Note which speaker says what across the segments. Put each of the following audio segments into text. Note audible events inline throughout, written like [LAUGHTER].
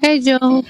Speaker 1: Hey, Joel.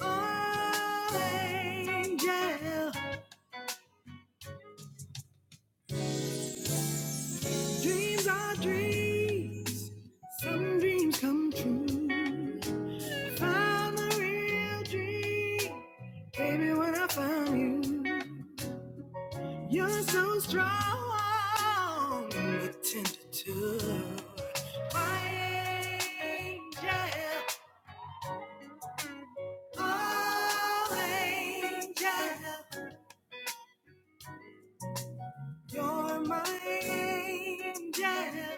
Speaker 2: Oh, angel, dreams are dreams. Some dreams come true. Found the real dream, baby, when I found you. You're so strong, you're tender too. angel, oh angel, you're my angel.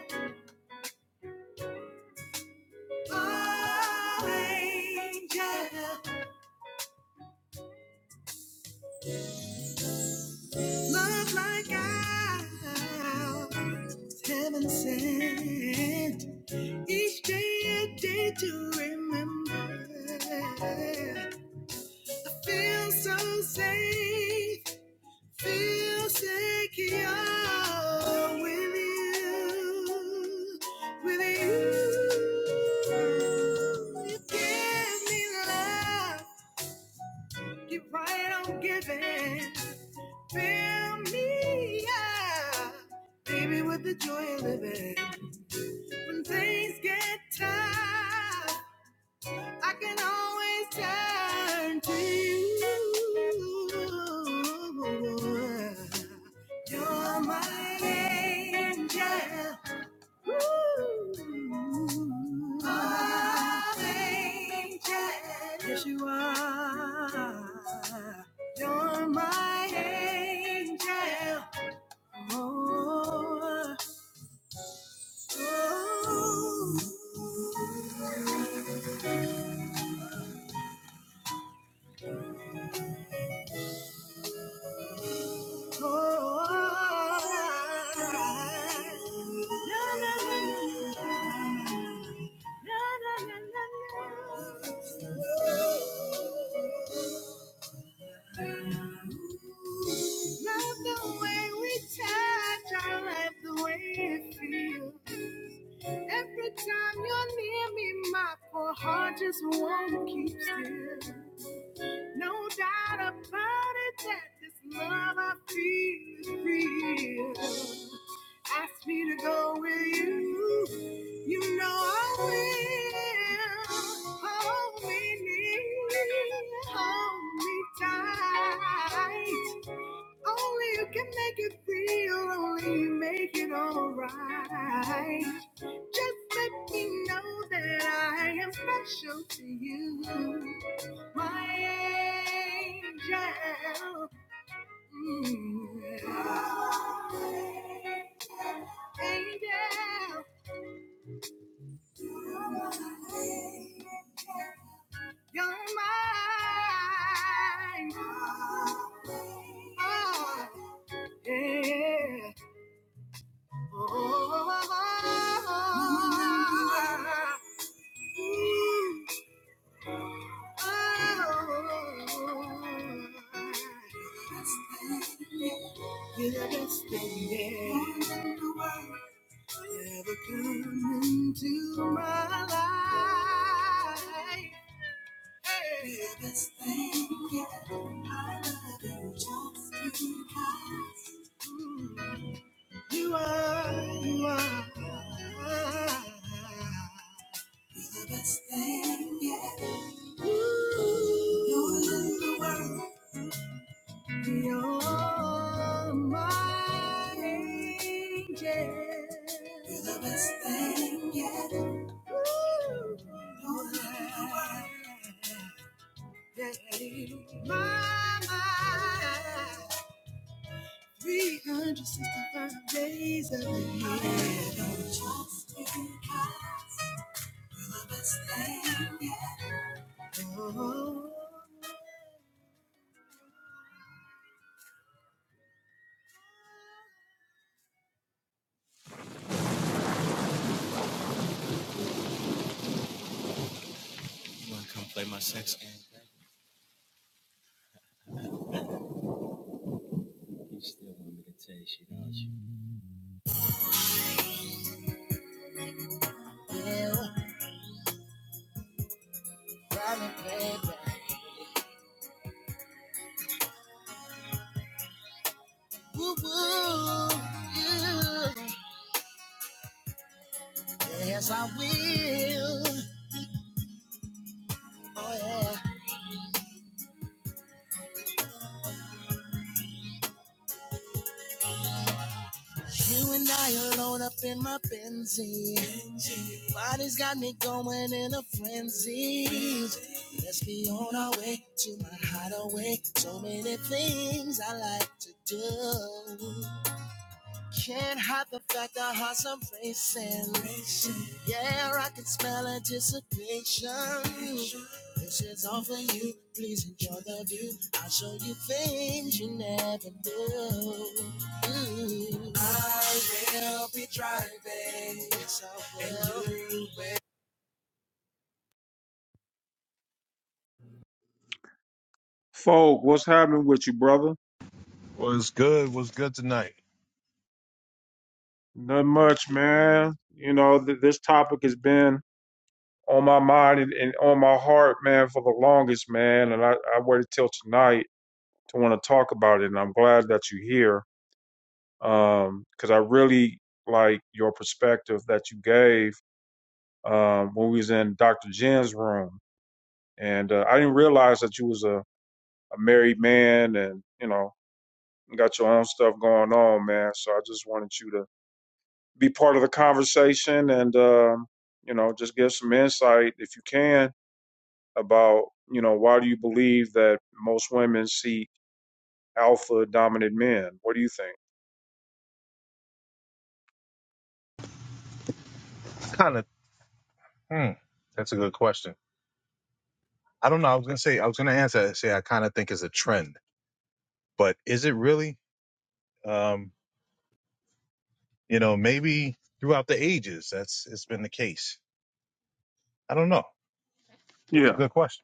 Speaker 2: angel, Love like ours, heaven sent. Each day a day to remember. Feel so safe, feel secure with you, with you. You give me love, keep right on giving. Fill me up, baby, with the joy of living. When things get tough, I can always turn to you. You're my angel. Ooh. My angel. Yes, you are. You're my angel. Oh, oh, Love the way we touch, I love the way it feels. Every time you're near me, my poor heart just won't keep still. No doubt about it that this love I feel is real. Ask me to go with you. You know I will. Hold me near, hold me tight. Only you can make it real, only you make it alright. Just let me know that I am special to you my angel. Mm. Angel, you're mine. Oh, yeah. Oh, oh. You're the best thing, yeah. ever come into my life. Biggest thing, yeah, I love you just because you are, you are. You're the best thing, yeah. Ooh, you're in the world. you my angel. You're the best thing yet. Ooh. Daddy, my, my. 365 days of the year. I don't trust in You're the best thing yet. Oh. Folk, what's happening with you, brother?
Speaker 3: Was good? Was good tonight?
Speaker 2: Not much, man. You know, th- this topic has been on my mind and, and on my heart, man, for the longest, man. And I, I waited till tonight to want to talk about it. And I'm glad that you're here Um, 'cause because I really like your perspective that you gave um, when we was in Dr. Jen's room. And uh, I didn't realize that you was a, a married man and, you know, got your own stuff going on, man. So I just wanted you to be part of the conversation and um, you know just give some insight if you can about you know why do you believe that most women seek alpha dominant men what do you think
Speaker 3: I Kind of. Hmm, that's a good question. I don't know. I was gonna say. I was gonna answer. that, Say I kind of think it's a trend, but is it really? Um, you know, maybe throughout the ages, that's it's been the case. I don't know. It's a
Speaker 2: Yeah.
Speaker 3: good question.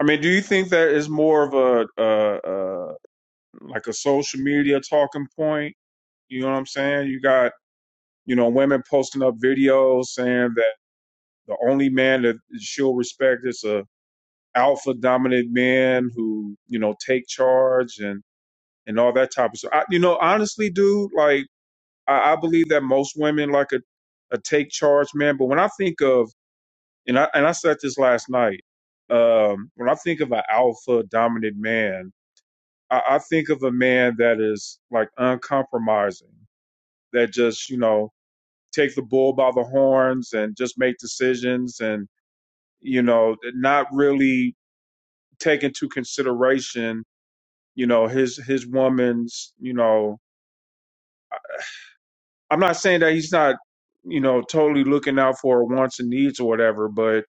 Speaker 2: i mean do you think that is more of a uh, uh, like a social media talking point you know what i'm saying you got you know women posting up videos saying that the only man that she'll respect is a alpha dominant man who you know take charge and. and all that type of stuff. I, you know, honestly, dude, like I, I believe that most women like a, a take charge man. But when I think of and I and I said this last night, um, when I think of an alpha dominant man, I, I think of a man that is like uncompromising, that just you know take the bull by the horns and just make decisions and you know not really take into consideration you know his his woman's you know I'm not saying that he's not, you know, totally looking out for her wants and needs or whatever, but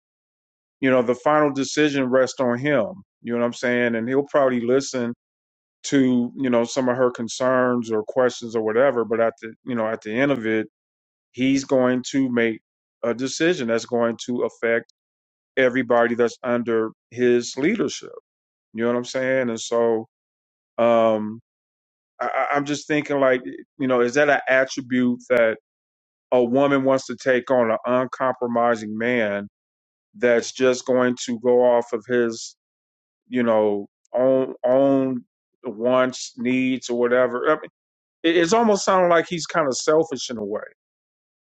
Speaker 2: you know, the final decision rests on him. You know what I'm saying? And he'll probably listen to, you know, some of her concerns or questions or whatever, but at the you know, at the end of it, he's going to make a decision that's going to affect everybody that's under his leadership. You know what I'm saying? And so um I, I- I'm just thinking like, you know, is that an attribute that a woman wants to take on an uncompromising man that's just going to go off of his, you know, own own wants, needs, or whatever. I mean, it, it's almost sounding like he's kind of selfish in a way.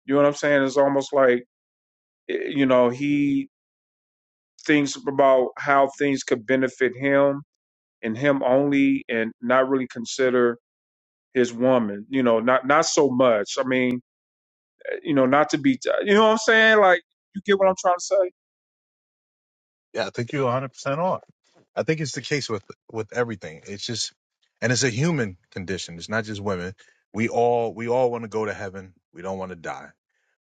Speaker 2: You know what I'm saying? It's almost like eh, you know he thinks about how things could benefit him and him only, and not really consider his woman. You know, not not so much. I mean, eh, you know, not to be. You know what I'm saying? Like, you get what I'm trying to say?
Speaker 3: Yeah, I think you're 100 percent off. I think it's the case with with everything. It's just, and it's a human condition. It's not just women. We all we all want to go to heaven. We don't want to die.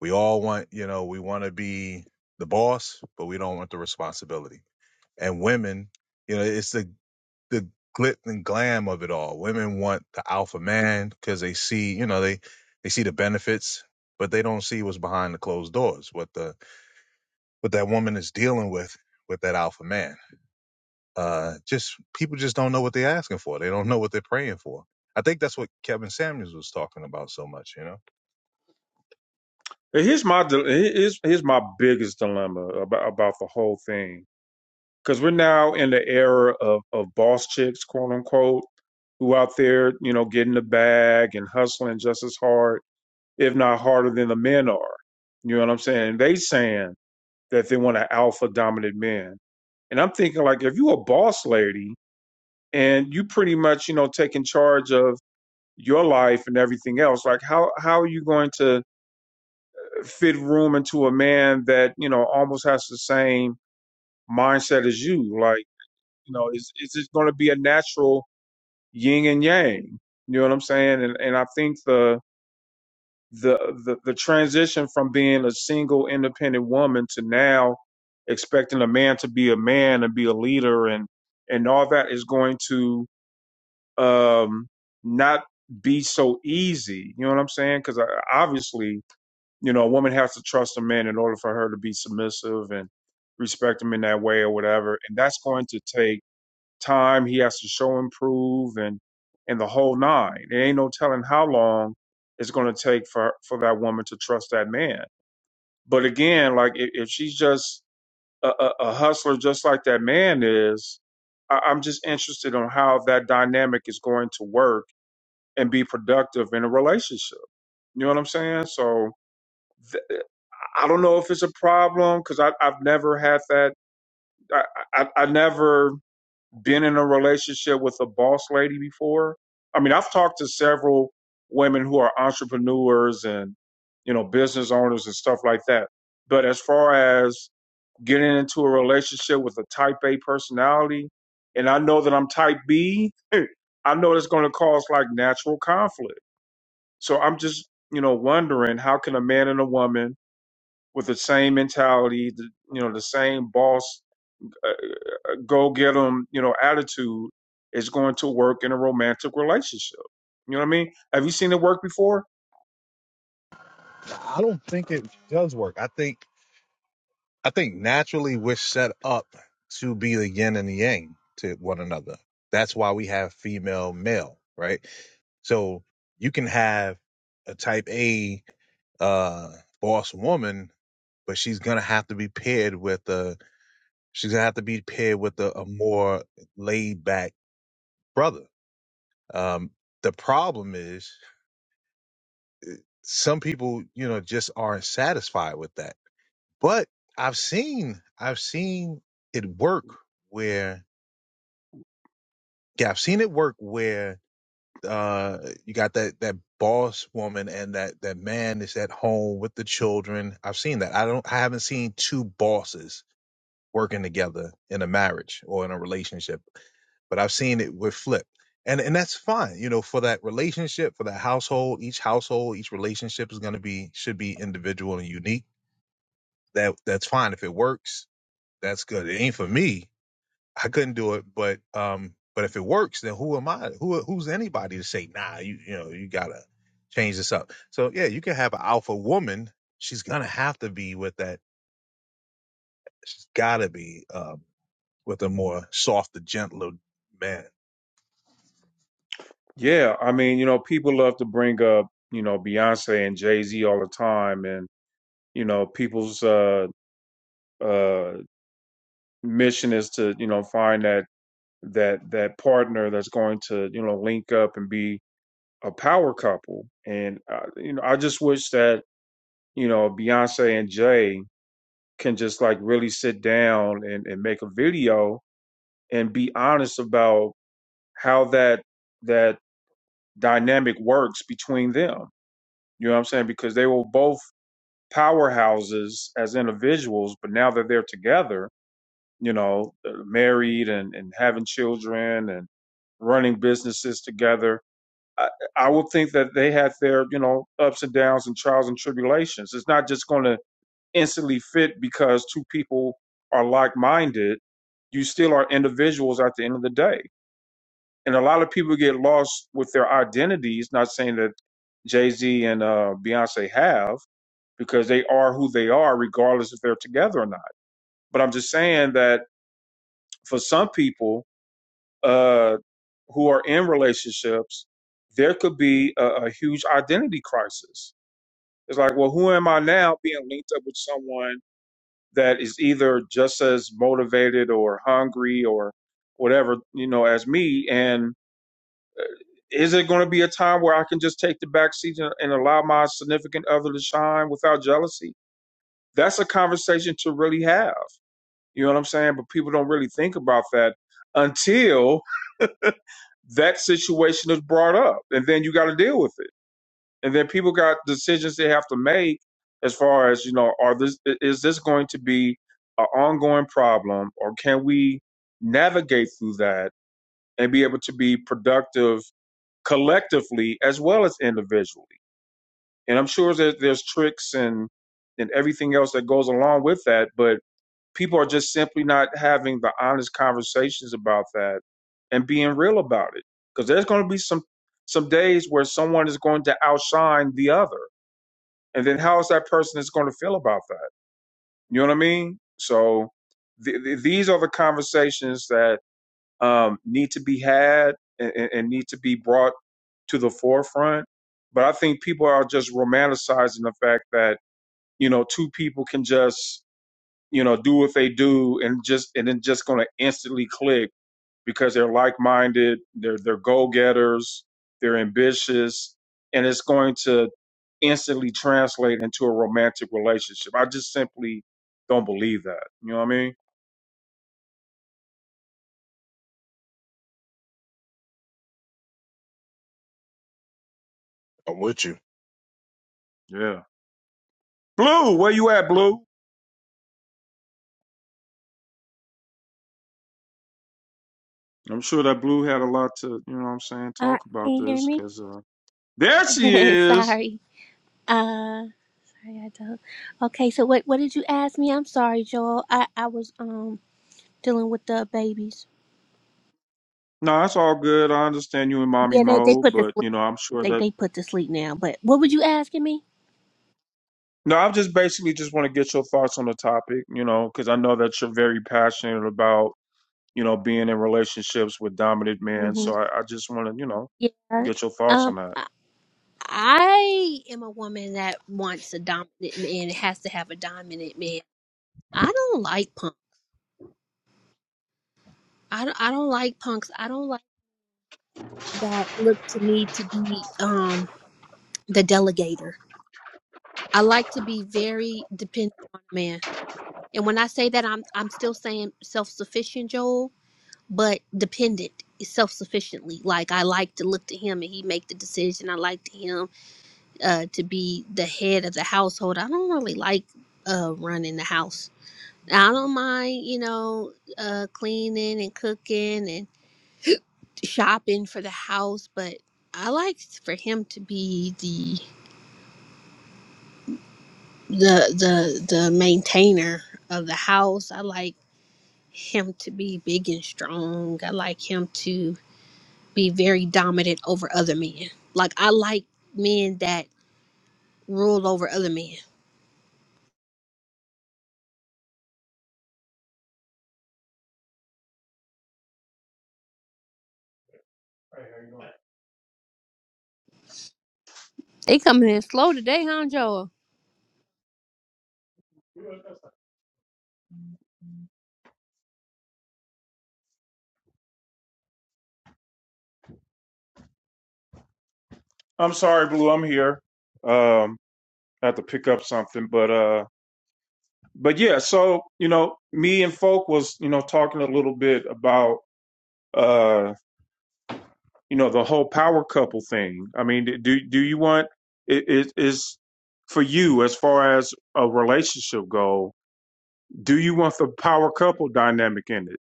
Speaker 3: We all want, you know, we want to be the boss, but we don't want the responsibility and women, you know, it's the the glitz and glam of it all. Women want the alpha man because they see, you know, they they see the benefits, but they don't see what's behind the closed doors, what the what that woman is dealing with with that alpha man. Uh, just people just don't know what they're asking for. They don't know what they're praying for. I think that's what Kevin Samuels was talking about so much, you know.
Speaker 2: Here's my dil- here's here's my biggest dilemma about about the whole thing because we're now in the era of of boss chicks, quote unquote, who out there you know getting the bag and hustling just as hard, if not harder, than the men are. You know what I'm saying? They saying that they want an alpha dominant man, and I'm thinking like if you a boss lady and you pretty much you know taking charge of your life and everything else, like how how are you going to fit room into a man that you know almost has the same mindset as you. Like you know, is is it going to be a natural yin and yang? You know what I'm saying? And and I think the the the, the transition from being a single independent woman to now expecting a man to be a man and be a leader and and all that is going to um not be so easy you know what i'm saying because obviously You know, a woman has to trust a man in order for her to be submissive and respect him in that way or whatever. And that's going to take time. He has to show improve and and the whole nine. There ain't no telling how long it's going to take for for that woman to trust that man. But again, like if, if she's just a, a, a hustler, just like that man is, I, I'm just interested on how that dynamic is going to work and be productive in a relationship. You know what I'm saying? So I don't know if it's a problem because I've never had that. I, I I never been in a relationship with a boss lady before. I mean, I've talked to several women who are entrepreneurs and you know business owners and stuff like that. But as far as getting into a relationship with a Type A personality, and I know that I'm Type B, [LAUGHS] I know it's going to cause like natural conflict. So I'm just you know wondering how can a man and a woman with the same mentality, the, you know, the same boss, uh, go get 'em, you know, attitude is going to work in a romantic relationship. You know what I mean? Have you seen it work before?
Speaker 3: I don't think it does work. I think I think naturally we're set up to be the yin and the yang to one another. That's why we have female, male, right? So you can have a type A uh, boss woman, but she's gonna have to be paired with a she's gonna have to be paired with a, a more laid back brother. Um, the problem is some people, you know, just aren't satisfied with that. But I've seen I've seen it work where Yeah, I've seen it work where uh you got that that boss woman and that that man is at home with the children. I've seen that. I don't I haven't seen two bosses working together in a marriage or in a relationship, but I've seen it with flip. And and that's fine. You know, for that relationship, for that household, each household, each relationship is going to be should be individual and unique. That that's fine if it works. That's good. It ain't for me, I couldn't do it, but um, but if it works, then who am I? Who who's anybody to say, nah, you you know, you gotta change this up. So yeah, you can have an alpha woman. She's gonna have to be with that. She's gotta be um, with a more softer, gentler man.
Speaker 2: Yeah, I mean, you know, people love to bring up, you know, Beyonce and Jay-Z all the time, and you know, people's uh uh mission is to, you know, find that that that partner that's going to, you know, link up and be a power couple, and uh, you know, I just wish that you know Beyonce and Jay can just like really sit down and, and make a video and be honest about how that that dynamic works between them. You know what I'm saying? Because they were both powerhouses as individuals, but now that they're together, you know, uh, married and, and having children and running businesses together, I, I would think that they had their, you know, ups and downs and trials and tribulations. It's not just going to instantly fit because two people are like minded. You still are individuals at the end of the day. And a lot of people get lost with their identities, not saying that Jay Z and uh, Beyonce have, because they are who they are, regardless if they're together or not. But I'm just saying that for some people uh, who are in relationships, there could be a, a huge identity crisis It's like, well, who am I now being linked up with someone that is either just as motivated or hungry or whatever, you know, as me? And is it going to be a time where I can just take the back seat and, and allow my significant other to shine without jealousy? That's a conversation to really have. You know what I'm saying? But people don't really think about that until that situation is brought up. And then you got to deal with it. and then people got decisions they have to make as far as you know are this is this going to be an ongoing problem or can we navigate through that and be able to be productive collectively as well as individually and i'm sure that there's tricks and and everything else that goes along with that but people are just simply not having the honest conversations about that and being real about it because there's going to be some some days where someone is going to outshine the other and then how is that person is going to feel about that you know what i mean so th- th- these are the conversations that um, need to be had and, and and need to be brought to the forefront but i think people are just romanticizing the fact that you know two people can just you know do what they do and just and then just going to instantly click because they're like-minded, they're they're go-getters, they're ambitious, and it's going to instantly translate into a romantic relationship. I just simply don't believe that. You know what I mean?
Speaker 3: I'm with you.
Speaker 2: Yeah. Blue, where you at, Blue? I'm sure that Blue had a lot to, you know what I'm saying,
Speaker 1: Uh,
Speaker 2: talk
Speaker 1: can
Speaker 2: about
Speaker 1: you hear
Speaker 2: this
Speaker 1: me?
Speaker 2: because uh, there she
Speaker 1: [LAUGHS]
Speaker 2: is.
Speaker 1: sorry. Uh, sorry, I don't. Okay, so what what did you ask me? I'm sorry, Joel. I I was um dealing with the babies.
Speaker 2: No, that's all good. I understand you in mommy
Speaker 1: Yeah, they they
Speaker 2: mode,
Speaker 1: put to
Speaker 2: but
Speaker 1: sleep.
Speaker 2: you know, I'm sure
Speaker 1: They
Speaker 2: that.
Speaker 1: they put to sleep now. But what were you asking me?
Speaker 2: No, I'm just basically just want to get your thoughts on the topic, you know, because I know that you're very passionate about you know, being in relationships with dominant men.
Speaker 1: hmm
Speaker 2: So I, I just want to, you know,
Speaker 1: Yeah.
Speaker 2: get your thoughts on
Speaker 1: Um,
Speaker 2: that.
Speaker 1: I I am a woman that wants a dominant. It has to have a dominant man. I don't like punk. I don't, I don't like punks. I don't like that look to me to be um the delegator. I like very dependent on a man. And when I say that, I'm I'm still saying self sufficient, Joel, but dependent self sufficiently. Like I like to look to him and he make the decision. I like to him uh, to be the head of the household. I don't really like uh, running the house. I don't mind, you know, uh, cleaning and cooking and shopping for the house, but I like for him to be the the the the maintainer of the house. I like him to be big and strong. I like him to be very dominant over other men. Like I like men that rule over other men. They coming in slow today, huh, Joel?
Speaker 2: I'm sorry, Blue, I'm here. Um, I have to pick up something, but uh, but yeah. So you know, me and Folk was, you know, talking a little bit about uh, you know, the whole power couple thing. I mean, do do you want it it is for you as far as a relationship go? Do you want the power couple dynamic in it?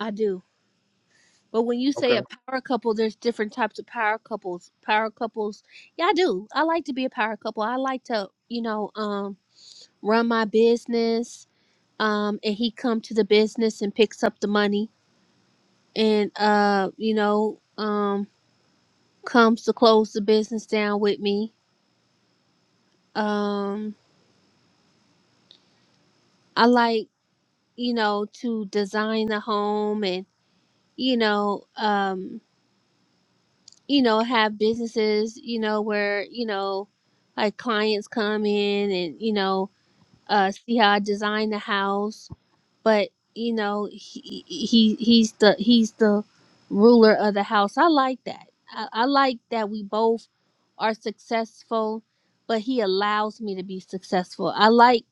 Speaker 1: I do. But when you
Speaker 2: Okay.
Speaker 1: say a power couple, there's different types of power couples. Power couples, yeah, I do. I like to be a power couple. I like to, you know, um, run my business. Um, and he come to the business and picks up the money, and uh, you know, um, comes to close the business down with me um i like you know to design the home and you know um you know have businesses you know where you know like clients come in and you know uh see how i design the house but you know he, he he's the he's the ruler of the house i like that I, I like that we both are successful but he allows me to be successful i like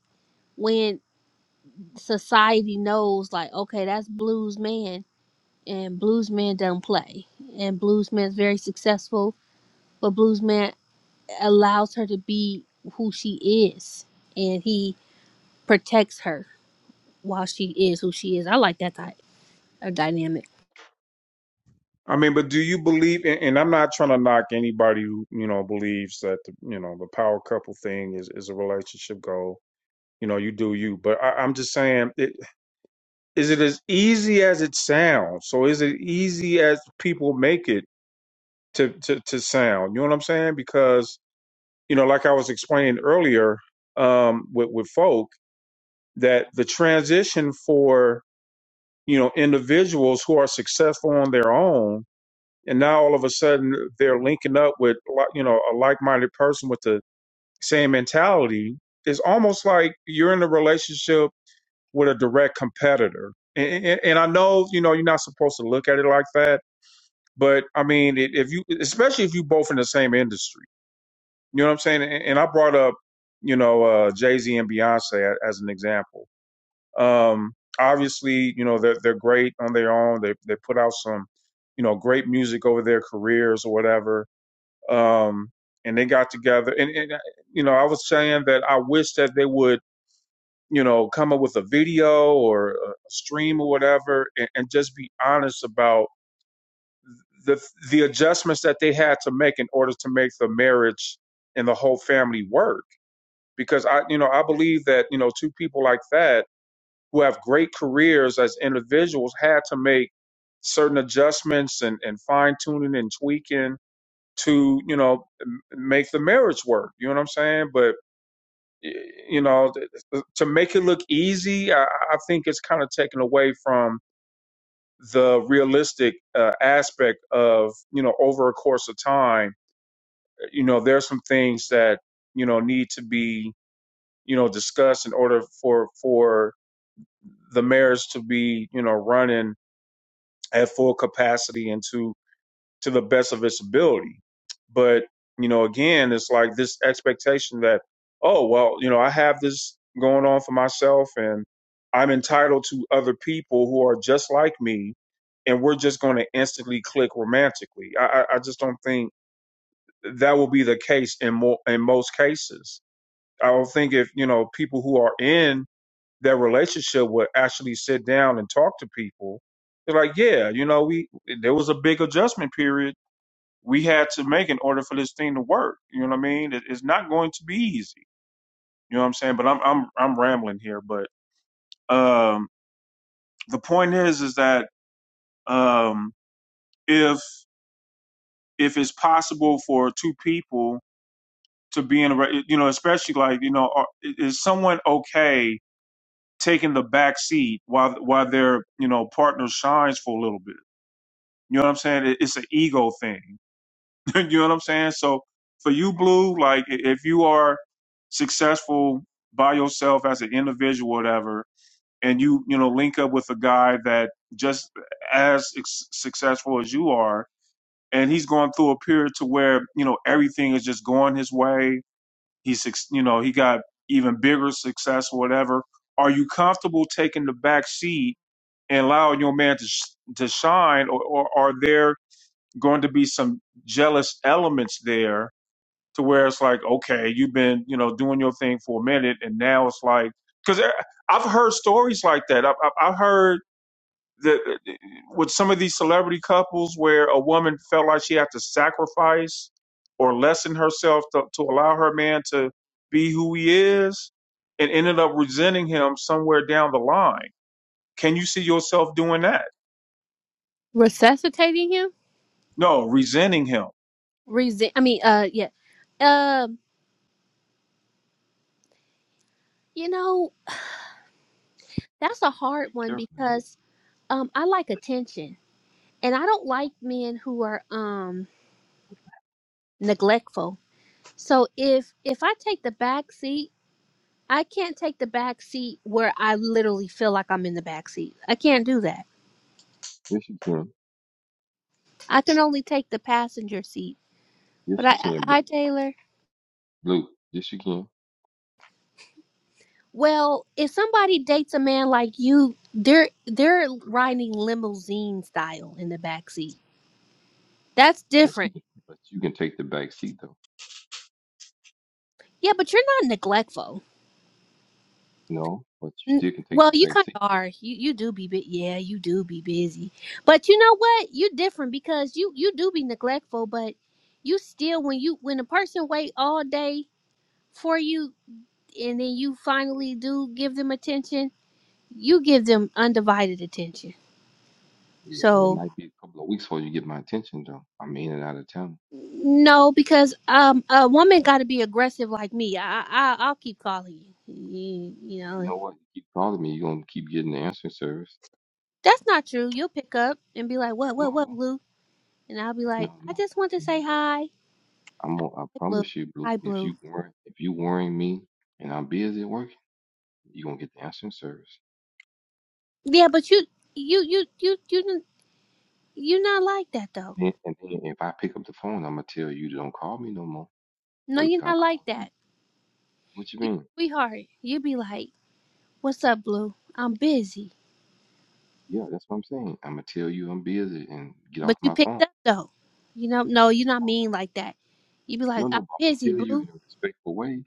Speaker 1: when. society knows like okay that's blues man and blues man don't play and blues man's very successful but blues man allows her to be who she is and he protects her while she is who she is i like that type of dynamic
Speaker 2: I mean, but do you believe? And, and I'm not trying to knock anybody who you know believes that the, you know the power couple thing is is a relationship goal. You know, you do you. But I, I'm just saying, it, is it as easy as it sounds? So is it easy as people make it to to to sound? You know what I'm saying? Because you know, like I was explaining earlier um, with with folk, that the transition for you know individuals who are successful on their own and now all of a sudden they're linking up with like, you know a like-minded person with the same mentality it's almost like you're in a relationship with a direct competitor and, and, and i know you know you're not supposed to look at it like that but i mean it, if you especially if you both in the same industry you know what i'm saying and, and i brought up you know uh, jay-z and beyonce as an example um, obviously you know they're, they're great on their own they, they put out some you know great music over their careers or whatever um, and they got together. And, and uh, you know, I was saying that I wish that they would, you know, come up with a video or a stream or whatever, and, and just be honest about the the adjustments that they had to make in order to make the marriage and the whole family work. Because I, you know, I believe that you know, two people like that who have great careers as individuals had to make certain adjustments and, and fine tuning and tweaking to you know make the marriage work you know what i'm saying but you know to make it look easy i, I think it's kind of taken away from the realistic uh, aspect of you know over a course of time uh, you know there's some things that you know need to be you know discussed in order for for the marriage to be you know running at full capacity and to to the best of its ability. But, you know, again, it's like this expectation that, oh, well, you know, I have this going on for myself and I'm entitled to other people who are just like me and we're just going to instantly click romantically. I, I just don't think that will be the case in more in most cases. I don't think if you know people who are in that relationship would actually sit down and talk to people. They're like, yeah, you know, we there was a big adjustment period we had to make in order for this thing to work. You know what I mean? It, it's not going to be easy. You know what I'm saying? But I'm I'm I'm rambling here. But um, the point is, is that um, if if it's possible for two people to be in a, re- you know, especially like you know, are- is someone okay taking the back seat while while their you know partner shines for a little bit? You know what I'm saying? It, it's an ego thing. [LAUGHS] you know what I'm saying? So for you, Blue, like i- if you are successful by yourself as an individual, whatever, and you you know link up with a guy that just as ex- successful as you are, and he's going through a period to where you know everything is just going his way. He's suc- you know he got even bigger success or whatever. Are you comfortable taking the back seat and allowing your man to sh- to shine, or, or are there going to be some jealous elements there to where it's like, okay, you've been, you know, doing your thing for a minute, and now it's like, because I've heard stories like that. I've, I've I've heard that uh, with some of these celebrity couples where a woman felt like she had to sacrifice or lessen herself to, to allow her man to be who he is and ended up resenting him somewhere down the line. Can you see yourself doing that?
Speaker 1: resuscitating him
Speaker 2: No, resenting him.
Speaker 1: resent i mean uh yeah um you know that's a hard
Speaker 4: Be
Speaker 1: one
Speaker 4: careful, Blue.
Speaker 1: because um i like attention and i don't like men who are um neglectful So if if I take the back seat, I can't take the back seat where I literally feel like I'm in the back seat. I can't do that.
Speaker 4: Yes, you can.
Speaker 1: I can only take the passenger seat.
Speaker 4: Yes,
Speaker 1: But
Speaker 4: you
Speaker 1: I
Speaker 4: can, Blue.
Speaker 1: hi Taylor.
Speaker 4: Blue. Yes, you can.
Speaker 1: Well, if somebody dates a man like you, they're they're riding limousine style in the back seat. That's
Speaker 4: But you
Speaker 1: different.
Speaker 4: can. But you can take the back seat though.
Speaker 1: Yeah, but you're not neglectful.
Speaker 4: No, but you
Speaker 1: N-
Speaker 4: still can take
Speaker 1: Well,
Speaker 4: the
Speaker 1: you
Speaker 4: back
Speaker 1: kind
Speaker 4: seat
Speaker 1: of
Speaker 4: though.
Speaker 1: are. You you do be bu- yeah, you do be busy. But you know what? You're different because you you do be neglectful, but you still when you when a person wait all day for you and then you finally do give them attention, you give them undivided attention.
Speaker 4: Yeah, but it
Speaker 1: So
Speaker 4: might be a couple of weeks before you get my attention though. I'm in and out of town.
Speaker 1: no, because um a woman got to be aggressive like me. I, I I'll keep calling you. You, you
Speaker 4: Well, you
Speaker 1: know
Speaker 4: know what? You keep calling me, you're gonna keep getting the answering service.
Speaker 1: that's not true. You'll pick up and be like, "What
Speaker 4: No,
Speaker 1: what
Speaker 4: I
Speaker 1: what,
Speaker 4: won't.
Speaker 1: Blue?" And I'll be like,
Speaker 4: No,
Speaker 1: "I
Speaker 4: no.
Speaker 1: just want to
Speaker 4: Mm.
Speaker 1: say hi."
Speaker 4: I'm. Gonna, I
Speaker 1: Sky blue,
Speaker 4: promise you, Blue.
Speaker 1: sky
Speaker 4: If
Speaker 1: blue.
Speaker 4: you worry, if you worrying me, and I'm busy at work, you're gonna get the answering service.
Speaker 1: Yeah, but you, you, you, you, you, n- you not like that though.
Speaker 4: And then, and then if I pick up the phone, I'm gonna tell you don't call me no more.
Speaker 1: No,
Speaker 4: Wait
Speaker 1: you're
Speaker 4: till I
Speaker 1: not like
Speaker 4: call you.
Speaker 1: that.
Speaker 4: What you
Speaker 1: You,
Speaker 4: mean?
Speaker 1: a sweetheart, you be like, "What's up, blue? I'm busy."
Speaker 4: Yeah, that's what I'm saying. I'm gonna tell you I'm busy and get off
Speaker 1: But you
Speaker 4: my phone.
Speaker 1: picked up though. You know, no, you're not mean like that. You be
Speaker 4: No,
Speaker 1: like,
Speaker 4: no, no.
Speaker 1: "I'm
Speaker 4: But I'm gonna
Speaker 1: busy,
Speaker 4: tell you
Speaker 1: blue."
Speaker 4: in a respectful way.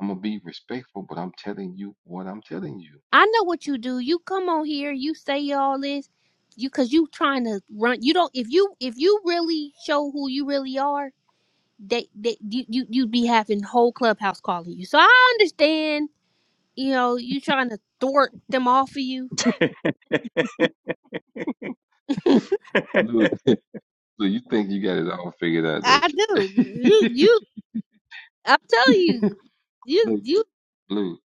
Speaker 4: I'm gonna be respectful, but I'm telling you what I'm telling you.
Speaker 1: I know what you do. You come on here, you say all this, you cause you trying to run. You don't. If you if you really show who you really are, they they you you you'd be having whole clubhouse calling you. So I understand You know, you trying to thwart them off of you.
Speaker 2: [LAUGHS]
Speaker 1: [LAUGHS]
Speaker 4: Lou, [LAUGHS] Lou, you think you got it all figured out, don't
Speaker 1: I do.
Speaker 4: you?
Speaker 1: You you I'm telling you,
Speaker 4: [LAUGHS]
Speaker 1: you
Speaker 4: Lou,
Speaker 1: you
Speaker 4: Blue,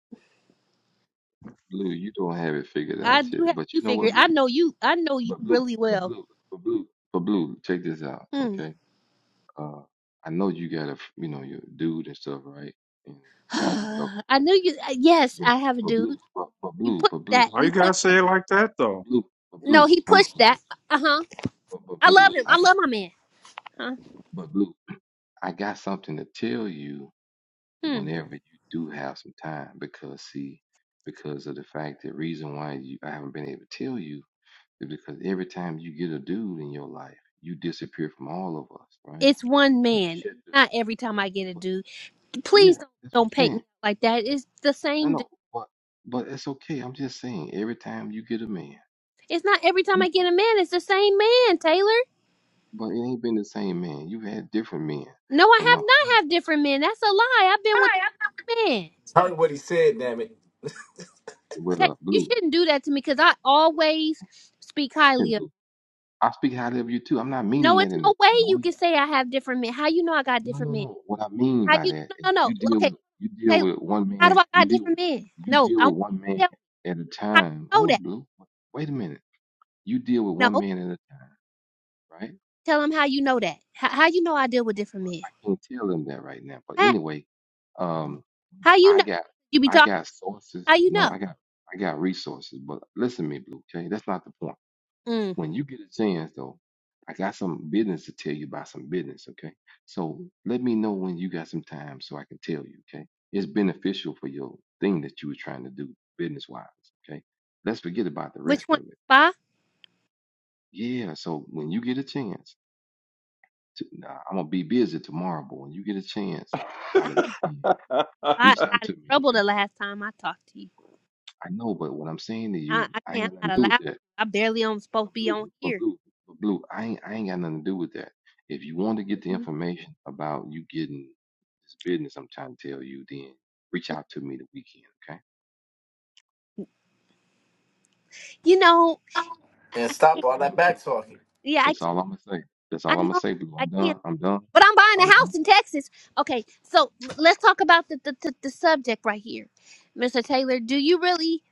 Speaker 4: Blue, you don't have it figured
Speaker 1: I
Speaker 4: out
Speaker 1: do
Speaker 4: yet.
Speaker 1: have
Speaker 4: But you
Speaker 1: you
Speaker 4: know what,
Speaker 1: figured. I
Speaker 4: Blue?
Speaker 1: know you I know you
Speaker 4: But Blue,
Speaker 1: really
Speaker 4: but
Speaker 1: well.
Speaker 4: Blue, but Blue, but Blue, check this out,
Speaker 1: Hmm.
Speaker 4: okay? Uh, I know you got a, f- you know, your dude and stuff, right? And
Speaker 1: [SIGHS]
Speaker 4: the guy you talking
Speaker 1: I
Speaker 4: to.
Speaker 1: knew you uh, yes,
Speaker 4: But
Speaker 1: I have a
Speaker 4: but
Speaker 1: dude.
Speaker 4: blue, but, but
Speaker 1: You
Speaker 4: blue,
Speaker 1: pushed
Speaker 4: but blue,
Speaker 1: that.
Speaker 2: Why you
Speaker 1: You pushed
Speaker 2: gotta
Speaker 4: but
Speaker 1: that.
Speaker 2: say it
Speaker 4: blue,
Speaker 2: like that
Speaker 4: but
Speaker 2: though?
Speaker 4: blue, but
Speaker 1: No,
Speaker 4: blue.
Speaker 1: he
Speaker 4: Hold up,
Speaker 1: pushed
Speaker 4: but blue,
Speaker 1: that. Uh-huh.
Speaker 4: but, but
Speaker 1: I
Speaker 4: blue.
Speaker 1: love him. I
Speaker 4: I got,
Speaker 1: love my man. Huh?
Speaker 4: but blue. I got something to tell you
Speaker 1: Hmm.
Speaker 4: whenever you do have some time, because see, because of the fact that reason why you I haven't been able to tell you is because every time you get a dude in your life, you disappear from all of us, right?
Speaker 1: It's one
Speaker 4: And you
Speaker 1: man.
Speaker 4: shut
Speaker 1: Not every time
Speaker 4: the um,
Speaker 1: I get a
Speaker 4: but-
Speaker 1: dude. Please
Speaker 4: Yeah,
Speaker 1: don't
Speaker 4: that's what
Speaker 1: don't
Speaker 4: I'm
Speaker 1: paint me
Speaker 4: saying.
Speaker 1: like that. It's the
Speaker 4: No,
Speaker 1: same dude.
Speaker 4: no, but but it's okay. I'm just saying, every time you get a man,
Speaker 1: It's not every time I get a man, it's the same man, Taylor.
Speaker 4: But it ain't been the same man. You've had different men.
Speaker 1: No, I
Speaker 4: But my
Speaker 1: have not
Speaker 4: point
Speaker 1: have different men. That's a lie. I've been with men.
Speaker 4: with
Speaker 1: Ta-
Speaker 4: uh
Speaker 1: You
Speaker 4: blue,
Speaker 1: shouldn't do that to me because I always speak
Speaker 4: okay,
Speaker 1: highly of.
Speaker 4: blue. I speak highly of you too. I'm not meaning
Speaker 1: No,
Speaker 4: that
Speaker 1: it's
Speaker 4: in a
Speaker 1: no way
Speaker 4: bad
Speaker 1: you
Speaker 4: way.
Speaker 1: can say I have different men. How you know I got
Speaker 4: No,
Speaker 1: different
Speaker 4: no,
Speaker 1: men?
Speaker 4: no. What I mean
Speaker 1: How
Speaker 4: by
Speaker 1: you?
Speaker 4: that is
Speaker 1: No, no, no.
Speaker 4: you
Speaker 1: no.
Speaker 4: deal
Speaker 1: Okay,
Speaker 4: with you deal
Speaker 1: Taylor.
Speaker 4: with one
Speaker 1: How do
Speaker 4: man.
Speaker 1: I
Speaker 4: You
Speaker 1: got
Speaker 4: deal
Speaker 1: different men?
Speaker 4: you
Speaker 1: No,
Speaker 4: deal
Speaker 1: I
Speaker 4: with
Speaker 1: want
Speaker 4: one
Speaker 1: you
Speaker 4: man
Speaker 1: to tell me
Speaker 4: at a
Speaker 1: how you
Speaker 4: time.
Speaker 1: know
Speaker 4: Hold
Speaker 1: that.
Speaker 4: on, blue. Wait a minute. You deal with
Speaker 1: No,
Speaker 4: one man at a time, right?
Speaker 1: tell them how you know that. How, how you know I deal with different
Speaker 4: But
Speaker 1: men?
Speaker 4: I can't tell them that right now. But
Speaker 1: How?
Speaker 4: anyway,
Speaker 2: Mm,
Speaker 4: um,
Speaker 2: mm.
Speaker 1: How you
Speaker 4: I
Speaker 1: know?
Speaker 4: got
Speaker 1: You be
Speaker 4: I
Speaker 1: talking.
Speaker 4: got sources.
Speaker 1: How you
Speaker 4: No,
Speaker 1: know?
Speaker 4: I got I got resources. But listen to me, blue. Okay, that's not the point
Speaker 1: Mm.
Speaker 4: When you get a chance, though, I got some business to tell you about some business, okay? So let me know when you got some time so I can tell you, okay? It's beneficial for your thing that you were trying to do business wise, okay? Let's forget about the
Speaker 1: Which
Speaker 4: rest of
Speaker 1: one?
Speaker 4: it.
Speaker 1: Spa?
Speaker 4: Yeah, so when you get a chance, to, nah, I'm gonna be busy tomorrow, but when you get a chance by
Speaker 1: I
Speaker 4: the
Speaker 1: can't.
Speaker 4: weekend,
Speaker 1: I
Speaker 4: reach out
Speaker 1: got in
Speaker 4: to me,
Speaker 1: trouble
Speaker 4: okay?
Speaker 1: the last time I talked to you.
Speaker 4: I know, but what I'm saying to
Speaker 1: I,
Speaker 4: you,
Speaker 1: I
Speaker 4: I
Speaker 1: can't.
Speaker 4: ain't
Speaker 1: I'm
Speaker 4: gonna
Speaker 1: not
Speaker 4: do with
Speaker 1: allowed.
Speaker 4: that.
Speaker 1: I barely on supposed to
Speaker 4: But
Speaker 1: be
Speaker 4: blue,
Speaker 1: on
Speaker 4: but
Speaker 1: here.
Speaker 4: blue, but blue. I ain't, I ain't got nothing to do with that. If you want to get the
Speaker 1: Mhm.
Speaker 4: information about you getting this business, I'm trying to tell you, then reach out to me the weekend. Okay,
Speaker 1: You know,
Speaker 5: And stop
Speaker 4: that's
Speaker 5: all
Speaker 4: all I'm
Speaker 5: that
Speaker 4: gonna say.
Speaker 5: back talking.
Speaker 1: yeah, I
Speaker 4: That's
Speaker 1: can't.
Speaker 4: all I'm gonna say. That's
Speaker 1: I
Speaker 4: all I'm gonna
Speaker 1: know
Speaker 4: say, blue.
Speaker 1: I
Speaker 4: I'm
Speaker 1: can't.
Speaker 4: done. I'm done.
Speaker 1: But I'm buying
Speaker 4: I'm
Speaker 1: a
Speaker 4: done.
Speaker 1: house in Texas. Okay, so l- let's talk about the the, the, the subject right here, Mr. Taylor. Do you really?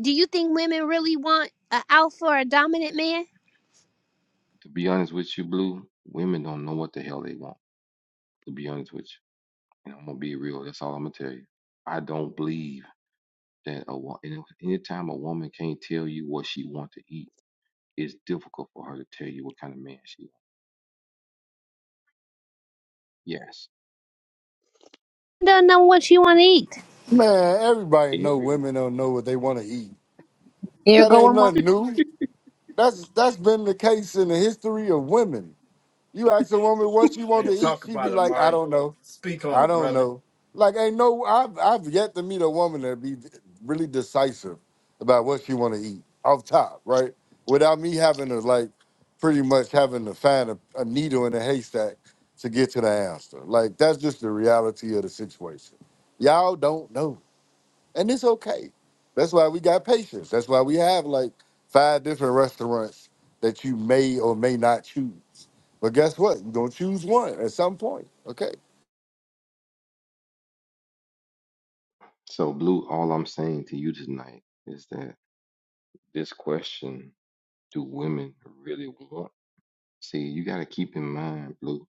Speaker 1: Do you think women really want an alpha or a dominant man?
Speaker 4: To be honest with you, blue, women don't know what the hell they want. To be honest with you, and I'm gonna be real. That's all I'm gonna tell you. I don't believe that a wo- any anytime a woman can't tell you what she want to eat, it's difficult for her to tell you what kind of man she wants. Yes.
Speaker 1: Don't know what you want to eat.
Speaker 6: Man, everybody know
Speaker 4: Every
Speaker 6: women
Speaker 4: woman.
Speaker 6: don't know what they want to eat.
Speaker 1: Here,
Speaker 6: That
Speaker 1: go
Speaker 6: ain't
Speaker 1: Amari.
Speaker 6: nothing new. That's that's been the case in the history of women. You ask a woman what she want to
Speaker 5: Man,
Speaker 6: eat,
Speaker 5: talk
Speaker 6: she
Speaker 5: about
Speaker 6: be
Speaker 5: it,
Speaker 6: like, I
Speaker 5: Amari.
Speaker 6: don't know,
Speaker 5: Speak on
Speaker 6: I
Speaker 5: it,
Speaker 6: don't
Speaker 5: brother.
Speaker 6: know. Like, ain't no, I've I've yet to meet a woman that be really decisive about what she want to eat off top, right? Without me having to like, pretty much having to find a, a needle in a haystack to get to the answer. Like, that's just the reality of the situation. Y'all don't know. And it's okay. That's why we got patience. That's why we have like five different restaurants that you may or may not choose. But guess what? You're gonna choose one at some point. Okay.
Speaker 4: So, Blue, all I'm saying to you tonight is that this question do women really want? See, you got to keep in mind, Blue,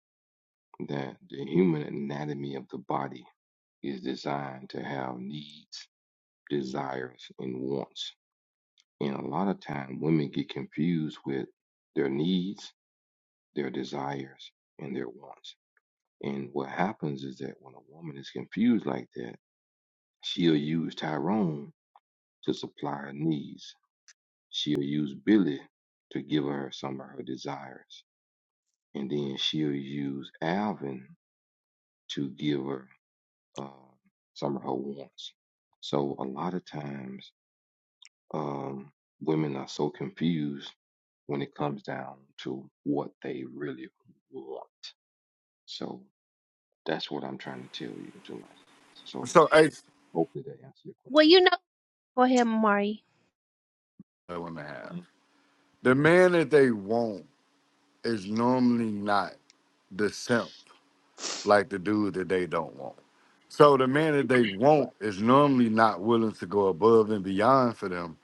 Speaker 4: that the human anatomy of the body is designed to have needs, desires, and wants. And a lot of time women get confused with their needs, their desires, and their wants. And what happens is that when a woman is confused like that, she'll use Tyrone to supply her needs. She'll use Billy to give her some of her desires. And then she'll use Alvin to give her uh, some of her wants. So a lot of times, um, women are so confused when it comes down to what they really want. So that's what I'm trying to tell you tonight. So
Speaker 6: So I
Speaker 4: hopefully that answers your
Speaker 1: Well,
Speaker 4: question.
Speaker 1: you know. Go ahead, Amari.
Speaker 6: I want have.
Speaker 4: Mm,
Speaker 6: The man that they want is normally not the simp like the dude that they don't want. So the man that they want
Speaker 4: Right.
Speaker 6: is normally not willing to go above and beyond for them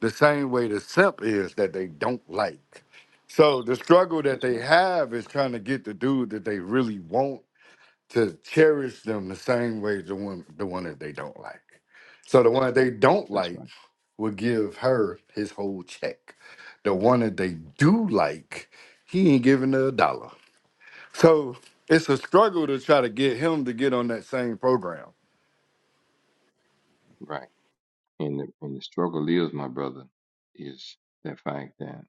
Speaker 6: the same way the simp is that they don't like. So the struggle that
Speaker 4: That's
Speaker 6: they
Speaker 4: right.
Speaker 6: have is trying to get the dude that they really want to cherish them the same way the one the one that they don't like. So the one that they don't
Speaker 4: That's
Speaker 6: like
Speaker 4: right.
Speaker 6: will give her his whole check. The one that they do like, he ain't giving her a dollar. So it's a struggle to try to get him to get on that same program.
Speaker 4: Right. And the, and the struggle is, my brother, is the fact that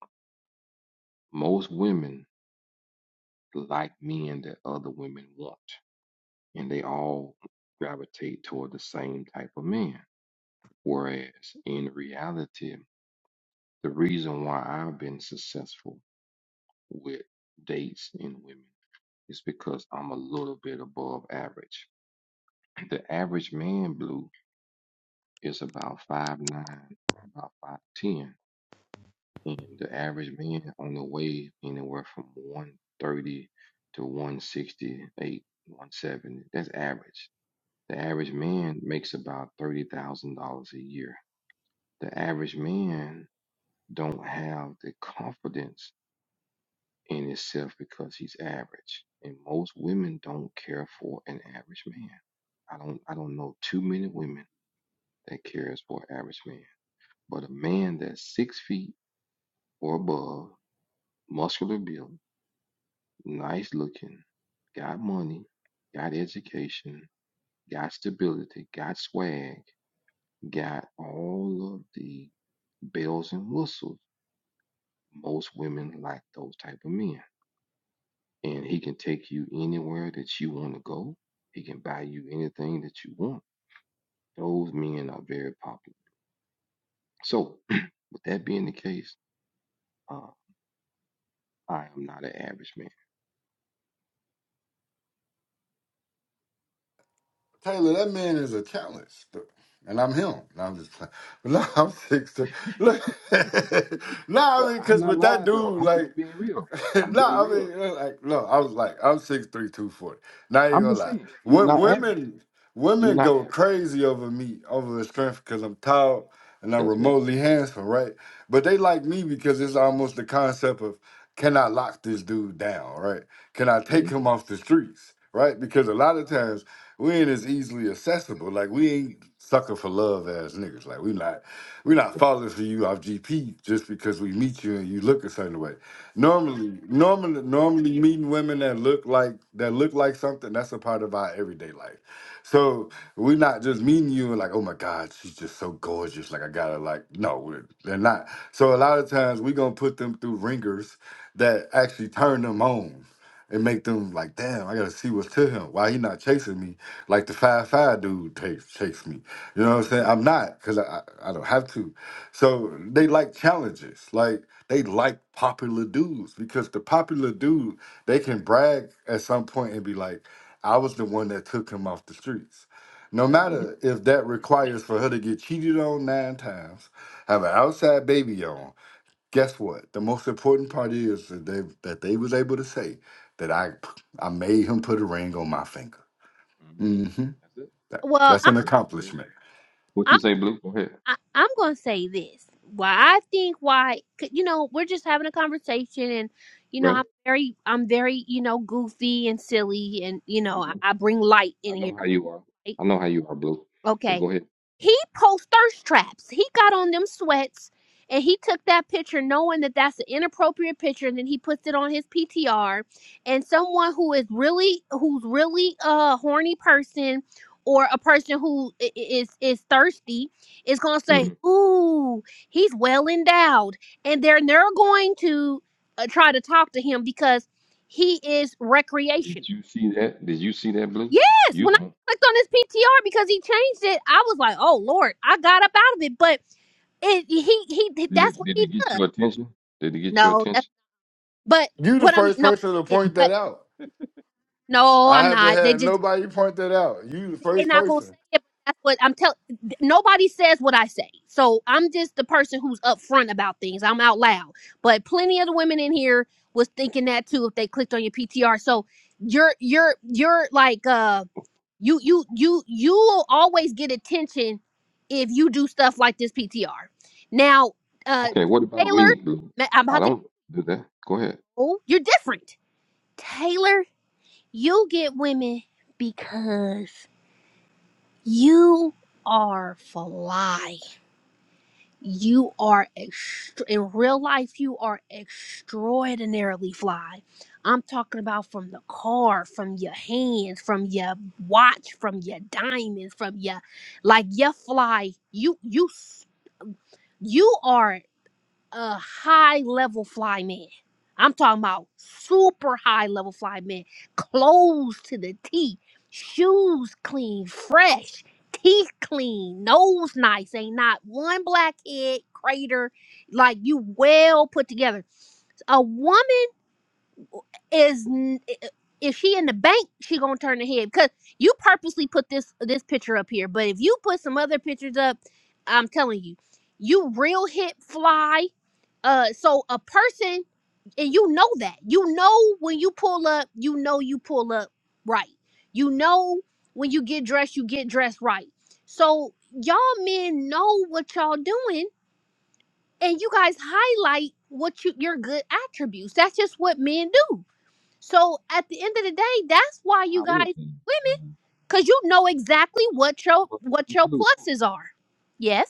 Speaker 4: Most women like men that other women want, and they all gravitate toward the same type of man. Whereas in reality, the reason why I've been successful with dates in women is because I'm a little bit above average. The average man blue is about five nine, about 5'10. And the average man on the way anywhere from 130 to 168, 170. That's average. The average man makes about $30,000 a year. The average man don't have the confidence in himself because he's average. And most women don't care for an average man. I don't I don't know too many women that cares for an average man. But a man that's six feet or above, muscular built. nice looking, got money, got education, got stability, got swag, got all of the bells and whistles. Most women like those type of men. And he can take you anywhere that you want to go. He can buy you anything that you want. Those men are very popular. So, [CLEARS THROAT] with that being the case, uh, I am not an average man.
Speaker 6: Taylor, that man is a talent. And I'm him. No, I'm just playing. [LAUGHS] But no, I'm six.
Speaker 4: [LAUGHS]
Speaker 6: Look, [LAUGHS] no, I
Speaker 4: But
Speaker 6: mean,
Speaker 4: I'm
Speaker 6: because
Speaker 4: not
Speaker 6: with that
Speaker 4: lying though.
Speaker 6: dude,
Speaker 4: I'm
Speaker 6: like,
Speaker 4: just being real.
Speaker 6: [LAUGHS]
Speaker 4: I'm
Speaker 6: no,
Speaker 4: being
Speaker 6: I
Speaker 4: real.
Speaker 6: mean, uh, like, no, I was like, I'm six three, two forty. 240. Not even
Speaker 4: I'm
Speaker 6: gonna
Speaker 4: just
Speaker 6: lie.
Speaker 4: saying, you're
Speaker 6: What
Speaker 4: not average.
Speaker 6: women
Speaker 4: You're
Speaker 6: women
Speaker 4: not
Speaker 6: go
Speaker 4: average.
Speaker 6: crazy over me, over the strength, because I'm tall and I'm
Speaker 4: That's right.
Speaker 6: remotely handsome, right? But they like me because it's almost the concept of can I lock this dude down, right? Can I
Speaker 4: hmm
Speaker 6: take him off the streets, right? Because a lot of times we ain't as easily accessible. Like we ain't sucker for love as niggas. Like we not we not
Speaker 4: Right.
Speaker 6: falling for you off GP just because we meet you and you look a certain way Normally, normally, normally meeting women that look like that look like something that's a part of our everyday life. So we're not just meeting you and like, oh my God, she's just so gorgeous. Like I gotta like, no, we're- they're not. So a lot of times we gonna put them through ringers that actually turn them on and make them like, damn, I gotta see what's to him. Why he not chasing me like the five five dude takes chase me? You know what I'm saying? I'm not because I, I I don't have to. So they like challenges. Like they like popular dudes because the popular dude, they can brag at some point and be like, I was the one that took him off the streets. No
Speaker 4: hmm
Speaker 6: matter if that requires for her to get cheated on nine times, have an outside baby on, guess what? The most important part is that they that they was able to say that I I made him put a ring on my finger.
Speaker 4: hmm
Speaker 6: hmm
Speaker 4: That's it.
Speaker 6: That,
Speaker 1: Well,
Speaker 6: that's an
Speaker 4: That's the very truth.
Speaker 6: accomplishment.
Speaker 4: What
Speaker 1: I,
Speaker 4: you say, Blue? Go ahead.
Speaker 1: I, I'm going to say this. Why I think why 'cause, you know we're just having a conversation and you know
Speaker 4: Right.
Speaker 1: I'm very I'm very you know goofy and silly and you know I,
Speaker 4: hmm
Speaker 1: I bring light
Speaker 4: I
Speaker 1: in here.
Speaker 4: know how you are.
Speaker 1: right?
Speaker 4: I know how you are, Blue. But
Speaker 1: Okay.
Speaker 4: go ahead.
Speaker 1: He posts thirst traps. He got on them sweats and he took that picture knowing that that's an inappropriate picture and then he puts it on his PTR and someone who is really who's really a horny person or a person who i- i- is is thirsty is going to say,
Speaker 4: hmm
Speaker 1: "Ooh, he's well endowed." And they're they're going to uh, try to talk to him because he is
Speaker 4: Did
Speaker 1: recreational
Speaker 4: you see that? Did you see that, Blue?
Speaker 1: Yes,
Speaker 4: You
Speaker 1: when I
Speaker 4: on?
Speaker 1: clicked on his PTR because he changed it, I was like, "Oh Lord!" I got up out of it, but it he he
Speaker 4: Did
Speaker 1: that's
Speaker 4: it?
Speaker 1: what
Speaker 4: Did it
Speaker 1: he
Speaker 4: get
Speaker 1: does.
Speaker 4: your attention? Did it get your
Speaker 1: No, that's,
Speaker 4: attention?
Speaker 1: but
Speaker 6: You the
Speaker 1: what I'm
Speaker 6: first
Speaker 1: no,
Speaker 6: person to
Speaker 1: it,
Speaker 6: point that
Speaker 1: but
Speaker 6: out.
Speaker 1: no,
Speaker 6: I
Speaker 1: I'm
Speaker 6: haven't
Speaker 1: not. They
Speaker 6: had
Speaker 1: just
Speaker 6: nobody point that out. You the
Speaker 1: they're
Speaker 6: first
Speaker 1: not gonna say
Speaker 6: person.
Speaker 1: it. But that's what I'm telling. Nobody says what I say, so I'm just the person who's upfront about things. I'm out loud, but plenty of the women in here was thinking that too if they clicked on your PTR. So you're you're you're like um you you you you will always get attention if you do stuff like this PTR. Now, uh
Speaker 4: Okay. What about
Speaker 1: Taylor,
Speaker 4: me, Blue?
Speaker 1: ma- I'm
Speaker 4: I
Speaker 1: about to
Speaker 4: don't do that. Go ahead.
Speaker 1: oh, you're different. Taylor, you get women because you are fly. you are ext- in real life you are extraordinarily fly i'm talking about from the car from your hands from your watch from your diamonds from your like your fly you you s- you are a high level fly man. I'm talking about super high level fly man. Clothes to the T, shoes clean, fresh, teeth clean, nose nice. Ain't not one blackhead crater. Like you well put together. A woman is n- if she in the bank, she gonna turn her head because you purposely put this this picture up here. But if you put some other pictures up, I'm telling you, you real hit fly. Uh, so a person, and you know that you know when you pull up, you know you pull up right. You know when you get dressed, you get dressed right. So y'all men know what y'all doing, and you guys highlight what you your good attributes. That's just what men do so at the end of the day, that's why
Speaker 4: I-
Speaker 1: you guys
Speaker 4: Anything.
Speaker 1: women, because you know exactly what your what your
Speaker 4: Uh,
Speaker 1: pluses are.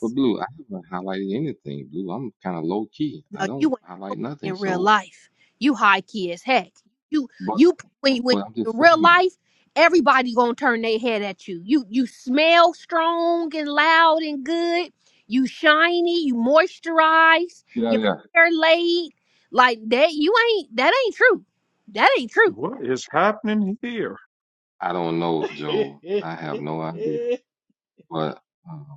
Speaker 4: But Blue, I haven't highlighted anything, Blue. I'm kind of low key. I
Speaker 1: No, you
Speaker 4: don't
Speaker 1: ain't low
Speaker 4: highlight
Speaker 1: key
Speaker 4: nothing.
Speaker 1: in real
Speaker 4: So,
Speaker 1: life. You high key as heck. You
Speaker 4: but
Speaker 1: you when, when
Speaker 4: but I'm
Speaker 1: in
Speaker 4: just
Speaker 1: real
Speaker 4: saying,
Speaker 1: life, everybody gonna turn their head at you. You you smell strong and loud and good. You shiny. You moisturize.
Speaker 4: get out
Speaker 1: Your
Speaker 4: of there.
Speaker 1: hair laid like that. You ain't that ain't true. That ain't true.
Speaker 2: What is happening here?
Speaker 4: I don't know, Joe. I have no
Speaker 7: [LAUGHS]
Speaker 4: idea. But um,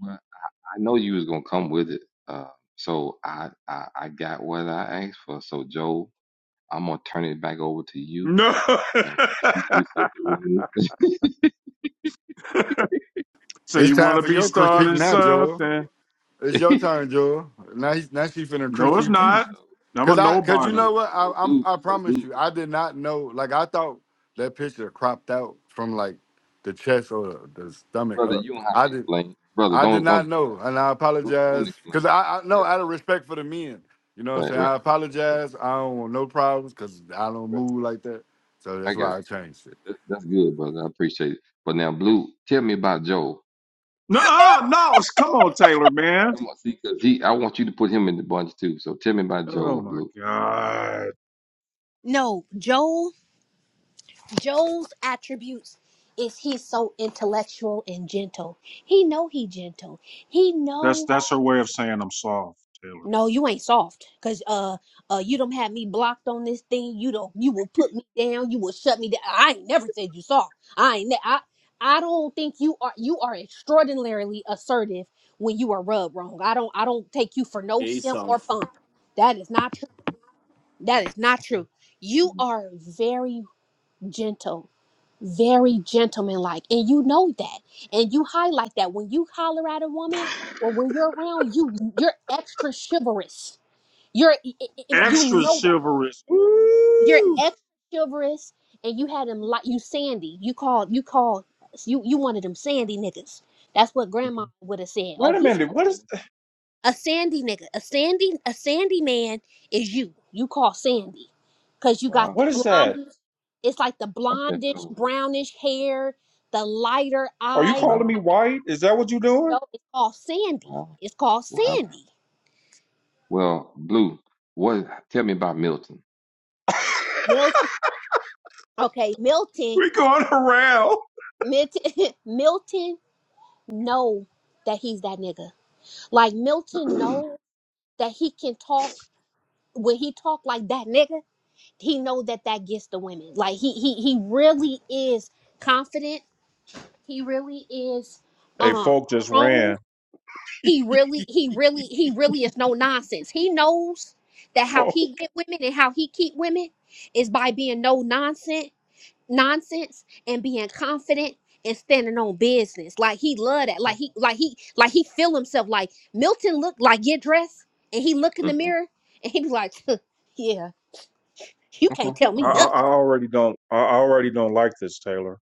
Speaker 4: but I know you was gonna come with it. Uh, so I, I I got what I asked for. So Joe, I'm gonna turn it back over to you
Speaker 2: No. [LAUGHS]
Speaker 4: and let you reset the room.
Speaker 2: so
Speaker 6: It's
Speaker 2: you want
Speaker 6: time
Speaker 2: to
Speaker 6: for
Speaker 2: be
Speaker 6: your critique
Speaker 2: starting
Speaker 6: now, Joel.
Speaker 2: something?
Speaker 4: [LAUGHS]
Speaker 6: It's your
Speaker 4: so
Speaker 6: turn, Joel. Now he's now she finna
Speaker 2: No, it's
Speaker 6: critique you.
Speaker 2: not. I'm a
Speaker 6: Cause I cause you
Speaker 2: nobody.
Speaker 6: know
Speaker 4: so
Speaker 6: what? I
Speaker 4: so
Speaker 6: I'm
Speaker 4: Blue,
Speaker 6: I
Speaker 4: so
Speaker 6: promise
Speaker 4: Blue,
Speaker 6: you, I did not know. Like I thought that picture cropped out from like the chest or the, the stomach
Speaker 4: brother,
Speaker 6: up.
Speaker 4: you don't have
Speaker 6: I
Speaker 4: to
Speaker 6: did
Speaker 4: explain, brother.
Speaker 6: I did
Speaker 4: Don't don't
Speaker 6: not
Speaker 4: explain.
Speaker 6: know. And I
Speaker 4: Don't don't
Speaker 6: apologize. Cause
Speaker 4: explain.
Speaker 6: I, I
Speaker 4: Yeah.
Speaker 6: no out of respect for the men. You know what I'm
Speaker 4: Right,
Speaker 6: saying?
Speaker 4: right.
Speaker 6: I
Speaker 4: Right,
Speaker 6: apologize. I don't want no problems because I don't
Speaker 4: right.
Speaker 6: move like that. So
Speaker 4: I
Speaker 6: that's
Speaker 4: got you.
Speaker 6: why I changed it.
Speaker 4: That, that's good, brother. I appreciate it. But now, Blue, tell me about Joel.
Speaker 2: No, no. Come on, Taylor, man.
Speaker 4: Come on, see, cause he, I want you to put him in the bunch too. So tell me about
Speaker 2: Oh
Speaker 4: Joel,
Speaker 2: my
Speaker 4: Blue.
Speaker 2: God.
Speaker 1: No, Joel Joel's attributes is he's so intellectual and gentle. He know he gentle. He
Speaker 2: That's
Speaker 1: know
Speaker 2: that's her way of saying I'm soft, Taylor.
Speaker 1: no, you ain't soft, cause uh uh you don't have me blocked on this thing. You don't you will put me down. You will shut me down. I ain't never said you soft. I ain't ne- I I don't think you are you are extraordinarily assertive when you are rubbed wrong. I don't I don't take you for no
Speaker 5: Yeah, he's
Speaker 1: simp or
Speaker 5: solid.
Speaker 1: punk. That is not true. That is not
Speaker 4: Okay.
Speaker 1: true. You
Speaker 4: Mhm.
Speaker 1: are very gentle very gentlemanlike. And you know that. And you highlight that when you holler at a woman or when you're around you, you're extra chivalrous. You're i- i- i- you
Speaker 2: Extra
Speaker 1: know that.
Speaker 2: chivalrous.
Speaker 1: You're
Speaker 2: Ooh.
Speaker 1: extra chivalrous and you had him like you Sandy. You called you called you you wanted them Sandy niggas. That's what grandma
Speaker 4: Okay.
Speaker 1: would have said. Oh,
Speaker 2: Wait a
Speaker 1: he
Speaker 2: minute. What
Speaker 4: Okay.
Speaker 2: is
Speaker 1: a sandy nigga a sandy a sandy man is you you call sandy because you got
Speaker 4: Wow.
Speaker 1: the
Speaker 2: what is that?
Speaker 1: blondish it's like the
Speaker 4: Okay.
Speaker 1: blondish
Speaker 4: So
Speaker 1: brownish hair the lighter
Speaker 2: Are you
Speaker 1: eyes
Speaker 2: calling
Speaker 4: wow.
Speaker 2: me white? Is that what you're doing?
Speaker 1: no it's called sandy
Speaker 4: Wow.
Speaker 1: it's called
Speaker 4: Wow.
Speaker 1: sandy
Speaker 4: Well, Blue, what? Tell me about Milton.
Speaker 2: [LAUGHS]
Speaker 1: milton okay milton
Speaker 2: we going around.
Speaker 1: milton [LAUGHS] milton know that he's that nigga like milton
Speaker 2: [CLEARS THROAT]
Speaker 1: know that he can talk when he talk like that nigga he know that that gets the women like he he he really is confident He really is
Speaker 2: hey,
Speaker 1: um
Speaker 2: folk just
Speaker 1: strong.
Speaker 2: ran.
Speaker 1: He really, he really, he really is no nonsense. He knows that how
Speaker 2: Folk.
Speaker 1: he get women and how he keep women is by being no nonsense, nonsense, and being confident and standing on business. Like he love that. Like
Speaker 4: Okay.
Speaker 1: he, like he, like he feel himself. Like Milton looked like get dressed, and he look in the
Speaker 4: Mhm.
Speaker 1: mirror and he be like, [LAUGHS] "Huh, yeah, you can't
Speaker 4: Okay.
Speaker 1: tell
Speaker 2: I,
Speaker 1: me
Speaker 2: I,
Speaker 4: Okay.
Speaker 1: nothing.
Speaker 2: I already don't. I already don't like this, Taylor,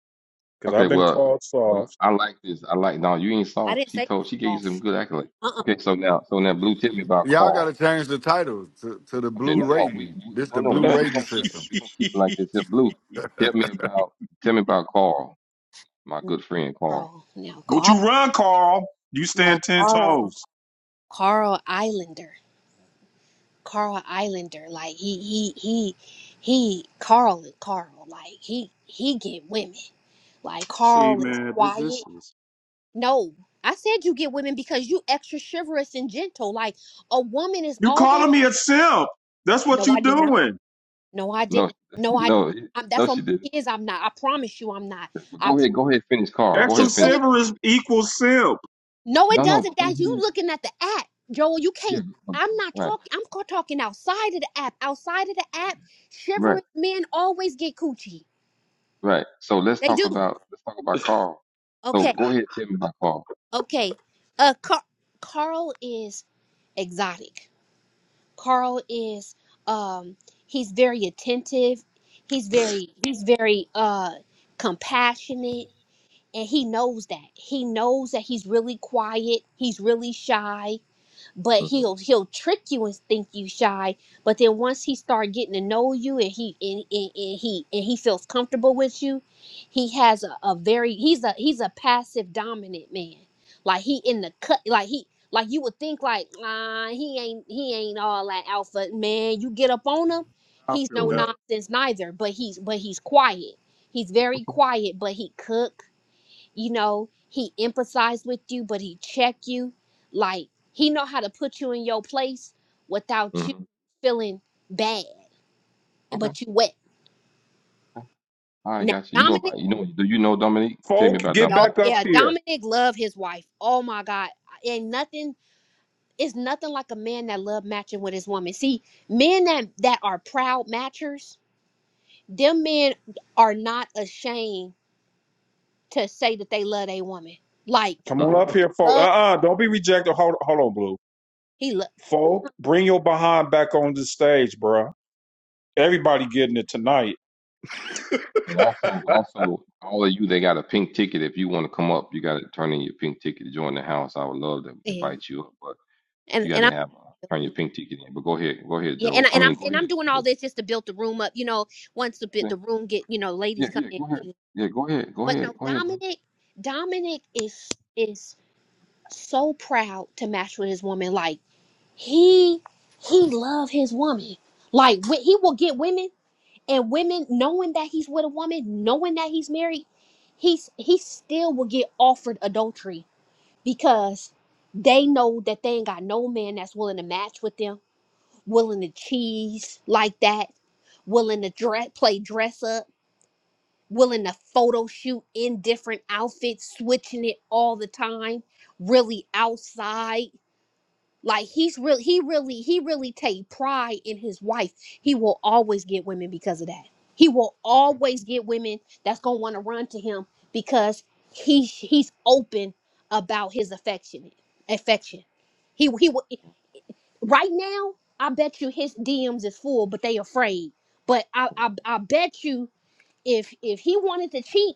Speaker 2: because
Speaker 4: Okay.
Speaker 2: I've been
Speaker 4: Well,
Speaker 2: called
Speaker 4: well,
Speaker 2: soft.
Speaker 4: I like this. I like. No, you ain't
Speaker 1: I
Speaker 4: soft.
Speaker 1: didn't
Speaker 4: She
Speaker 1: say you
Speaker 4: told. She gave you some
Speaker 1: soft.
Speaker 4: good accolades.
Speaker 1: Uh uh
Speaker 4: Okay. So now, so now, Blue, tell me about
Speaker 6: Y'all gotta
Speaker 4: Carl.
Speaker 6: change the title to, to the
Speaker 4: Okay.
Speaker 6: blue
Speaker 4: No, no. We,
Speaker 6: rating.
Speaker 4: we
Speaker 6: This
Speaker 4: no,
Speaker 6: the
Speaker 4: no.
Speaker 2: [LAUGHS]
Speaker 6: blue
Speaker 4: We,
Speaker 2: don't
Speaker 4: we
Speaker 6: rating
Speaker 4: gonna keep it.
Speaker 6: system.
Speaker 4: We gonna keep it like this. Here, Blue, tell me about. Tell me about Carl, my good friend Carl.
Speaker 1: Carl. No,
Speaker 2: you
Speaker 1: Carl.
Speaker 2: run, Carl. You
Speaker 1: No,
Speaker 2: stand ten
Speaker 1: Carl.
Speaker 2: toes.
Speaker 1: Carl Islander. Carl Islander. Like he he he he Carl and Carl. Like he he get women. Like
Speaker 2: See,
Speaker 1: Carl is
Speaker 2: man, th- this
Speaker 1: quiet.
Speaker 2: is
Speaker 1: No. I said you get women because you extra chivalrous and gentle. Like a woman is
Speaker 2: you
Speaker 1: always
Speaker 2: calling me a simp. That's what
Speaker 1: No, I
Speaker 2: you
Speaker 1: did not.
Speaker 2: doing.
Speaker 1: No, I
Speaker 4: No,
Speaker 1: didn't.
Speaker 4: [LAUGHS]
Speaker 1: No, I
Speaker 4: no,
Speaker 1: I'm,
Speaker 4: no.
Speaker 1: that's on
Speaker 4: She didn't.
Speaker 1: my kids. I'm not. I promise you I'm not.
Speaker 4: But
Speaker 1: I
Speaker 4: go ahead. Go ahead. Finish Carl. Go
Speaker 2: Sexual
Speaker 1: it's
Speaker 4: ahead. Finish
Speaker 1: really
Speaker 4: Carl.
Speaker 2: silverism equals simp.
Speaker 1: No, it
Speaker 4: No, no.
Speaker 1: doesn't.
Speaker 4: But go
Speaker 1: That you
Speaker 4: ahead.
Speaker 1: looking at the app, Joel. You
Speaker 4: Yeah.
Speaker 1: can't.
Speaker 4: But,
Speaker 1: I'm not
Speaker 4: right.
Speaker 1: talking. I'm ca- talking outside of the app. Outside of the app,
Speaker 4: Right.
Speaker 1: shivering men always get coochie.
Speaker 4: Right. So let's
Speaker 1: They
Speaker 4: talk
Speaker 1: do.
Speaker 4: about let's talk about Carl. So
Speaker 1: Okay.
Speaker 4: go ahead, tell me about Carl.
Speaker 1: Okay. Uh, Car- Carl is exotic. Carl is um. He's very attentive. He's very. He's very uh compassionate, and he knows that. He knows that he's really quiet. He's really shy but
Speaker 4: Mm-hmm.
Speaker 1: he'll he'll trick you and think you shy but then once he start getting to know you and he and, and, and he and he feels comfortable with you he has a, a very he's a he's a passive dominant man like he in the cut like he like you would think like uh, he ain't he ain't all that alpha man you get up on him
Speaker 2: I
Speaker 1: he's
Speaker 2: feel
Speaker 1: no
Speaker 2: better.
Speaker 4: Mm-hmm.
Speaker 1: nonsense neither but he's but he's quiet he's very
Speaker 4: Okay.
Speaker 1: quiet but he cook you know he empathize with you but he check you like he know how to put you in your place without you
Speaker 4: Mm-hmm.
Speaker 1: feeling bad
Speaker 4: Okay.
Speaker 1: but you wet
Speaker 4: okay. All right,
Speaker 1: now
Speaker 4: gotcha. You know
Speaker 1: dominic
Speaker 4: about you know do you know Dominique? Tell me
Speaker 2: Folk,
Speaker 4: about
Speaker 2: get
Speaker 1: y'all
Speaker 4: Dominique.
Speaker 2: back up
Speaker 1: yeah
Speaker 2: here.
Speaker 1: dominic love his wife oh my god ain't nothing it's nothing like a man that love matching with his woman see men that that are proud matchers them men are not ashamed to say that they love a woman like
Speaker 2: Come on
Speaker 4: Mm-hmm.
Speaker 2: up here, folk. Uh
Speaker 1: love
Speaker 2: uh do not be rejected. Hold, hold on, Blue.
Speaker 1: he love
Speaker 2: Folk, bring your behind back on the stage, bruh. Everybody getting it tonight.
Speaker 4: And also also all of you that got a pink ticket, if you want to come up, you gotta turn in your pink ticket to join the house. I would love to
Speaker 1: and
Speaker 4: invite you up, but you
Speaker 1: and
Speaker 4: gotta have uh, turn
Speaker 1: i'm
Speaker 4: your pink ticket in. But go ahead, go ahead,
Speaker 1: Yeah, and
Speaker 4: Joe.
Speaker 1: I-
Speaker 4: I
Speaker 1: and
Speaker 4: mean
Speaker 1: I'm
Speaker 4: go
Speaker 1: and I'm
Speaker 4: ahead,
Speaker 1: doing all
Speaker 4: Blue.
Speaker 1: this just to build the room up. You know, once the bit
Speaker 4: Okay.
Speaker 1: the room get you know
Speaker 4: Yeah,
Speaker 1: ladies come
Speaker 4: yeah,
Speaker 1: in.
Speaker 4: go ahead.
Speaker 1: you-
Speaker 4: Yeah, go ahead, go
Speaker 1: But
Speaker 4: ahead,
Speaker 1: no,
Speaker 4: go ahead, Blue.
Speaker 1: Dominic, Dominic is is so proud to match with his woman. Like he he love his woman. Like wh- he will get women and women knowing that he's with a woman, knowing that he's married, he's he still will get offered adultery because they know that they ain't got no man that's willing to match with them willing to cheese like that, willing to dress, play dress up, willing to photo shoot in different outfits, switching it all the time, really outside. Like he's really, he really, he really take pride in his wife. He will always get women because of that. He will always get women that's gonna want to run to him because he he's open about his affection, affection. He he will right now, I bet you his DMs is full, but they afraid. But I, I, I bet you if if he wanted to cheat,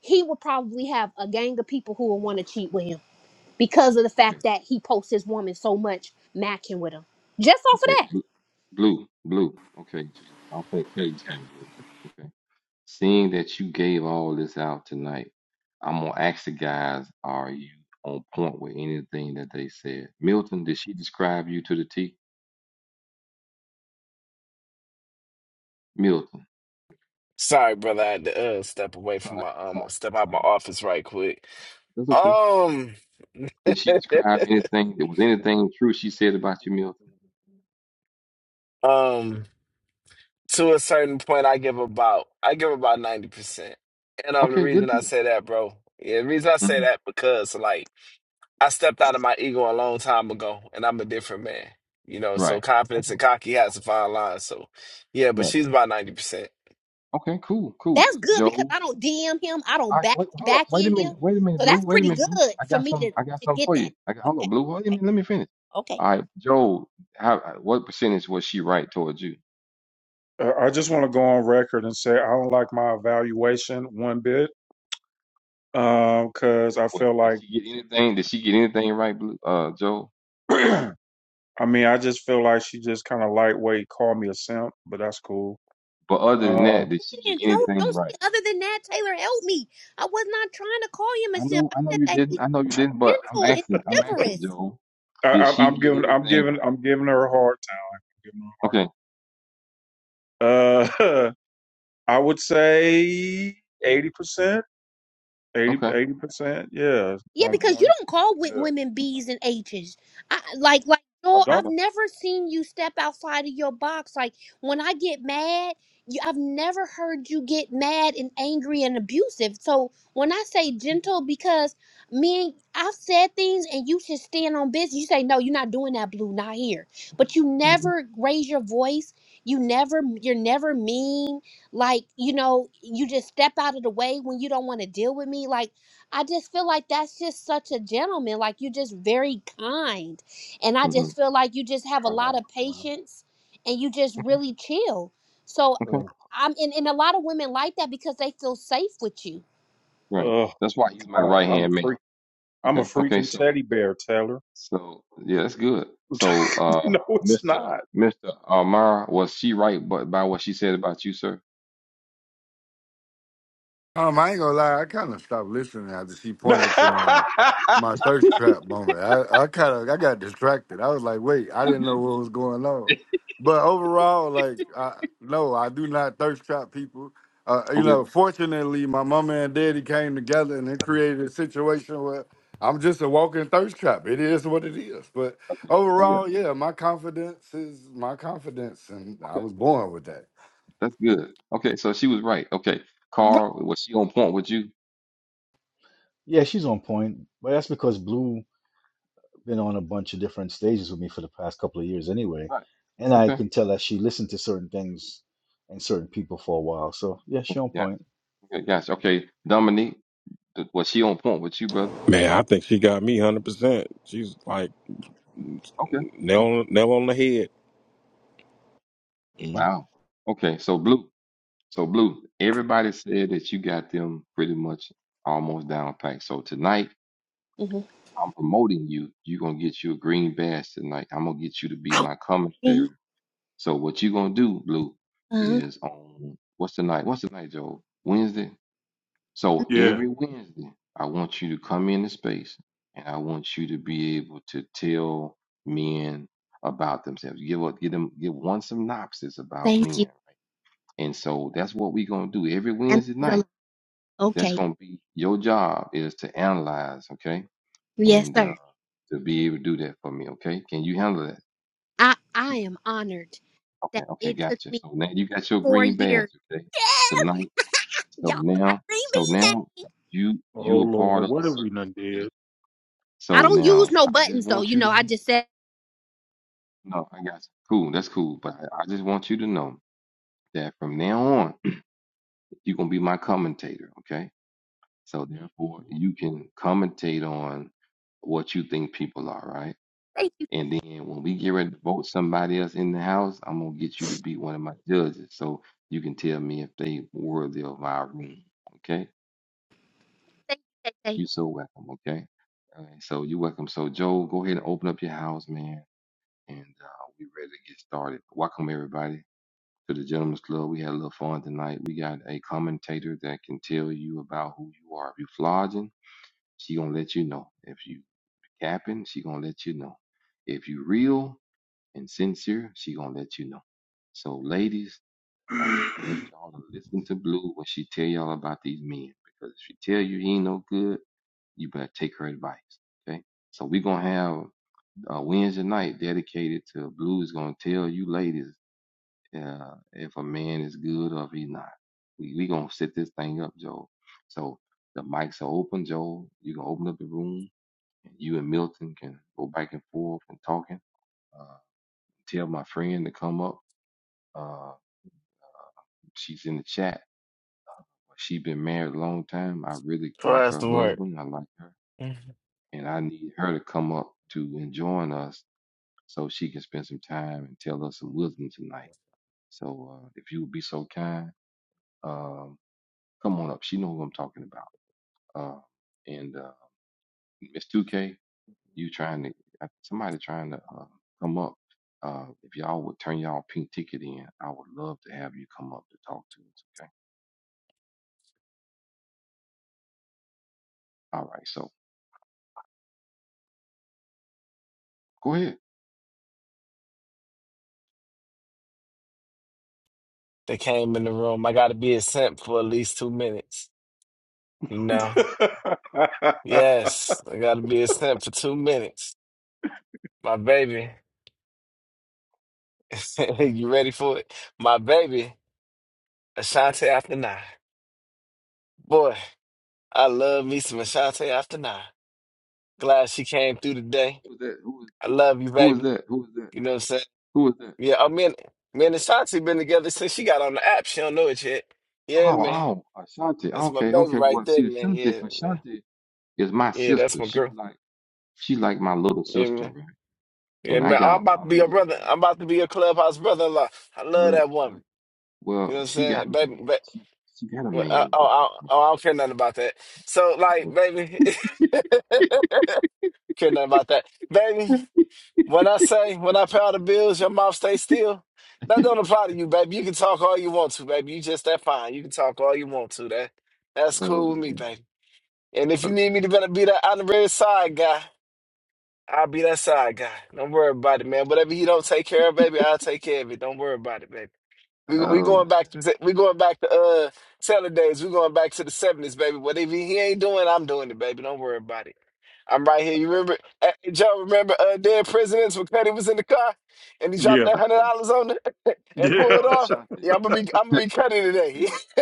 Speaker 1: he would probably have a gang of people who would want to cheat with him because of the
Speaker 4: Okay,
Speaker 1: fact that he posts his woman so much macking with him. Just off of
Speaker 4: okay.
Speaker 1: that,
Speaker 4: Blue, blue. Okay. I'm going to tell you something, blue. Okay. Seeing that you gave all this out tonight, I'm going to ask the guys, are you on point with anything that they said? Milton, did she describe you to the T? Milton.
Speaker 5: Sorry, brother. I had to uh, step away
Speaker 4: That's all
Speaker 5: from
Speaker 4: right.
Speaker 5: my
Speaker 4: That's all
Speaker 5: um,
Speaker 4: right.
Speaker 5: step
Speaker 4: That's
Speaker 5: out
Speaker 4: all
Speaker 5: my
Speaker 4: right.
Speaker 5: office right quick.
Speaker 4: That's okay.
Speaker 5: Um, [LAUGHS]
Speaker 4: Did she describe anything? There was anything true she said about you, Milton?
Speaker 5: um, to a certain point, I give about I give about ninety percent, and um, the
Speaker 4: Okay. Good
Speaker 5: reason I
Speaker 4: deal.
Speaker 5: say that, bro, yeah, the reason I say
Speaker 4: hmm
Speaker 5: that because like. I stepped out of my ego a long time ago, and I'm a different man. You know, so
Speaker 4: Right.
Speaker 5: confidence
Speaker 4: Okay.
Speaker 5: and cocky has a fine line. So, yeah, but
Speaker 4: Right.
Speaker 5: she's about ninety percent
Speaker 4: Okay. Cool. Cool.
Speaker 1: that's good because
Speaker 4: Joe.
Speaker 1: I don't DM him, I don't
Speaker 4: I
Speaker 1: back
Speaker 4: wait, hold up,
Speaker 1: back
Speaker 4: wait a
Speaker 1: in him,
Speaker 4: minute, wait a minute,
Speaker 1: so
Speaker 4: Blue,
Speaker 1: that's
Speaker 4: wait a
Speaker 1: pretty
Speaker 4: minute, Blue.
Speaker 1: good
Speaker 4: I
Speaker 1: for
Speaker 4: got
Speaker 1: me to
Speaker 4: some, I got
Speaker 1: to
Speaker 4: something
Speaker 1: get
Speaker 4: for
Speaker 1: that.
Speaker 4: you. I got, hold up,
Speaker 1: Okay,
Speaker 4: Blue, wait a
Speaker 1: okay,
Speaker 4: minute, let me finish.
Speaker 1: okay.
Speaker 4: All right, Joe, how, uh, what percentage was she right towards you?
Speaker 2: Uh, I just want to go on record and say I don't like my evaluation one bit because I
Speaker 4: Was
Speaker 2: feel
Speaker 4: did
Speaker 2: like,
Speaker 4: she get anything? Did she get anything right, Blue, uh, Joe?
Speaker 2: [CLEARS THROAT] I mean, I just feel like she just kind of lightweight called me a simp, but that's cool.
Speaker 4: But other than
Speaker 2: Uh,
Speaker 4: that, did she
Speaker 1: And
Speaker 4: get
Speaker 1: No,
Speaker 4: anything
Speaker 1: don't say
Speaker 4: right?
Speaker 1: other than that, Taylor. Help me. I was not trying to call him a
Speaker 4: I
Speaker 1: simp.
Speaker 4: know,
Speaker 1: I
Speaker 4: I know
Speaker 1: said
Speaker 4: you
Speaker 1: that he
Speaker 4: didn't, I know you didn't, but I'm
Speaker 1: Gentle is
Speaker 4: asking, I'm asking
Speaker 1: chivalrous.
Speaker 4: Joe,
Speaker 2: I,
Speaker 4: did
Speaker 2: I'm
Speaker 4: she
Speaker 2: I'm
Speaker 4: get
Speaker 2: giving, I'm
Speaker 4: anything
Speaker 2: giving,
Speaker 4: right?
Speaker 2: I'm giving her a hard time. I'm giving
Speaker 4: Okay,
Speaker 2: her a hard. Uh, [LAUGHS] I would say 80%, eighty,
Speaker 4: okay,
Speaker 2: eighty percent Yeah,
Speaker 1: Yeah,
Speaker 2: on
Speaker 4: hmm
Speaker 1: because you
Speaker 2: point.
Speaker 1: don't call with
Speaker 2: Yeah.
Speaker 1: women B's and H's. I, like, like,
Speaker 2: I
Speaker 1: no,
Speaker 2: don't.
Speaker 1: I've
Speaker 4: okay,
Speaker 1: never seen you step outside of your box. Like, when I get mad, you, I've never heard you get mad and angry and abusive. So when I say gentle, because me, and- I've said things and you should stand on business. You say, no, you're not doing that, Blue, not here. But you
Speaker 4: hmm
Speaker 1: never raise your voice. You never, you're never mean. Like, you know, you just step out of the way when you don't want to deal with me. Like, I just feel like that's just such a gentleman. Like you're just very kind. And I
Speaker 4: hmm
Speaker 1: just feel like you just have a lot
Speaker 2: God,
Speaker 1: of
Speaker 2: man.
Speaker 1: patience and you just
Speaker 4: okay,
Speaker 1: really chill. So
Speaker 4: okay,
Speaker 2: Ugh.
Speaker 1: I'm and, and a lot of women like that because they feel safe with you.
Speaker 4: right.
Speaker 2: Oh,
Speaker 4: That's why he's my
Speaker 2: God.
Speaker 4: right
Speaker 2: I'm a
Speaker 4: hand man.
Speaker 2: freak. I'm a
Speaker 4: Okay, okay,
Speaker 2: freaking
Speaker 4: so.
Speaker 2: teddy bear, Taylor.
Speaker 4: So yeah, that's good. So
Speaker 2: [LAUGHS]
Speaker 4: uh
Speaker 2: no, it's
Speaker 4: Mr.
Speaker 2: not.
Speaker 4: Mr. Amar, was she right but by what she said about you, sir? [LAUGHS]
Speaker 6: Um, I ain't gonna lie, I kind of stopped listening after she pointed to my
Speaker 2: [LAUGHS]
Speaker 6: my thirst trap moment. I, I kind of I got distracted. I was like, wait, I didn't know
Speaker 4: Okay.
Speaker 6: what was going on. But overall, like, I, no, I do not thirst trap people. Uh, you
Speaker 4: Okay.
Speaker 6: know, fortunately, my mama and daddy came together and they created a situation where I'm just a walking thirst trap. It is what it is. But
Speaker 4: Okay. I guess.
Speaker 6: overall, yeah, my confidence is my confidence, and I
Speaker 4: Okay.
Speaker 6: was born with that.
Speaker 4: That's good. Okay, so she was right. Okay.
Speaker 1: Right.
Speaker 4: Carl, was she on point with you?
Speaker 7: Yeah, she's on point, but that's because Blue been on a bunch of different stages with me for the past couple of years anyway,
Speaker 4: Right.
Speaker 7: and I
Speaker 4: Okay.
Speaker 7: can tell that she listened to certain things and certain people for a while. So yeah, she on
Speaker 4: Yes.
Speaker 7: point.
Speaker 4: Okay, yes. Okay. Dominique, th- was she on point with you, brother?
Speaker 8: Man, I think she got me hundred percent. She's like
Speaker 4: Okay.
Speaker 8: nail
Speaker 4: Okay.
Speaker 8: on, nail on the head.
Speaker 4: Wow. Okay, so blue. So blue, everybody said that you got them pretty much almost down packed. So tonight
Speaker 1: hmm
Speaker 4: I'm promoting you. You're gonna get you a green badge tonight. I'm gonna get you to be my commentator. So what you gonna do, Blue,
Speaker 1: uh,
Speaker 4: is on what's the night? What's the night, Joe? Wednesday. So
Speaker 2: yeah.
Speaker 4: every Wednesday, I want you to come into space and I want you to be able to tell men about themselves. Give up, give them give one synopsis about
Speaker 1: thank you.
Speaker 4: men. And so that's what we're gonna do every
Speaker 1: That
Speaker 4: Wednesday
Speaker 1: means a
Speaker 4: night.
Speaker 1: lot.
Speaker 4: That's
Speaker 1: Okay.
Speaker 4: gonna be your job is to analyze, okay?
Speaker 1: Yes,
Speaker 4: and. uh,
Speaker 1: sir.
Speaker 4: to be able to do that for me. Okay, can you handle that?
Speaker 1: I I am honored
Speaker 4: Okay,
Speaker 1: that
Speaker 4: okay,
Speaker 1: it took
Speaker 4: gotcha.
Speaker 1: me
Speaker 4: So now you got your
Speaker 1: four
Speaker 4: green badge
Speaker 1: years.
Speaker 4: today,
Speaker 1: Yes.
Speaker 4: tonight.
Speaker 1: y'all
Speaker 4: So
Speaker 1: gotta
Speaker 4: now,
Speaker 1: leave me
Speaker 4: so
Speaker 1: now.
Speaker 4: now you
Speaker 2: Oh,
Speaker 4: you a part
Speaker 2: Lord.
Speaker 4: of the
Speaker 2: What have
Speaker 4: circle.
Speaker 2: we done
Speaker 4: Okay.
Speaker 2: did?
Speaker 1: I
Speaker 4: So
Speaker 1: don't use
Speaker 4: now
Speaker 1: no
Speaker 4: I just
Speaker 1: buttons though.
Speaker 4: want
Speaker 1: You
Speaker 4: you to
Speaker 1: know, I
Speaker 4: make.
Speaker 1: just said
Speaker 4: No, I got you. Cool, that's cool. But I, I just want you to know that from now on, [CLEARS THROAT] you're gonna be my commentator. Okay. So therefore, you can commentate on what you think people are. Right.
Speaker 1: thank you,
Speaker 4: And then when we get ready to vote somebody else in the house, I'm gonna get you to be one of my judges, so you can tell me if they worthy of our room. Okay?
Speaker 1: thank you, thank you.
Speaker 4: You so welcome. Okay? All right, so you welcome. So Joe, go ahead and open up your house, man, and uh, we ready to get started. Welcome everybody to the Gentlemen's Club. We had a little fun tonight. We got a commentator that can tell you about who you are. If you flogging, she gonna let you know. If you capping, she gonna let you know. If you real. and sincere, she gonna let you know. So ladies, uh, I want y'all to listen to Blue when she tell y'all about these men because if she tell you he ain't no good, you better take her advice. Okay. So we're gonna have a Wednesday night dedicated to Blue is gonna tell you ladies uh, if a man is good or if he's not. We we gonna set this thing up, Joel. So the mics are open, Joel. You can open up the room, and you and Milton can go back and forth and talking. Uh, tell my friend to come up uh, she's in the chat. Well, She's been married a long time. I really
Speaker 5: for
Speaker 4: like
Speaker 5: us
Speaker 4: her
Speaker 5: to work.
Speaker 4: husband. I like her,
Speaker 5: They
Speaker 4: and I need her to come up to and join us so she can spend some time and tell us some wisdom tonight. So uh, if you would be so kind, um, come on up. She know who I'm talking about. Uh, and uh, Miss 2K, you trying to I- somebody trying to uh, come up. Uh, if y'all would turn y'all pink ticket in, I would love to have you come up to talk to us. Okay. All right. So go ahead.
Speaker 5: came in the room. I got to be a simp for at least two minutes. You know,
Speaker 2: [LAUGHS]
Speaker 5: yes, I got to be a simp for two minutes. My baby, [LAUGHS] you ready for it? My baby, Ashanti after nine. Boy, I love me some Ashanti after nine. Glad she came through today.
Speaker 4: Who's that? Who is
Speaker 5: I
Speaker 4: who?
Speaker 5: love you,
Speaker 4: Who is
Speaker 5: baby.
Speaker 4: that? Who is that?
Speaker 5: You know what I'm saying?
Speaker 4: Who is that?
Speaker 5: Yeah, I mean, me and Ashanti been together since she got on the app. She don't know it yet. Yeah,
Speaker 4: Oh,
Speaker 5: man.
Speaker 4: oh, Ashanti.
Speaker 5: That's my
Speaker 4: Okay,
Speaker 5: baby
Speaker 4: okay.
Speaker 5: right
Speaker 4: Well,
Speaker 5: there,
Speaker 4: see,
Speaker 5: man.
Speaker 4: Ashanti,
Speaker 5: Yeah, man.
Speaker 4: Ashanti is my
Speaker 5: Yeah, that's
Speaker 4: sister.
Speaker 5: my
Speaker 4: She
Speaker 5: girl.
Speaker 4: like she like my little
Speaker 5: Yeah,
Speaker 4: sister,
Speaker 5: man.
Speaker 4: right?
Speaker 5: Yeah,
Speaker 4: And I
Speaker 5: man. I'm
Speaker 4: got a
Speaker 5: about to
Speaker 4: lot of
Speaker 5: be your
Speaker 4: love
Speaker 5: brother.
Speaker 4: for her.
Speaker 5: I'm about to be your clubhouse brother-in-law. I love that
Speaker 4: Well,
Speaker 5: woman.
Speaker 4: well,
Speaker 5: You know
Speaker 4: well
Speaker 5: what I'm
Speaker 4: she got
Speaker 5: saying?
Speaker 4: a
Speaker 5: Baby,
Speaker 4: man.
Speaker 5: ba-
Speaker 4: She she got a
Speaker 5: well, uh,
Speaker 4: man.
Speaker 5: oh, I, oh, I don't care nothing about that. So, like,
Speaker 4: Well,
Speaker 5: baby, [LAUGHS] care nothing about that. Baby. When I say, when I pay all the bills, your mouth stay still. That don't apply to you, baby. You can talk all you want to, baby. You just that fine. You can talk all you want to. That that's
Speaker 4: oh
Speaker 5: cool with me,
Speaker 4: man,
Speaker 5: baby. And if you
Speaker 4: Okay.
Speaker 5: need me to better be that honorary side guy, I'll be that side guy. Don't worry about it, man. Whatever you don't take care of, baby, I'll take care of it. Don't worry about it, baby. We we
Speaker 4: oh
Speaker 5: going
Speaker 4: man,
Speaker 5: back to we going back to uh Taylor days. We going back to the seventies, baby. Whatever he ain't doing, I'm doing it, baby. Don't worry about it. I'm right here. You remember, hey, Joe? Remember uh, dead presidents when Cuddy was in the car and he dropped
Speaker 2: yeah.
Speaker 5: that hundred
Speaker 4: Ashanti.
Speaker 5: dollars on it and
Speaker 2: Yeah.
Speaker 5: pulled off.
Speaker 4: Ashanti.
Speaker 5: Yeah, I'm gonna be I'm gonna be Cuddy today.
Speaker 4: [LAUGHS]
Speaker 5: [LAUGHS]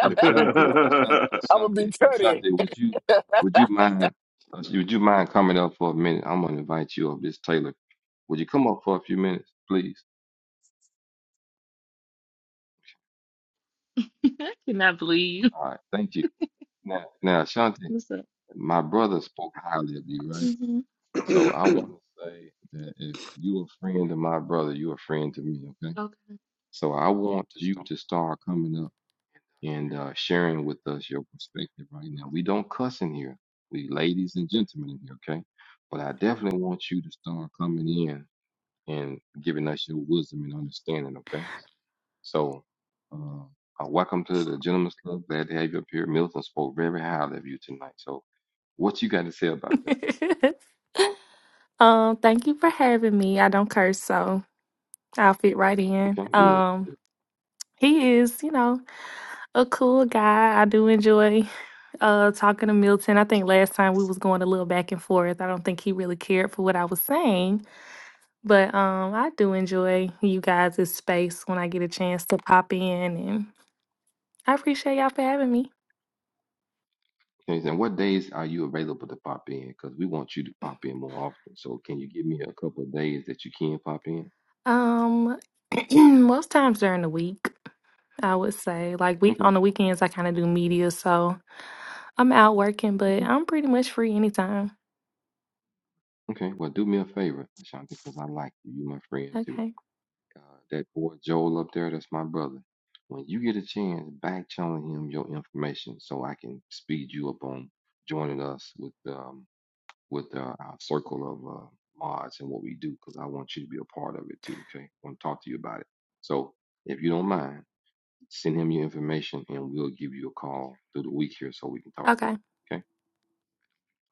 Speaker 4: Ashanti, Ashanti,
Speaker 2: [LAUGHS]
Speaker 5: I'm gonna be
Speaker 4: Ashanti,
Speaker 5: Cuddy.
Speaker 4: Ashanti, would you would you mind uh, would you mind coming up for a minute? I'm gonna invite you up, this Taylor. Would you come up for a few minutes, please?
Speaker 9: Cannot believe [LAUGHS] you.
Speaker 4: All right, thank you. Now, now, Ashanti,
Speaker 9: What's up?
Speaker 4: my brother spoke highly of you, right?
Speaker 9: hmm
Speaker 4: So I want to say that if you're a friend of my brother, you're a friend to me, okay?
Speaker 9: Okay.
Speaker 4: So I
Speaker 9: You
Speaker 4: want
Speaker 9: just
Speaker 4: you
Speaker 9: don't.
Speaker 4: to start coming up and uh, sharing with us your perspective right now. We don't cuss in here. We ladies and gentlemen in here, okay? But I definitely want you to start coming in and giving us your wisdom and understanding, okay? So, uh, uh, welcome to the Gentlemen's Club. Glad to have you up here. Milton spoke very highly of you tonight. So, what you got to say about that?
Speaker 9: [LAUGHS] um, thank you for having me. I don't curse, so I'll fit right in.
Speaker 4: Okay, good.
Speaker 9: Um, he is, you know, a cool guy. I do enjoy uh talking to Milton. I think last time we was going a little back and forth. I don't think he really cared for what I was saying, but um, I do enjoy you guys' space when I get a chance to pop in, and I appreciate y'all for having me.
Speaker 4: Okay, and what days are you available to pop in? Because we want you to pop in more often. So, can you give me a couple of days that you can pop in?
Speaker 9: Um, [CLEARS THROAT] most times during the week. I would say like week on the
Speaker 4: Okay.
Speaker 9: weekends I kind of do media, so I'm out working, but I'm pretty much free anytime.
Speaker 4: Okay, well, do me a favor, Ashanti, because I like you. You my friend too.
Speaker 9: Okay.
Speaker 4: Uh, that boy Joel up there, that's my brother. When you get a chance, back channel him your information so I can speed you up on joining us with um with uh, our circle of uh, mods and what we do, because I want you to be a part of it too. Okay, I want to talk to you about it. So if you don't mind, send him your information and we'll give you a call through the week here so we can talk to you.
Speaker 9: Okay.
Speaker 4: Okay.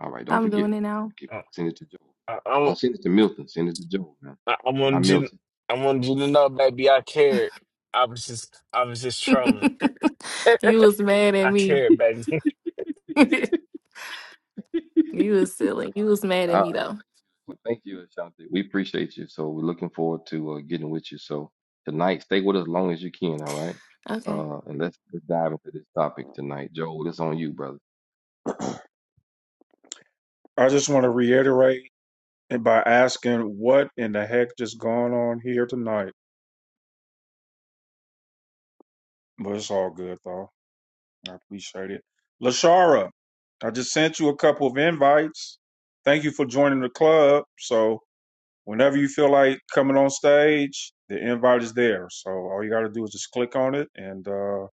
Speaker 4: All right, don't
Speaker 9: I'm
Speaker 4: forget.
Speaker 9: doing it now.
Speaker 4: Give-
Speaker 5: I,
Speaker 4: Send it to Joel.
Speaker 5: I, I,
Speaker 4: Don't send it to Milton. Send it to Joel, man.
Speaker 5: I
Speaker 4: Not
Speaker 5: wanted you.
Speaker 4: Milton.
Speaker 5: I wanted you to know, baby. I cared. I was just I was just
Speaker 9: [LAUGHS]
Speaker 5: trolling. [LAUGHS]
Speaker 9: You was mad at
Speaker 5: I
Speaker 9: me. [LAUGHS]
Speaker 5: care, baby. [LAUGHS]
Speaker 9: You was silly. You was mad at
Speaker 4: All
Speaker 9: me
Speaker 4: right.
Speaker 9: though.
Speaker 4: Well, thank you, Ashanti. We appreciate you. So we're looking forward to uh, getting with you. So tonight, stay with us as long as you can. All right.
Speaker 9: Okay.
Speaker 4: Uh, and let's let's dive into this topic tonight, Joel. It's on you, brother.
Speaker 2: I just want to reiterate and by asking what in the heck just going on here tonight. But it's all good though. I appreciate it. Lashara, I just sent you a couple of invites. Thank you for joining the club. So whenever you feel like coming on stage, the invite is there. So all you gotta do is just click on it and uh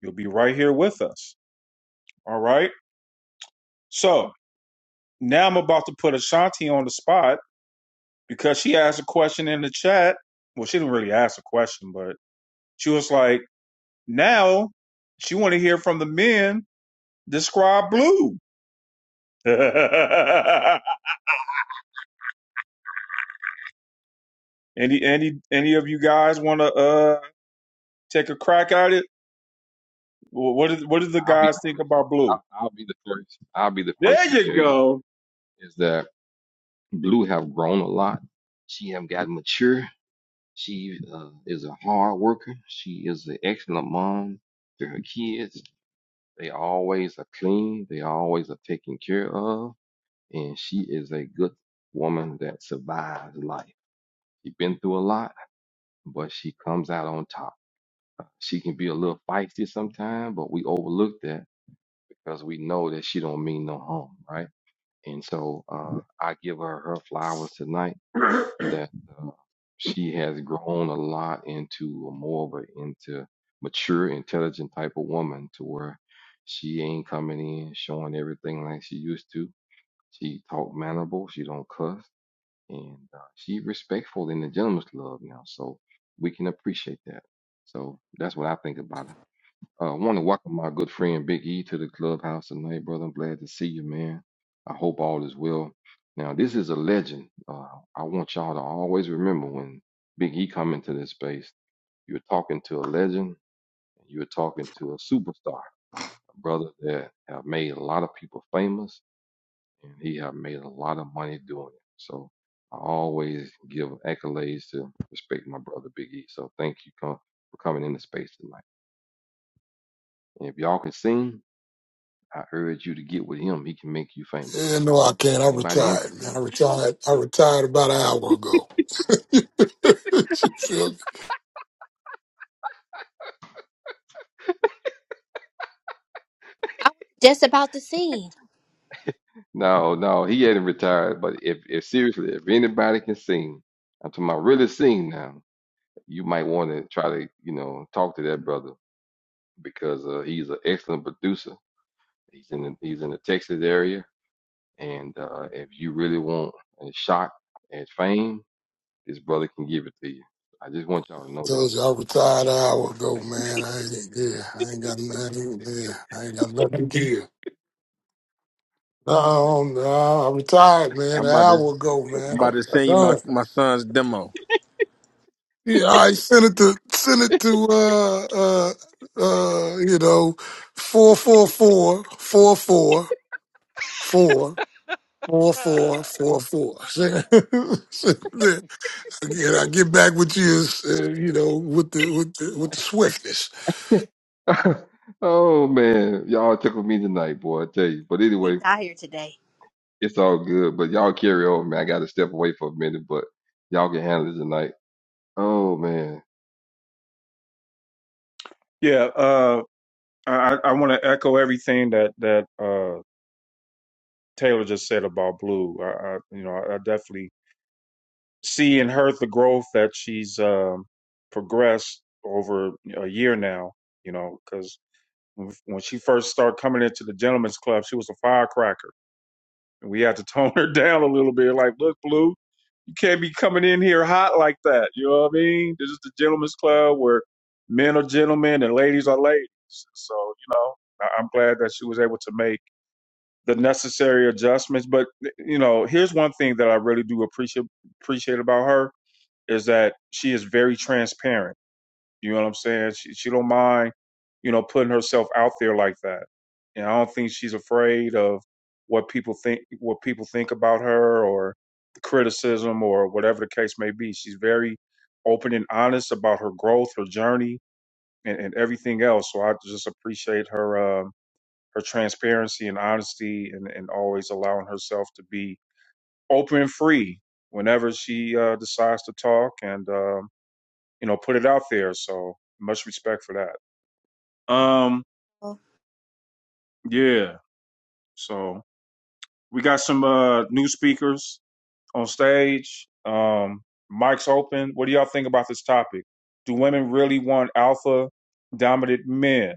Speaker 2: you'll be right here with us. All right. So now I'm about to put Ashanti on the spot because she asked a question in the chat. Well, she didn't really ask a question, but she was like, now she wanna hear from the men describe blue. [LAUGHS] any any any of you guys want to uh take a crack at it? Wh- What is what do the
Speaker 4: I'll be
Speaker 2: guys
Speaker 4: the
Speaker 2: think
Speaker 4: first.
Speaker 2: about blue?
Speaker 4: I'll, I'll be the first. I'll be the first
Speaker 2: There
Speaker 4: to
Speaker 2: you
Speaker 4: tell you
Speaker 2: go.
Speaker 4: is that Blue have grown a lot. She have gotten mature She uh, is a hard worker. She is an excellent mom to her kids. They always are clean. They always are taken care of. And she is a good woman that survives life. She's been through a lot, but she comes out on top. She can be a little feisty sometimes, but we overlook that because we know that she don't mean no harm, right? And so uh, I give her her flowers tonight that uh, she has grown a lot into a more of a into mature, intelligent type of woman to where she ain't coming in showing everything like she used to. She talk mannerable. She don't cuss, and uh, she respectful in the gentleman's club now. So we can appreciate that. So that's what I think about I uh, want to welcome my good friend Big E to the clubhouse tonight, brother. I'm glad to see you, man. I hope all is well. Now, this is a legend. Uh, I want y'all to always remember when Big E come into this space, you're talking to a legend, you're talking to a superstar, a brother that have made a lot of people famous, and he have made a lot of money doing it. So I always give accolades to respect my brother Big E. So thank you com- for coming into space tonight. And if y'all can sing, I urge you to get with him. He can make you famous.
Speaker 10: Yeah, no, I can't. I
Speaker 4: Anybody here
Speaker 10: retired,
Speaker 4: can
Speaker 10: man. I
Speaker 4: sing?
Speaker 10: retired. I retired about an hour ago. [LAUGHS] you feel me?
Speaker 1: I was just about to sing.
Speaker 4: No, no, he hadn't retired. But if, if seriously, if anybody can sing, I'm talking about really sing now, you might want to try to, you know, talk to that brother because uh, he's an excellent producer. He's in the, he's in the Texas area, and uh, if you really want a shot at fame, this brother can give it to you. I just want y'all to
Speaker 10: I
Speaker 4: know
Speaker 10: told you I retired an hour ago, man. I ain't yeah, I ain't got nothing. Yeah, I ain't got nothing here. No, no, I retired, man,
Speaker 8: I'm
Speaker 10: an
Speaker 8: about to
Speaker 10: hour ago, man.
Speaker 8: I'm about to send you my,
Speaker 10: Done.
Speaker 8: my son's demo.
Speaker 10: Yeah, I sent it to sent it to uh uh uh you know four four four four four four four
Speaker 11: [LAUGHS]
Speaker 10: four four four. [LAUGHS] Again, I get back with you, uh, you know, with the with the, with the swiftness.
Speaker 4: that. [LAUGHS] oh man, y'all took with me tonight, boy. I tell you. But
Speaker 1: He's
Speaker 4: anyway.
Speaker 1: out here today.
Speaker 4: It's all good, but y'all carry on, man. I got to step away for a minute, but y'all can handle it tonight. Oh man.
Speaker 2: Yeah. Uh, I I want to echo everything that that uh Taylor just said about blue. I, I you know I, definitely see in her the growth that she's um progressed over a year now. You know because when she first started coming into the gentlemen's club, she was a firecracker And we had to [LAUGHS] tone her down a little bit. Like, look, Blue, you can't be coming in here hot like that. You know what I mean? This is the gentleman's club where men are gentlemen and ladies are ladies. So, you know, I- I'm glad that she was able to make the necessary adjustments. But, you know, here's one thing that I really do appreciate appreciate about her is that she is very transparent you know what I'm saying? She she don't mind, you know, putting herself out there like that. And I don't think she's afraid of what people think what people think about her or the criticism or whatever the case may be. She's very open and honest about her growth, her journey, and, and everything else. So I just appreciate her um, her transparency and honesty, and, and always allowing herself to be open and free whenever she uh, decides to talk and um, you know put it out there. So much respect for that. Um,
Speaker 1: Well,
Speaker 2: yeah. So we got some uh new speakers on stage. Um, mic's open. What do y'all think about this topic? Do women really want alpha dominant men?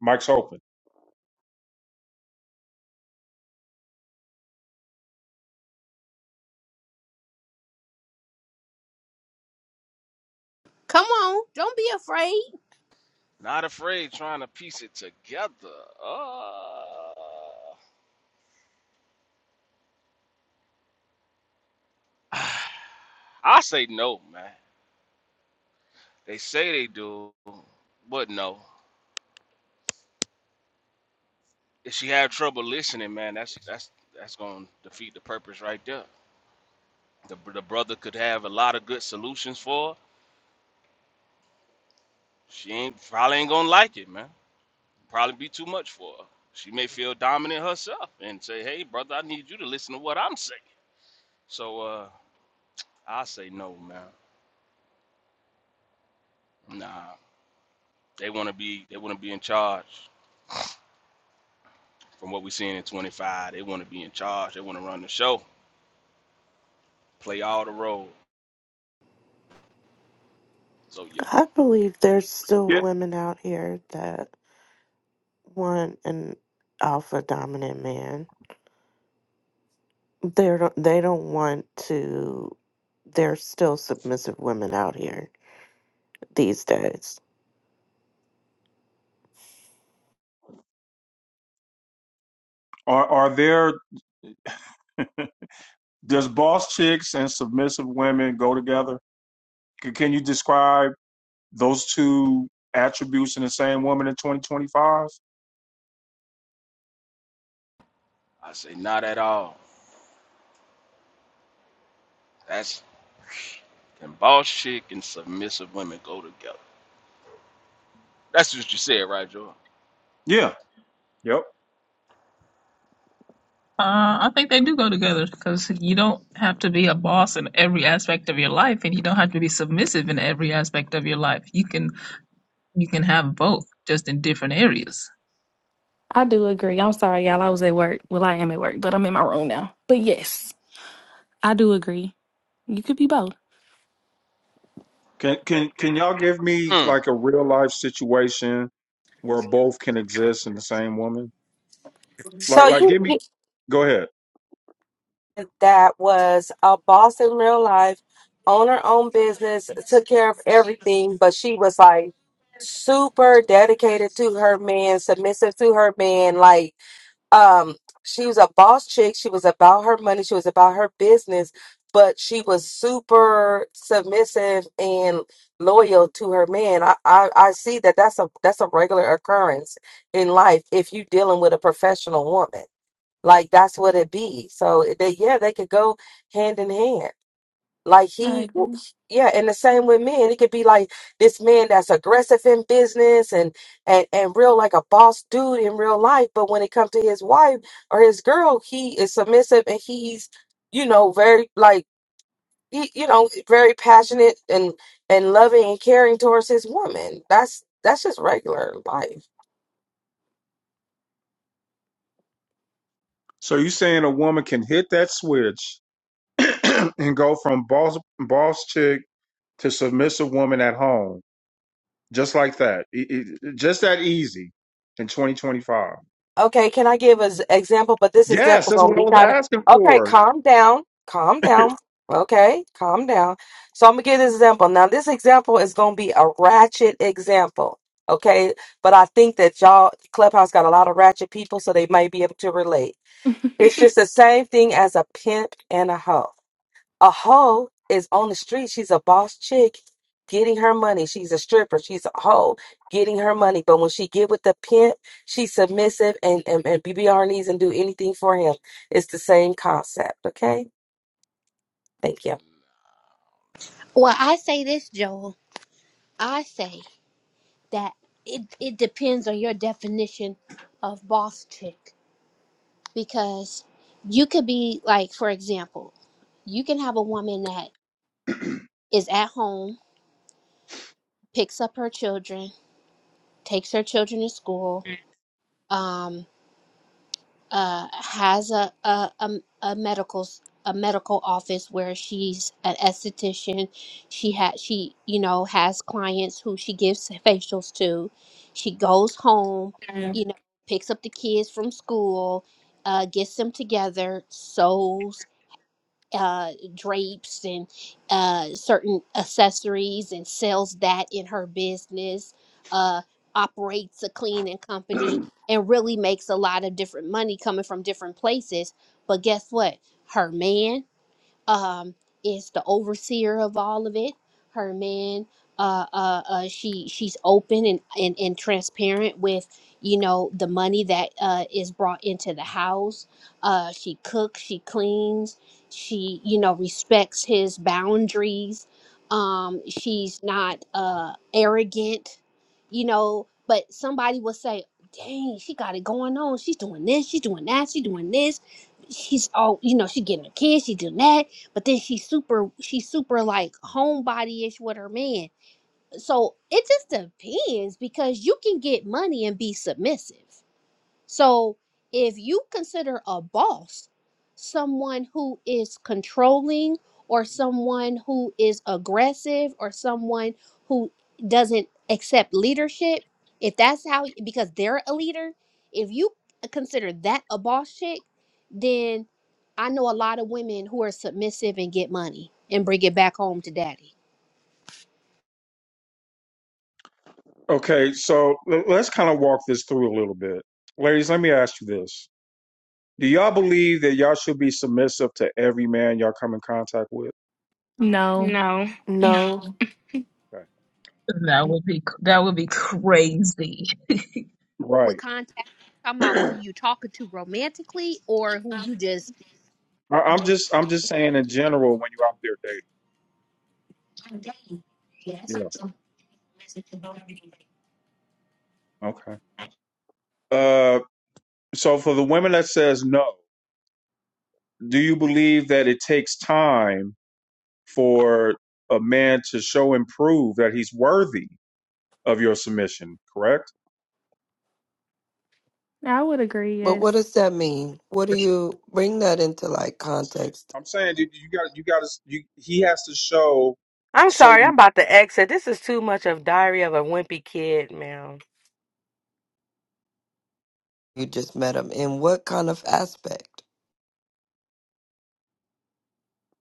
Speaker 2: Mic's open.
Speaker 1: Come on, don't be afraid.
Speaker 11: Not afraid trying to piece it together. Uh, [SIGHS] I say no, man. They say they do, but no. If she had trouble listening, man, that's that's that's gonna defeat the purpose right there. The, the brother could have a lot of good solutions for her. She ain't probably ain't gonna like it, man. Probably be too much for her. She may feel dominant herself and say, "Hey, brother, I need you to listen to what I'm saying." So uh, I say no, man. Nah. They want to be they want to be in charge. From what we're seeing in 25, they want to be in charge. They want to run the show, play all the roles. So yeah,
Speaker 12: I believe there's still
Speaker 2: Yep.
Speaker 12: women out here that want an alpha dominant man. They don't. They don't want to. There's still submissive women out here these days.
Speaker 2: Are are there does boss chicks and submissive women go together? C- Can you describe those two attributes in the same woman in 2025?
Speaker 11: I say not at all. That's can boss chick and submissive women go together? That's what you said, right, Joe?
Speaker 2: Yeah. Yep.
Speaker 13: Uh, I think they do go together because you don't have to be a boss in every aspect of your life, and you don't have to be submissive in every aspect of your life. You can you can have both, just in different areas.
Speaker 9: I do agree. I'm sorry, y'all. I was at work. Well, I am at work, but I'm in my room now. But yes, I do agree. You could be both.
Speaker 2: Can
Speaker 9: Okay.
Speaker 2: can can y'all give
Speaker 11: Hmm.
Speaker 2: me
Speaker 11: Nah.
Speaker 2: like a real life situation where both can exist in the same woman? Like
Speaker 14: So
Speaker 2: like
Speaker 14: you
Speaker 2: give me
Speaker 14: you-
Speaker 2: go ahead.
Speaker 14: that was a boss in real life, own her own business, took care of everything, but she was like super dedicated to her man, submissive to her man. Like, um, she was a boss chick. She was about her money. She was about her business, but she was super submissive and loyal to her man. I, I, I see that that's a that's a regular occurrence in life if you dealing with a professional woman. Like that's what it be. So they, yeah, they could go hand in hand. Like
Speaker 9: okay. I
Speaker 14: he, w-
Speaker 9: agree.
Speaker 14: yeah, and the same with men. It could be like this man that's aggressive in business and and and real like a boss dude in real life, but when it comes to his wife or his girl, he is submissive and he's you know very like he you know very passionate and and loving and caring towards his woman. That's that's just regular life.
Speaker 2: So you saying a woman can hit that switch [CLEARS THROAT] and go from boss boss chick to submissive woman at home Just like that. It- it- just that easy in 2025.
Speaker 14: Okay, can I give an example? But this is
Speaker 2: Yes,
Speaker 14: definitely
Speaker 2: that's
Speaker 14: gonna
Speaker 2: what I
Speaker 14: be
Speaker 2: was
Speaker 14: kind of
Speaker 2: asking
Speaker 14: okay.
Speaker 2: for.
Speaker 14: Calm down, calm down. Okay, calm down. So I'm gonna give this example. Now, this example is gonna be a ratchet example. Okay, but I think that y'all clubhouse got a lot of ratchet people, so they might be able to relate. It's
Speaker 9: [LAUGHS]
Speaker 14: just the same thing as a pimp and a hoe a hoe is on the street. She's a boss chick getting her money. She's a stripper. She's a hoe getting her money. But when she get with the pimp, she's submissive and, and, and be on her knees and do anything for him. It's the same concept. Okay? Thank you.
Speaker 1: Well, I say this, Joel. I say that it, it depends on your definition of boss chick because you could be like, for example, you can have a woman that is at home, picks up her children, takes her children to school, um. uh, has a a, a, a medical s- a medical office where she's an esthetician. She had she you know has clients who she gives [LAUGHS] facials to. She goes home, you know, picks up the kids from school, uh, gets them together, sews uh, drapes and uh, certain accessories and sells that in her business, uh, operates a cleaning company, and really makes a lot of different money coming from different places. But guess what? Her man um, is the overseer of all of it. Her man, uh, uh, uh, she she's open and, and and transparent with you know the money that uh, is brought into the house. Uh, she cooks, she cleans, she you know respects his boundaries. Um, she's not uh, arrogant, you know. But somebody will say, "Dang, she got it going on. She's doing this. She's doing that. She's doing this." she's all you know she getting a kid she doing that but then she's super she's super like homebody-ish with her man so it just depends because you can get money and be submissive so if you consider a boss someone who is controlling or someone who is aggressive or someone who doesn't accept leadership, if that's how, because they're a leader, if you consider that a boss chick, then I know a lot of women who are submissive and get money and bring it back home to daddy.
Speaker 2: Okay, so l- let's kind of walk this through a little bit. Ladies, let me ask you this. Do y'all believe that y'all should be submissive to every man y'all come in contact with?
Speaker 9: No,
Speaker 15: No.
Speaker 12: No,
Speaker 15: No.
Speaker 2: Okay.
Speaker 13: That would be that would be crazy.
Speaker 1: With
Speaker 2: Right.
Speaker 1: contact, talking
Speaker 2: [CLEARS THROAT]
Speaker 1: about who
Speaker 2: I-
Speaker 1: you talking to romantically or who you just
Speaker 2: I'm just I'm just saying in general when you're out there dating. Yeah. Okay. Uh so for the women that says no, do you believe that it takes time for a man to show and prove that he's worthy of your submission. Correct?
Speaker 9: I would agree,
Speaker 16: But what
Speaker 9: yes.
Speaker 16: does that mean? What do you bring that into like context?
Speaker 2: I'm saying you, you got you got to you, he has to show
Speaker 14: I'm sorry, I'm
Speaker 2: certain.
Speaker 14: about to exit. This is too much of Diary of a Wimpy Kid, man.
Speaker 16: You just met them in what kind of aspect?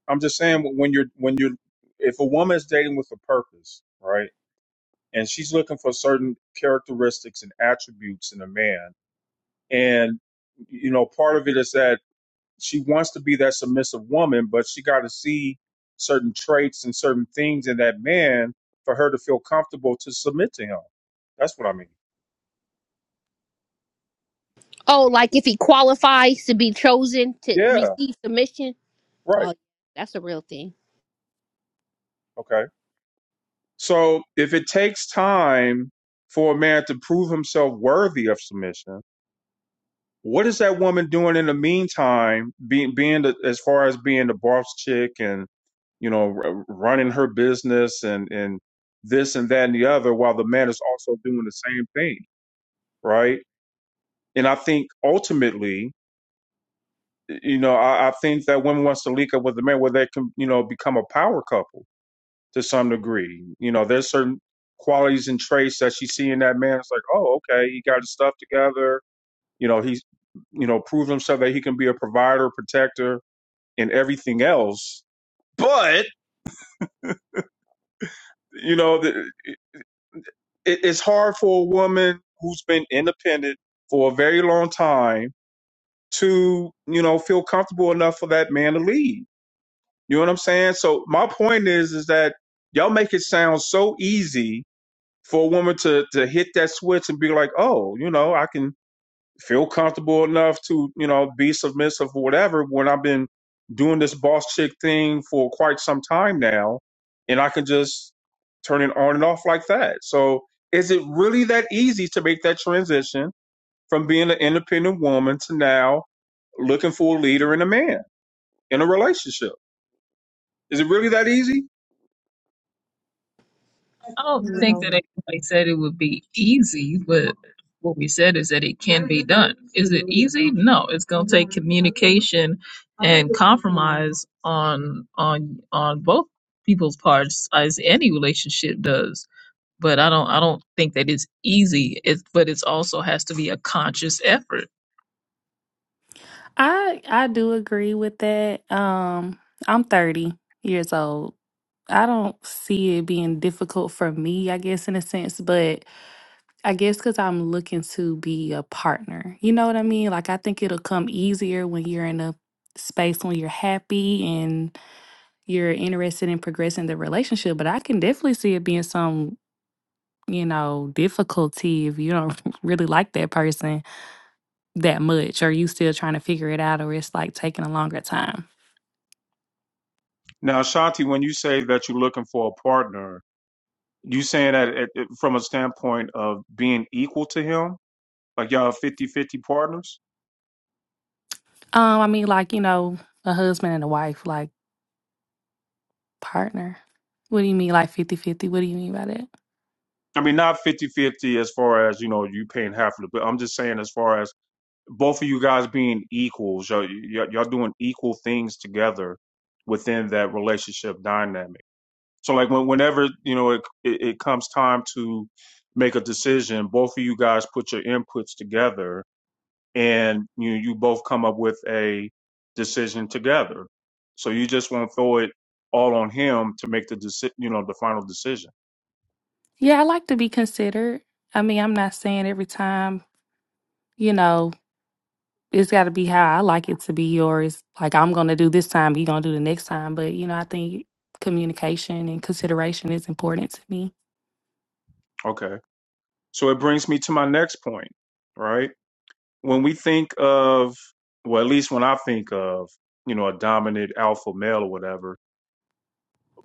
Speaker 2: I'm just saying when you're when you're if a woman is dating with a purpose, right, and she's looking for certain characteristics and attributes in a man, and you know part of it is that she wants to be that submissive woman, but she got to see certain traits and certain things in that man for her to feel comfortable to submit to him. That's what I mean.
Speaker 1: Oh, like if he qualifies to be chosen to
Speaker 2: Yeah,
Speaker 1: receive the mission.
Speaker 2: right.
Speaker 1: Oh, that's a real thing.
Speaker 2: Okay. So if it takes time for a man to prove himself worthy of submission, what is that woman doing in the meantime? Being being the, as far as being the boss chick and you know r- running her business and and this and that and the other, while the man is also doing the same thing, right? And I think ultimately, you know, I, I think that women want to link up with the man where they can, you know, become a power couple to some degree. You know, there's certain qualities and traits that she see in that man. It's like, oh, okay, he got his stuff together. You know, he's, you know, proved himself that he can be a provider, protector, and everything else. But you know, the, it, it's hard for a woman who's been independent for a very long time to, you know, feel comfortable enough for that man to leave You know what I'm saying? So my point is, is that y'all make it sound so easy for a woman to to hit that switch and be like, oh, you know, I can feel comfortable enough to, you know, be submissive or whatever when I've been doing this boss chick thing for quite some time now, and I can just turn it on and off like that. So is it really that easy to make that transition from being an independent woman to now looking for a leader and a man in a relationship? Is it really that easy?
Speaker 13: I don't think that anybody said it would be easy, but what we said is that it can be done. Is it easy? No, it's going to take communication and compromise on on on both people's parts, as any relationship does but I don't I don't think that it's easy. It but it's also has to be a conscious effort.
Speaker 9: I I do agree with that. Um, I'm 30 years old. I don't see it being difficult for me, I guess, in a sense, but I guess because I'm looking to be a partner. You know what I mean? Like, I think it'll come easier when you're in a space when you're happy and you're interested in progressing the relationship. But I can definitely see it being some, you know, difficulty if you don't [LAUGHS] really like that person that much or you still trying to figure it out or it's like taking a longer time.
Speaker 2: Now, Shanti, when you say that you're looking for a partner, you saying that it, it- from a standpoint of being equal to him, like y'all 50-50 partners?
Speaker 9: Um, I mean, like, you know, a husband and a wife, like partner. What do you mean, like fifty-fifty? What do you mean by that?
Speaker 2: I mean, not 50-50 as far as, you know, you paying half of it, but I'm just saying as far as both of you guys being equals, y'all, y'all y'all doing equal things together within that relationship dynamic. So like when, whenever you know it, it it comes time to make a decision, both of you guys put your inputs together, and you you both come up with a decision together. So you just won't throw it all on him to make the deci- you know the final decision.
Speaker 9: Yeah, I like to be considered. I mean, I'm not saying every time, you know, it's got to be how I like it to be yours. Like I'm gonna do this time, you're gonna do the next time. But you know, I think communication and consideration is important to me.
Speaker 2: Okay. So it brings me to my next point, right? When we think of well, at least when I think of you know a dominant alpha male or whatever,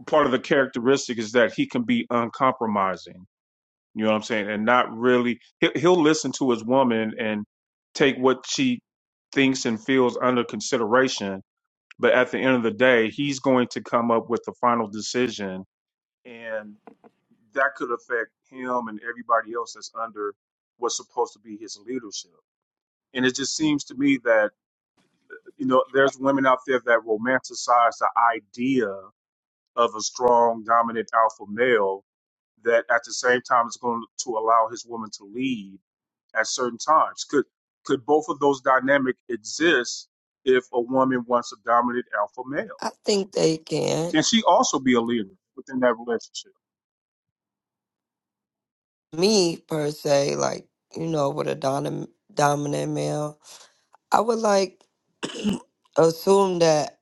Speaker 2: part of the characteristic is that he can be uncompromising You know what I'm saying? And not really, he'll, he'll listen to his woman and take what she thinks and feels under consideration. But at the end of the day, he's going to come up with the final decision. And that could affect him and everybody else that's under what's supposed to be his leadership. And it just seems to me that, you know, there's women out there that romanticize the idea of a strong, dominant alpha male that at the same time is going to allow his woman to lead at certain times. Could could both of those dynamic exist if a woman wants a dominant alpha male?
Speaker 16: I think they can.
Speaker 2: Can she also be a leader within that relationship?
Speaker 16: Me per se, like you know, with a dominant dominant male, I would like [CLEARS THROAT] assume that.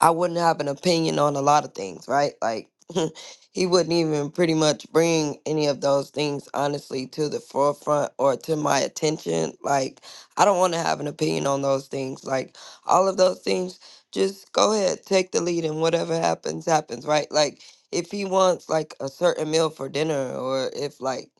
Speaker 16: I wouldn't have an opinion on a lot of things, right? Like [LAUGHS] he wouldn't even pretty much bring any of those things honestly to the forefront or to my attention. Like I don't want to have an opinion on those things. Like all of those things, just go ahead, take the lead and whatever happens, happens, right? Like if he wants like a certain meal for dinner or if like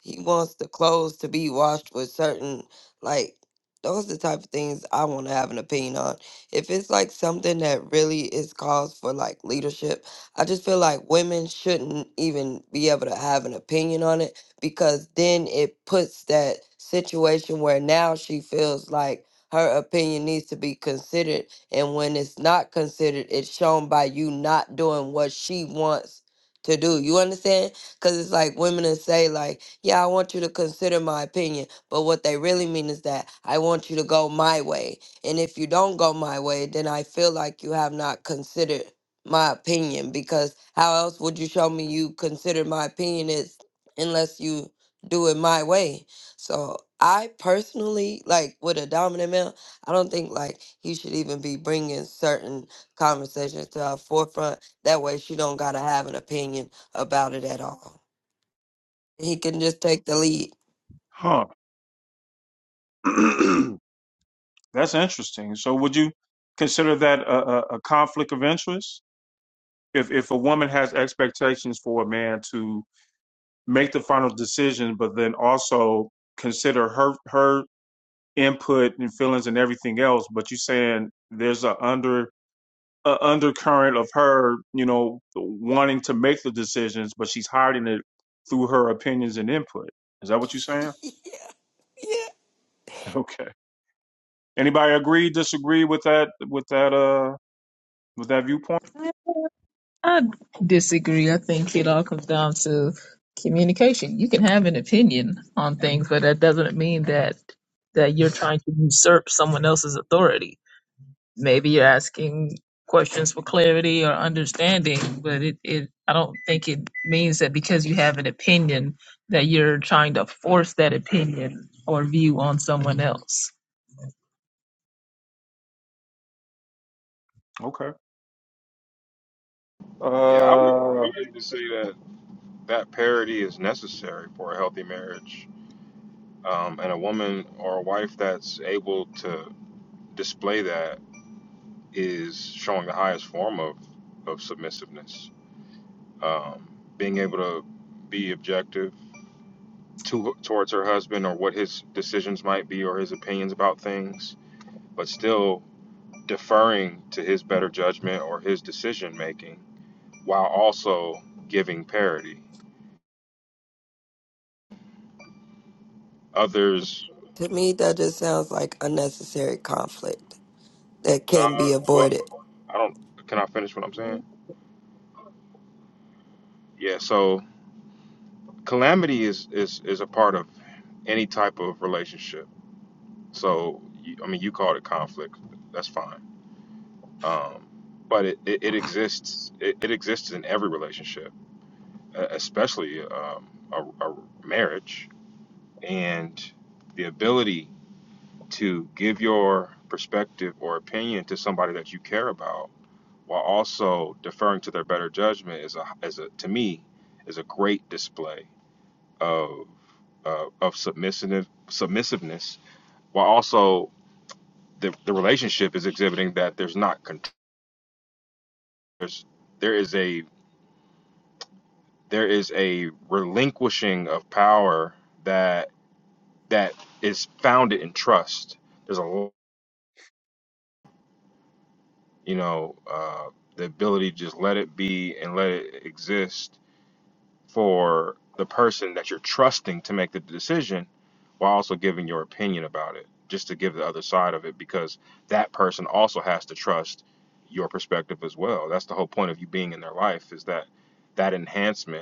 Speaker 16: he wants the clothes to be washed with certain like those are the type of things I want to have an opinion on if it's like something that really is cause for like leadership, I just feel like women shouldn't even be able to have an opinion on it because then it puts that situation where now she feels like her opinion needs to be considered. And when it's not considered, it's shown by you not doing what she wants to do. You understand? Because it's like women that say, like, yeah, I want you to consider my opinion. But what they really mean is that I want you to go my way. And if you don't go my way, then I feel like you have not considered my opinion because how else would you show me you consider my opinion is unless you do it my way. So I personally like with a dominant male, I don't think like he should even be bringing certain conversations to our forefront. That way she don't gotta have an opinion about it at all. He can just take the lead.
Speaker 2: Huh. [CLEARS THROAT] That's interesting. So would you consider that a, a, a conflict of interest? If if a woman has expectations for a man to make the final decision, but then also consider her her input and feelings and everything else, but you're saying there's a under a undercurrent of her, you know, wanting to make the decisions, but she's hiding it through her opinions and input. Is that what you're saying? [LAUGHS]
Speaker 16: Yeah.
Speaker 2: Okay. Anybody agree, disagree with that with that uh with that viewpoint?
Speaker 13: I disagree. I think it all comes down to communication. You can have an opinion on things, but that doesn't mean that that you're trying to usurp someone else's authority. Maybe you're asking questions for clarity or understanding, but it, it I don't think it means that because you have an opinion that you're trying to force that opinion or view on someone else.
Speaker 2: Okay.
Speaker 8: Yeah, I would, I
Speaker 2: Uh
Speaker 8: would like to say that that parity is necessary for a healthy marriage. Um, and a woman or a wife that's able to display that is showing the highest form of, of submissiveness. Um, being able to be objective to, towards her husband or what his decisions might be or his opinions about things, but still deferring to his better judgment or his decision making while also giving parity. Others,
Speaker 16: To me, that just sounds like unnecessary conflict that
Speaker 8: no,
Speaker 16: can be
Speaker 8: nah,
Speaker 16: avoided.
Speaker 8: well, I don't. Can I finish what I'm saying? Yeah. So calamity is is is a part of any type of relationship. So I mean, you called it conflict. That's fine. Um, but it, it, it exists. It, it exists in every relationship, e- especially um, a, a marriage. And the ability to give your perspective or opinion to somebody that you care about while also deferring to their better judgment is a is a to me is a great display of uh, of submissive submissiveness while also the, the relationship is exhibiting that there's not con- there's, there is a there is a relinquishing of power that that is founded in trust There's a you know, uh, the ability to just let it be and let it exist for the person that you're trusting to make the decision while also giving your opinion about it, just to give the other side of it, because that person also has to trust your perspective as well. That's the whole point of you being in their life is that that enhancement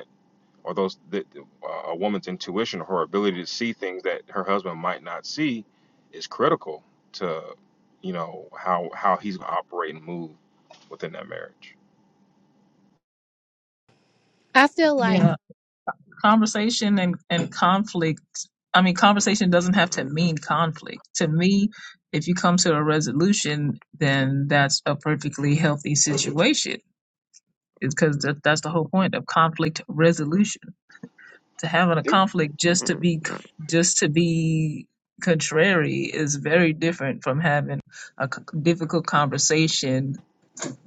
Speaker 8: or those that uh, a woman's intuition or her ability to see things that her husband might not see is critical to you know how how he's going to operate and move within that marriage
Speaker 1: I feel like,
Speaker 13: Yeah, conversation and, and conflict. I mean, conversation doesn't have to mean conflict. To me, if you come to a resolution, then that's a perfectly healthy situation. It's because that, that's the whole point of conflict resolution. To having a conflict just to be just to be contrary is very different from having a c- difficult conversation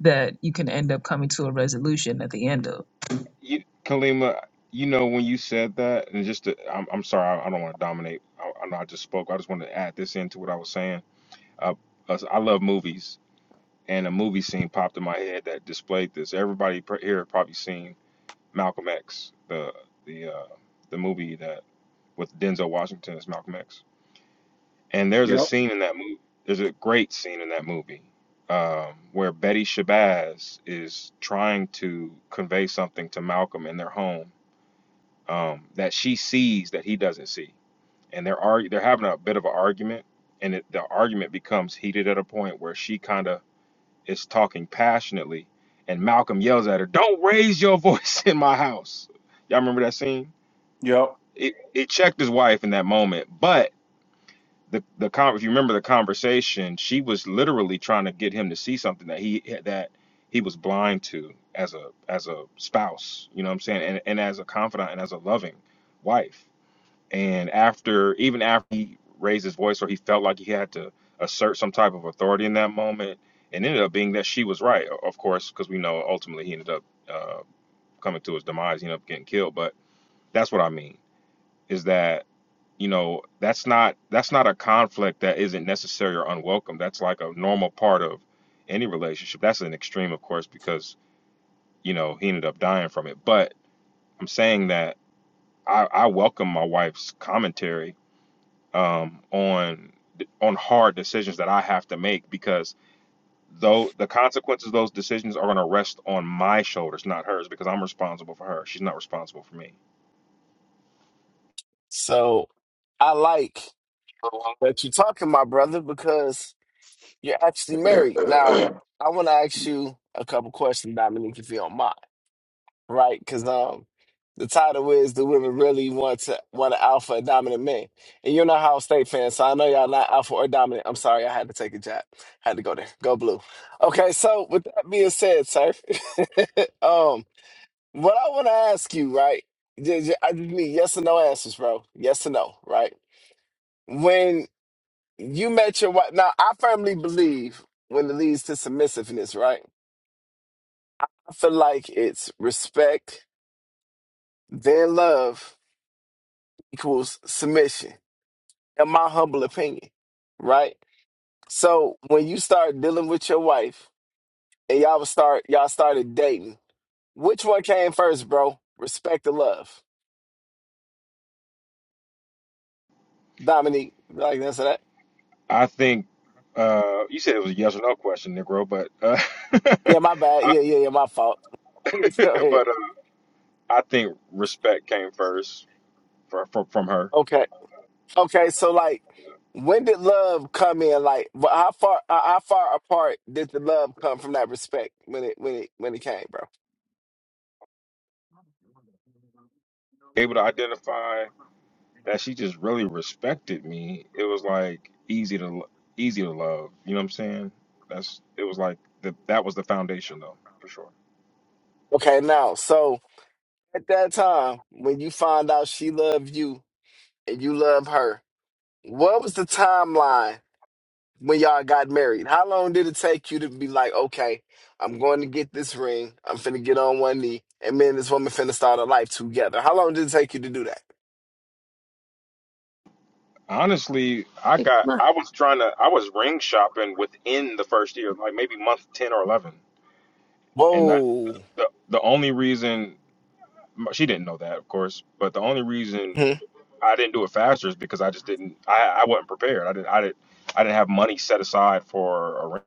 Speaker 13: that you can end up coming to a resolution at the end of.
Speaker 8: you kalima you know when you said that and just to, I'm, I'm sorry i, I don't want to dominate I, I know i just spoke i just want to add this into what i was saying uh, us- i love movies and a movie scene popped in my head that displayed this everybody pr- here probably seen malcolm x the the uh the movie that with Denzel Washington as Malcolm X. And there's a
Speaker 2: yep.
Speaker 8: scene in that movie. There's a great scene in that movie um, where Betty Shabazz is trying to convey something to Malcolm in their home um, that she sees that he doesn't see, and they're argu- they're having a bit of an argument, and it, the argument becomes heated at a point where she kind of is talking passionately, and Malcolm yells at her, "Don't raise your [LAUGHS] voice in my house." Y'all remember that scene?
Speaker 2: Yep.
Speaker 8: It it checked his wife in that moment, but the the con if you remember the conversation, she was literally trying to get him to see something that he that he was blind to as a as a spouse, you know what I'm saying, and and as a confidant and as a loving wife. And after even after he raised his voice or he felt like he had to assert some type of authority in that moment, and ended up being that she was right, o- of course, because we know ultimately he ended up uh, coming to his demise, he ended up getting killed. But that's what I mean is that you know that's not that's not a conflict that isn't necessary or unwelcome that's like a normal part of any relationship that's an extreme of course because you know he ended up dying from it but i'm saying that i, I welcome my wife's commentary um, on on hard decisions that i have to make because though the consequences of those decisions are going to rest on my shoulders not hers because i'm responsible for her she's not responsible for me
Speaker 5: So I like that you're talking, my brother, because you're actually
Speaker 2: [CLEARS THROAT] okay,
Speaker 5: married. Now, I want to ask you a couple questions, Dominique, if you don't mind. right? Because um, the title is "Do Women Really Want to Want an Alpha or Dominant Man?" And you're not Ohio State fan, so I know y'all not alpha or dominant. I'm sorry, I had to take a jab. Had to go there. Go blue. Okay, so with that being said, sir, [LAUGHS] um, what I want to ask you, right? ju- I just need yes or no answers, bro. Yes or no, right? When you met your wife, now I firmly believe when it leads to submissiveness, right? I feel like it's respect, then love, equals submission, in my humble opinion, right? So when you start dealing with your wife and y'all was start y'all started dating, which one came first, bro? Respect or love? Dominique, like that's that.
Speaker 8: i think uh, you said it was a yes or no question negro but uh,
Speaker 5: Yeah, my
Speaker 8: [LAUGHS]
Speaker 5: bad.
Speaker 8: I,
Speaker 5: Yeah, yeah, yeah, my fault.
Speaker 8: [LAUGHS]
Speaker 5: [LAUGHS] Go ahead.
Speaker 8: but uh, I think respect came first for, from from her.
Speaker 5: Okay, okay. So like, when did love come in? Like, wh- how far uh, how far apart did the love come from that respect when it when it when it came, bro?
Speaker 8: Able to identify that she just really respected me. It was like easy to lo- easy to love. You know what I'm saying? That's it was like the, that was the foundation though for sure.
Speaker 5: Okay, now so at that time when you find out she loved you and you love her. What was the timeline when y'all got married? How long did it take you to be like, okay, I'm going to get this ring, I'm finna get on one knee, and me and this woman finna start a life together? How long did it take you to do that?
Speaker 8: Honestly, I got
Speaker 1: look,
Speaker 8: I was trying to I was ring shopping within the first year, like maybe month ten or eleven, and that
Speaker 5: Whoa.
Speaker 8: the the only reason she didn't know that of course, but the only reason
Speaker 5: hmm
Speaker 8: I didn't do it faster is because I just didn't. I, I wasn't prepared. I didn't. I didn't. I didn't have money set aside for a ring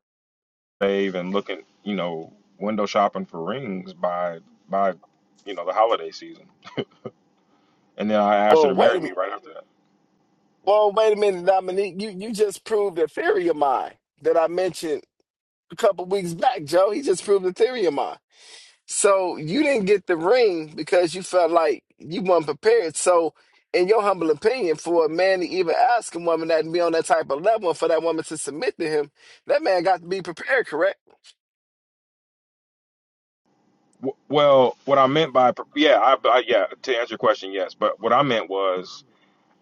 Speaker 8: rave and looking, you know, window shopping for rings by by, you know, the holiday season. And then I asked her
Speaker 5: Whoa,
Speaker 8: to
Speaker 5: wait
Speaker 8: marry
Speaker 5: a
Speaker 8: me right after that.
Speaker 5: Whoa, wait a minute, Dominique. You you just proved a theory of mine that I mentioned a couple weeks back, Joe. He just proved a theory of mine. So you didn't get the ring because you felt like you weren't prepared. So, in your humble opinion, for a man to even ask a woman that and be on that type of level, and for that woman to submit to him, that man got to be prepared, correct?
Speaker 8: W- Well, what I meant by pre- yeah, I, I yeah, to answer your question, yes. But what I meant was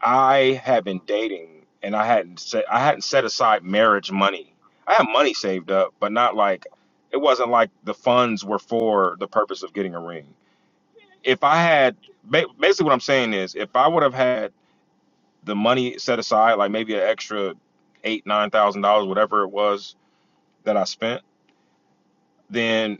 Speaker 8: I had been dating and I hadn't set I hadn't set aside marriage money. I had money saved up, but not like it wasn't like the funds were for the purpose of getting a ring if I had basically what I'm saying is if I would have had the money set aside, like maybe an extra eight, nine thousand dollars, whatever it was that I spent, then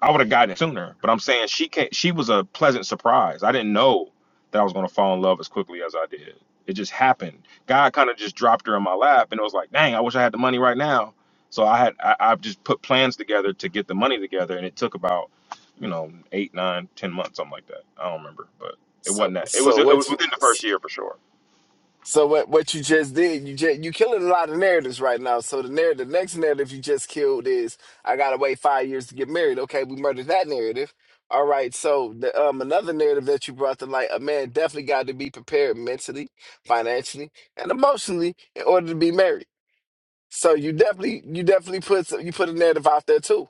Speaker 8: I would have gotten it sooner. But I'm saying she can't. She was a pleasant surprise. I didn't know that I was gonna fall in love as quickly as I did. It just happened. God kind of just dropped her in my lap, and it was like, dang, I wish I had the money right now. So I had I, i just put plans together to get the money together, and it took about you know eight, nine, ten months, something like that. I don't remember, but it
Speaker 5: So,
Speaker 8: wasn't that. It was
Speaker 5: so
Speaker 8: it was
Speaker 5: what you?
Speaker 8: within the first year for sure.
Speaker 5: So what what you just did, you just you killing a lot of narratives right now. So the narrative, the next narrative you just killed is I gotta wait five years to get married. Okay, we murdered that narrative. All right, so the, um another narrative that you brought to light, a man definitely got to be prepared mentally, financially, and emotionally in order to be married. So you definitely you definitely put some, you put a narrative out there too.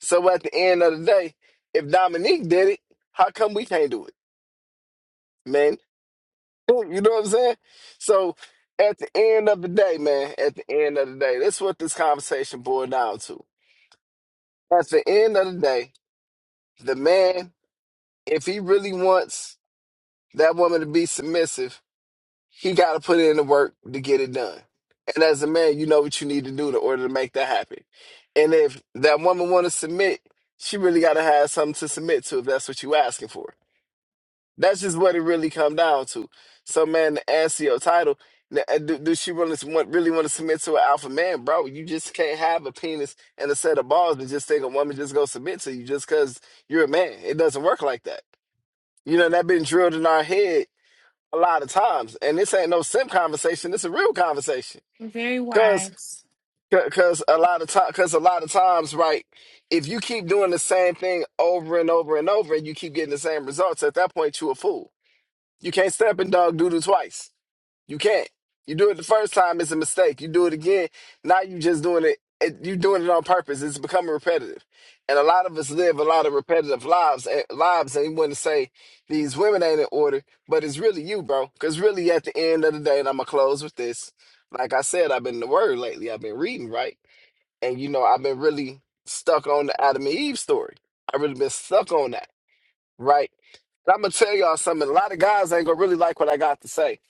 Speaker 5: So at the end of the day, if Dominique did it, how come we can't do it, man? [LAUGHS] You know what I'm saying? So at the end of the day, man, at the end of the day, that's what this conversation boiled down to. At the end of the day, the man, if he really wants that woman to be submissive, he got to put in the work to get it done. And as a man, you know what you need to do in order to make that happen. And if that woman want to submit, she really got to have something to submit to if that's what you asking for. That's just what it really come down to. Some man to answer your title. n- uh, Do, do she really want really want to submit to an alpha man, bro? You just can't have a penis and a set of balls and just think a woman just go submit to you just because you're a man. It doesn't work like that. You know that been drilled in our head a lot of times, and this ain't no sim conversation. It's a real conversation.
Speaker 15: Very
Speaker 5: Cause,
Speaker 15: wise.
Speaker 5: c- cause a lot of time, cause a lot of times, right? If you keep doing the same thing over and over and over, and you keep getting the same results, at that point you a fool you can't step in dog doodle twice. You can't. You do it the first time, it's a mistake. You do it again, now you just doing it. it you doing it on purpose. It's becoming repetitive, and a lot of us live a lot of repetitive lives. And lives, and you want to say these women ain't in order, but it's really you, bro. Because really, at the end of the day, and I'm gonna close with this. Like I said, I've been in the word lately. I've been reading, right? And you know, I've been really stuck on the Adam and Eve story. I've really been stuck on that right? And I'm gonna tell y'all something. A lot of guys ain't gonna really like what I got to say,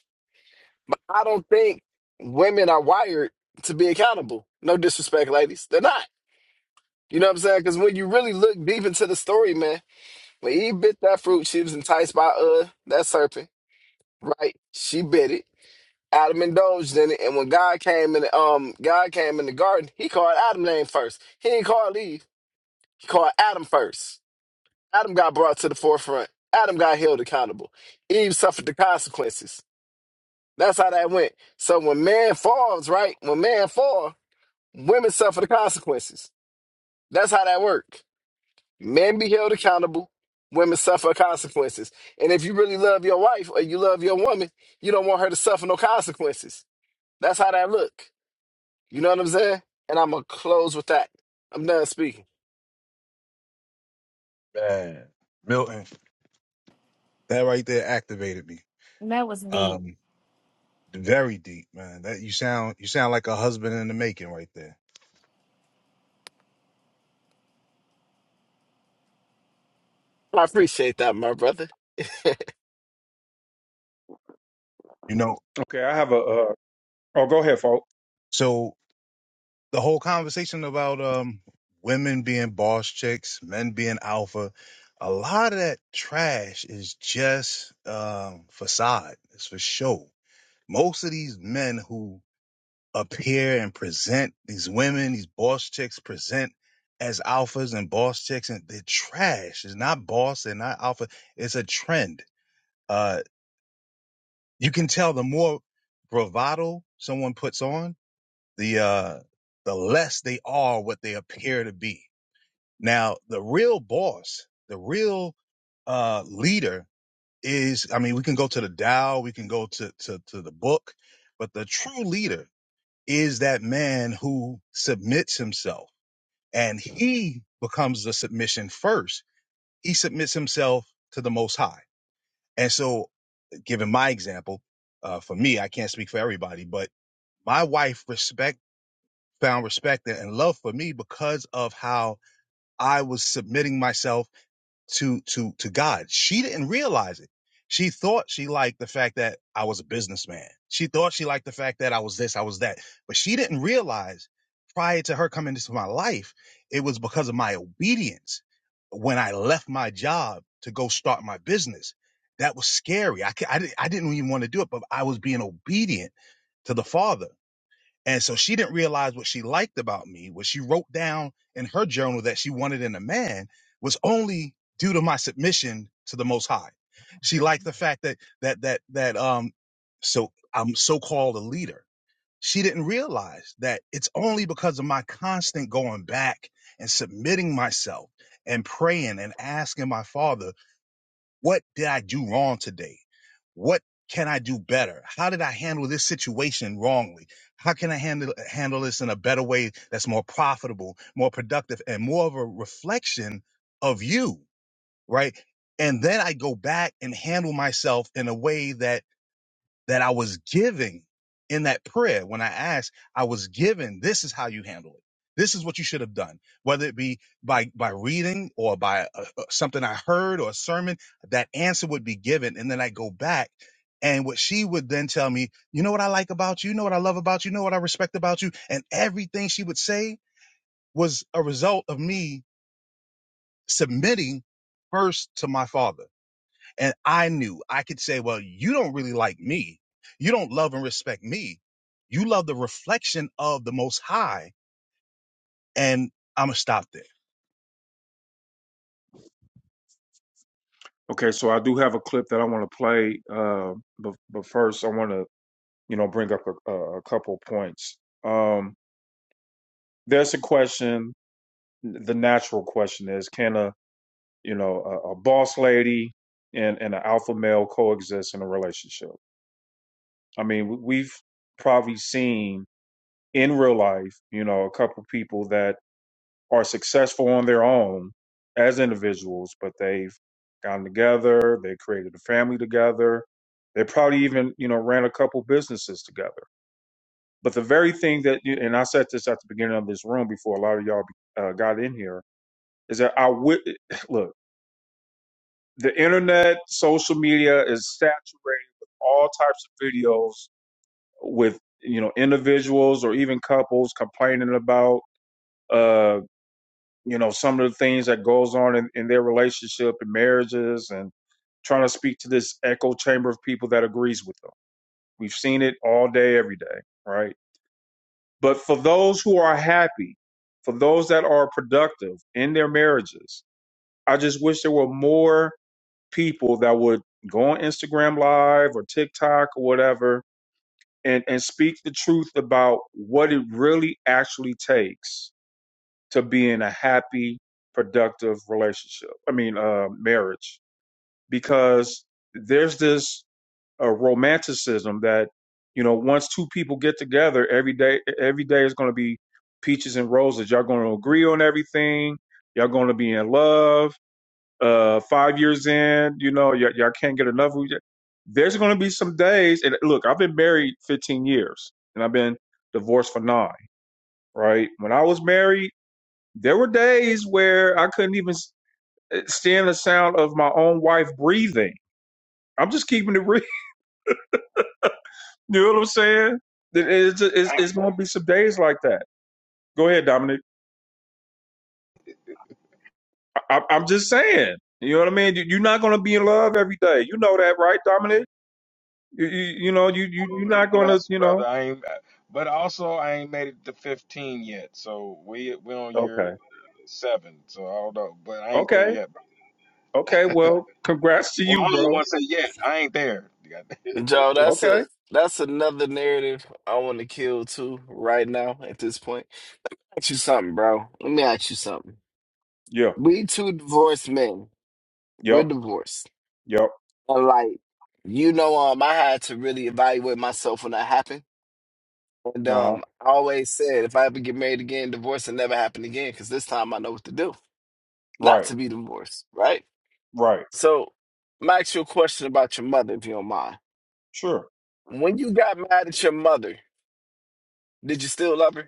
Speaker 5: but I don't think women are wired to be accountable. No disrespect, ladies, they're not. You know what I'm saying? Because when you really look deep into the story, man, when Eve bit that fruit, she was enticed by uh that serpent, right? She bit it. Adam indulged in it, and when God came in, um, God came in the garden. He called Adam name first. He didn't call Eve. He called Adam first. Adam got brought to the forefront. Adam got held accountable. Eve suffered the consequences. That's how that went. So when man falls, right? When man fall, women suffer the consequences. That's how that worked. Men be held accountable. Women suffer consequences. And if you really love your wife or you love your woman, you don't want her to suffer no consequences. That's how that look. You know what I'm saying? And I'm gonna close with that. I'm done speaking.
Speaker 3: Man, Milton, that right there activated me.
Speaker 15: That was deep.
Speaker 3: Um, very deep, man. That you sound you sound like a husband in the making right there.
Speaker 5: I appreciate that, my brother. [LAUGHS]
Speaker 3: You know,
Speaker 2: I have a uh oh go ahead, folks.
Speaker 3: so the whole conversation about um women being boss chicks, men being alpha, a lot of that trash is just um facade. It's for show. Most of these men who appear and present these women, these boss chicks present as alphas and boss chicks and they're trash. It's not boss, they're not alpha. It's a trend. Uh you can tell the more bravado someone puts on, the uh the less they are what they appear to be Now, the real boss, the real uh, leader is, I mean, we can go to the Tao, we can go to, to, to the book, but the true leader is that man who submits himself and he becomes the submission first. He submits himself to the Most High. And so, given my example, uh, for me, I can't speak for everybody, but my wife respect found respect and love for me because of how I was submitting myself to to to God. She didn't realize it. She thought she liked the fact that I was a businessman. She thought she liked the fact that I was this, I was that. But she didn't realize prior to her coming into my life, it was because of my obedience. When I left my job to go start my business, that was scary. I, I, I didn't even want to do it, but I was being obedient to the Father and so she didn't realize what she liked about me, what she wrote down in her journal that she wanted in a man was only due to my submission to the most high. She liked the fact that that that that um so I'm so-called a leader. She didn't realize that it's only because of my constant going back and submitting myself and praying and asking my father what did I do wrong today? What can I do better? How did I handle this situation wrongly? How can I handle handle this in a better way that's more profitable, more productive, and more of a reflection of you, right? And then I go back and handle myself in a way that that I was giving in that prayer when I asked, I was given, this is how you handle it. This is what you should have done, whether it be by by reading or by uh, uh, something I heard or a sermon, that answer would be given, and then I go back, and what she would then tell me, you know what I like about you, you know what I love about you, you know what I respect about you, and everything she would say was a result of me submitting first to my father and I knew I could say, well, you don't really like me. You don't love and respect me. You love the reflection of the most high. And I'm going to stop there.
Speaker 2: Okay, so I do have a clip that I want to play uh but but first I want to, you know, bring up a, a a couple points. Um there's a question the natural question is can a you know, a, a boss lady and, and an alpha male coexist in a relationship. I mean, we've probably seen in real life, you know, a couple people that are successful on their own as individuals, but they've gotten together, they created a family together, they probably even, you know, ran a couple businesses together. But the very thing that, you, and I said this at the beginning of this room before a lot of y'all uh, got in here, is that I would [SIGHS] [LAUGHS] look. the internet, social media is saturated with all types of videos with you know individuals or even couples complaining about uh you know some of the things that goes on in, in their relationship and marriages and trying to speak to this echo chamber of people that agrees with them. We've seen it all day, every day, right? But for those who are happy, for those that are productive in their marriages, I just wish there were more people that would go on Instagram Live or TikTok or whatever and, and speak the truth about what it really actually takes to be in a happy, productive relationship. I mean, uh, marriage. Because there's this uh, romanticism that, you know, once two people get together, every day, every day is going to be peaches and roses. Y'all going to agree on everything. Y'all going to be in love uh five years in you know y- y'all can't get enough of it. there's going to be some days and look i've been married 15 years and i've been divorced for nine right when i was married there were days where i couldn't even s- eh, stand the sound of my own wife breathing i'm just keeping it real [LAUGHS] you know what i'm saying That it's, it's, it's going to be some days like that go ahead dominic I, I- i'm just saying you know what i mean You- you're not going to be in love every day you know that right dominic you, you, you know you, you you're
Speaker 8: I'm
Speaker 2: not going to
Speaker 8: blessed,
Speaker 2: you know
Speaker 8: brother. I ain't, but also I ain't made it to 15 yet. So we we on year
Speaker 2: Okay.
Speaker 8: seven. So I don't know, but I ain't there
Speaker 2: Okay.
Speaker 8: yet.
Speaker 2: Okay. Well, congrats to
Speaker 8: Well,
Speaker 2: you,
Speaker 8: I don't even
Speaker 2: bro.
Speaker 8: want to say yet. I ain't there. [LAUGHS]
Speaker 5: Joe, that's
Speaker 2: Okay.
Speaker 5: a that's another narrative I want to kill too right now at this point. Ask you something, bro. Let me ask you something.
Speaker 2: Yeah.
Speaker 5: We two divorced men. We're
Speaker 2: Yep.
Speaker 5: divorced.
Speaker 2: Yep.
Speaker 5: And like, you know, um, I had to really evaluate myself when that happened. And
Speaker 2: Uh huh.
Speaker 5: um, I always said if I ever get married again, divorce will never happen again, because this time I know what to do. Not
Speaker 2: Right.
Speaker 5: to be divorced, right?
Speaker 2: Right.
Speaker 5: So I'm gonna ask you a question about your mother, if you don't mind.
Speaker 2: Sure.
Speaker 5: When you got mad at your mother, did you still love her?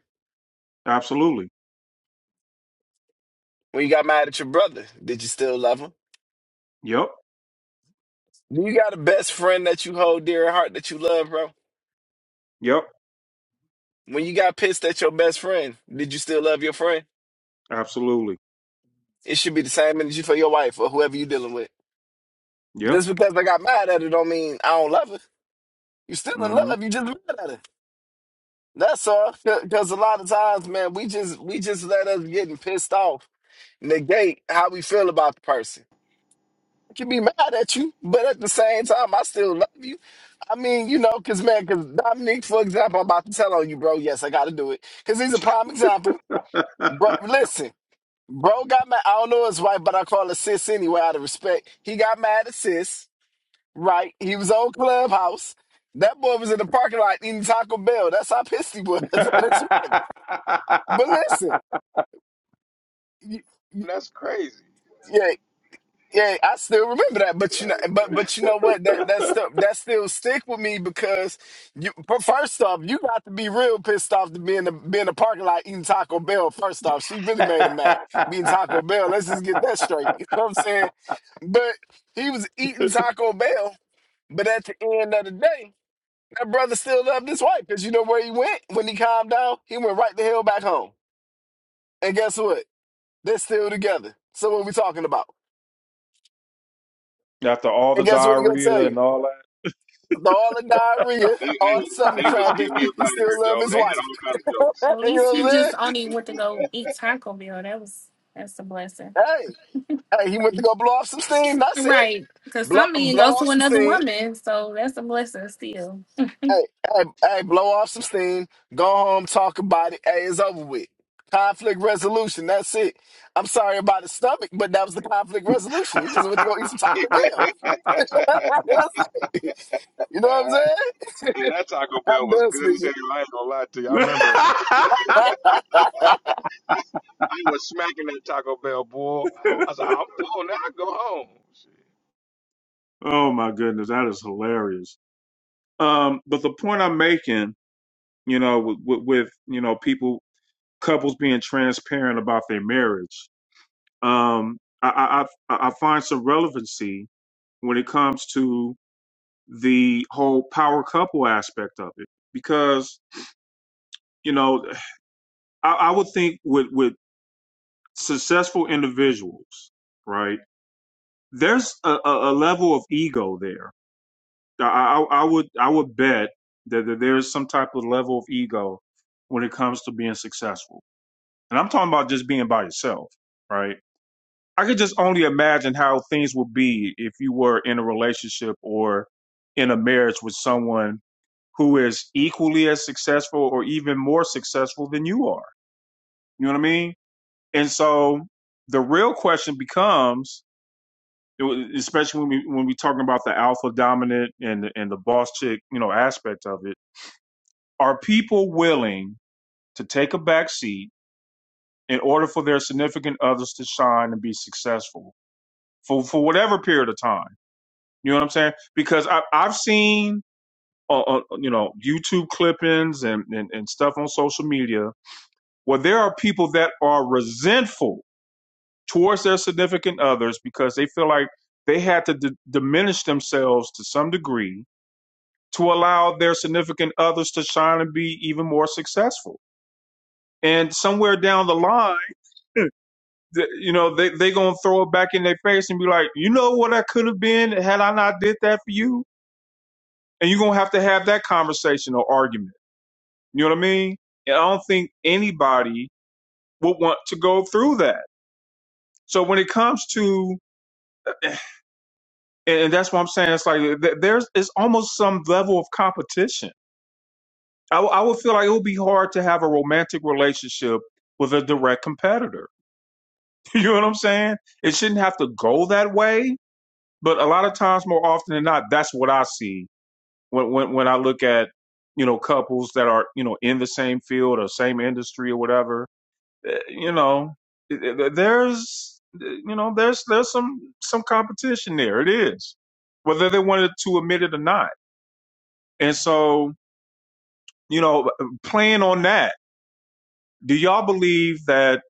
Speaker 2: Absolutely.
Speaker 5: When you got mad at your brother, did you still love him?
Speaker 2: Yep.
Speaker 5: Do you got a best friend that you hold dear at heart that you love, bro?
Speaker 2: Yep.
Speaker 5: When you got pissed at your best friend, did you still love your friend?
Speaker 2: Absolutely.
Speaker 5: It should be the same energy for your wife or whoever you dealing with.
Speaker 2: Yeah.
Speaker 5: Just because I got mad at her don't mean I don't love her. You still in
Speaker 2: Mm-hmm.
Speaker 5: love, you just mad at her. That's all. Because a lot of times, man, we just we just let us getting pissed off negate how we feel about the person. can be mad at you, but at the same time, I still love you. I mean, you know, because, man, because Dominique, for example, I'm about to tell on you, bro. Yes, I got to do it. Because he's a prime example. Bro, listen, bro got mad. I don't know his wife, but I call her sis anyway, out of respect. He got mad at sis, right? He was on Clubhouse. That boy was in the parking lot eating Taco Bell. That's how pissed he was [LAUGHS]
Speaker 2: [LAUGHS]
Speaker 5: at his wife. But listen, y- y-
Speaker 8: That's crazy.
Speaker 5: yeah, Yeah, I still remember that, but you know,
Speaker 8: That's
Speaker 5: but
Speaker 8: crazy.
Speaker 5: but you know what? That that stuff that still stick with me because you. But first off, you got to be real pissed off to be in the be in the parking lot eating Taco Bell. First off, she really made a mac eating Taco Bell. Let's just get that straight. [LAUGHS] You know what I'm saying? But he was eating Taco Bell. But at the end of the day, that brother still loved his wife because you know where he went when he calmed down. He went right the hell back home. And guess what? They're still together. So what we talking about?
Speaker 2: After all
Speaker 5: And
Speaker 2: the
Speaker 5: guess what he gonna
Speaker 2: diarrhea
Speaker 5: tell you?
Speaker 2: and all
Speaker 5: After all the diarrhea,
Speaker 8: They, they
Speaker 5: all the stomach
Speaker 8: they was
Speaker 5: cramping,
Speaker 8: getting me up out
Speaker 5: he
Speaker 8: of
Speaker 5: still
Speaker 8: here, Joe.
Speaker 5: love his
Speaker 8: They had
Speaker 5: wife.
Speaker 8: all kind
Speaker 5: [LAUGHS]
Speaker 15: At
Speaker 5: you know
Speaker 15: least
Speaker 5: what I'm
Speaker 15: he
Speaker 8: of
Speaker 5: saying?
Speaker 8: jokes.
Speaker 15: just
Speaker 8: [LAUGHS]
Speaker 15: only went to go eat Taco Bell. That was that's a blessing.
Speaker 5: Hey, hey, he went to go blow off some steam. That's it.
Speaker 15: Right. Cause
Speaker 5: Blow,
Speaker 15: some men
Speaker 5: blow
Speaker 15: go
Speaker 5: off
Speaker 15: to
Speaker 5: some
Speaker 15: another
Speaker 5: steam.
Speaker 15: woman, so that's a blessing still.
Speaker 5: Hey, hey, hey, blow off some steam. Go home, talk about it. Hey, it's over with. Conflict resolution. That's it. I'm sorry about his stomach, but that was the conflict resolution. He just went to go eat some
Speaker 2: that.
Speaker 5: Taco Bell. [LAUGHS] That's it. You know what I'm saying?
Speaker 8: and that Taco Bell
Speaker 5: I'm
Speaker 8: was
Speaker 5: done
Speaker 8: good as
Speaker 5: speaking.
Speaker 8: hell. I ain't gonna lie to you. I
Speaker 2: [LAUGHS]
Speaker 8: remember
Speaker 5: [LAUGHS]
Speaker 8: I was smacking that Taco Bell boy. I was like, I'm full now. I go home. Shit.
Speaker 2: oh my goodness, that is hilarious. Um, but the point I'm making, you know, with, with, with you know people couples being transparent about their marriage. Um, I, I, I I find some relevancy when it comes to the whole power couple aspect of it, because you know I, I would think with with successful individuals, right? There's a, a, a level of ego there. I, I, I would I would bet that, that there is some type of level of ego when it comes to being successful, and I'm talking about just being by yourself, right? I could just only imagine how things would be if you were in a relationship or in a marriage with someone who is equally as successful or even more successful than you are. You know what I mean? And so the real question becomes, especially when we when we talking about the alpha dominant and the, and the boss chick, you know, aspect of it, are people willing to take a back seat in order for their significant others to shine and be successful for for whatever period of time? You know what I'm saying? Because I, I've seen, uh, uh, you know, YouTube clippings and, and, and stuff on social media where there are people that are resentful towards their significant others because they feel like they had to d- diminish themselves to some degree to allow their significant others to shine and be even more successful. And somewhere down the line, [LAUGHS] th- you know, they they gonna throw it back in their face and be like, you know what I could have been had I not did that for you and you're gonna have to have that conversation or argument. You know what I mean? And I don't think anybody would want to go through that. So when it comes to, and that's what I'm saying, it's like th- there's it's almost some level of competition. I, w- I would feel like it would be hard to have a romantic relationship with a direct competitor. [LAUGHS] You know what I'm saying? It shouldn't have to go that way, but a lot of times, more often than not, that's what I see when when when I look at you know couples that are you know in the same field or same industry or whatever, eh, you know, there's you know there's there's some some competition there. It is whether they wanted to admit it or not. And so you know, uh, playing on that, do y'all believe that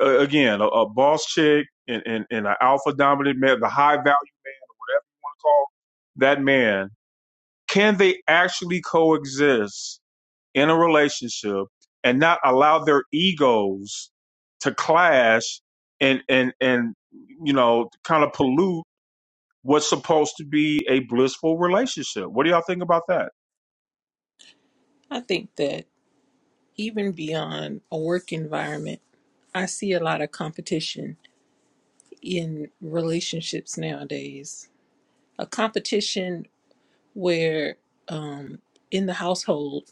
Speaker 2: uh, again a, a boss chick and and, and an alpha dominant man, the high value whatever you want to call that man, can they actually coexist? in a relationship and not allow their egos to clash and and and you know kind of pollute what's supposed to be a blissful relationship. What do y'all think about that?
Speaker 17: I think that even beyond a work environment, I see a lot of competition in relationships nowadays. A competition where, um, in the household,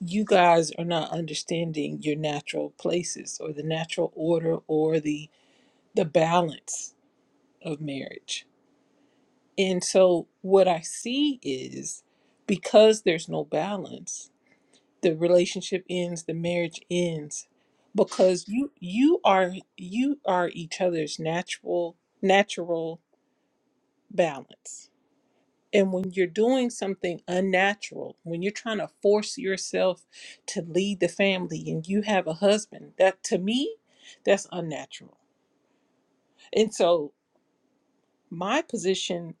Speaker 17: you guys are not understanding your natural places or the natural order or the the balance of marriage. And so what I see is because there's no balance, the relationship ends the marriage ends because you you are you are each other's natural natural balance and when you're doing something unnatural when you're trying to force yourself to lead the family and you have a husband that to me that's unnatural and so my position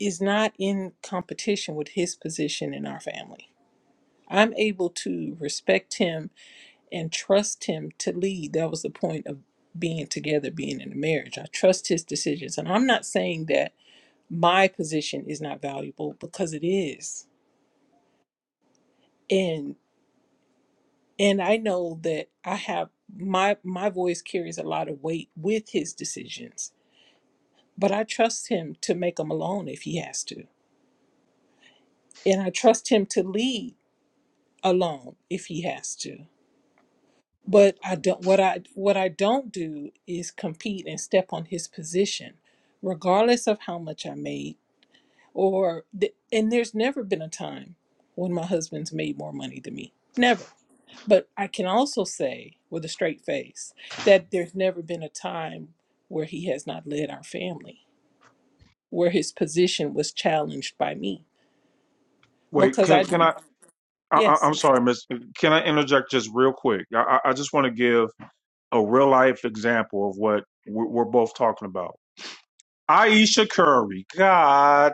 Speaker 17: is not in competition with his position in our family i'm able to respect him and trust him to lead. That was the point of being together, being in a marriage. I trust his decisions. And I'm not saying that my position is not valuable because it is. And and I know that I have my my voice carries a lot of weight with his decisions, but I trust him to make them alone if he has to. And I trust him to lead alone if he has to. But I don't what I what I don't do is compete and step on his position, regardless of how much I made or th- and there's never been a time when my husband's made more money than me. Never. But I can also say with a straight face that there's never been a time where he has not led our family, where his position was challenged by me
Speaker 2: Wait,
Speaker 17: because
Speaker 2: can
Speaker 17: I
Speaker 2: can I?
Speaker 17: do.
Speaker 2: I I-
Speaker 17: Yes.
Speaker 2: I'm sorry, Miss. Can I interject just real quick? I, I I just want to give a real life example of what we're, we're both talking about. Aisha Curry, God,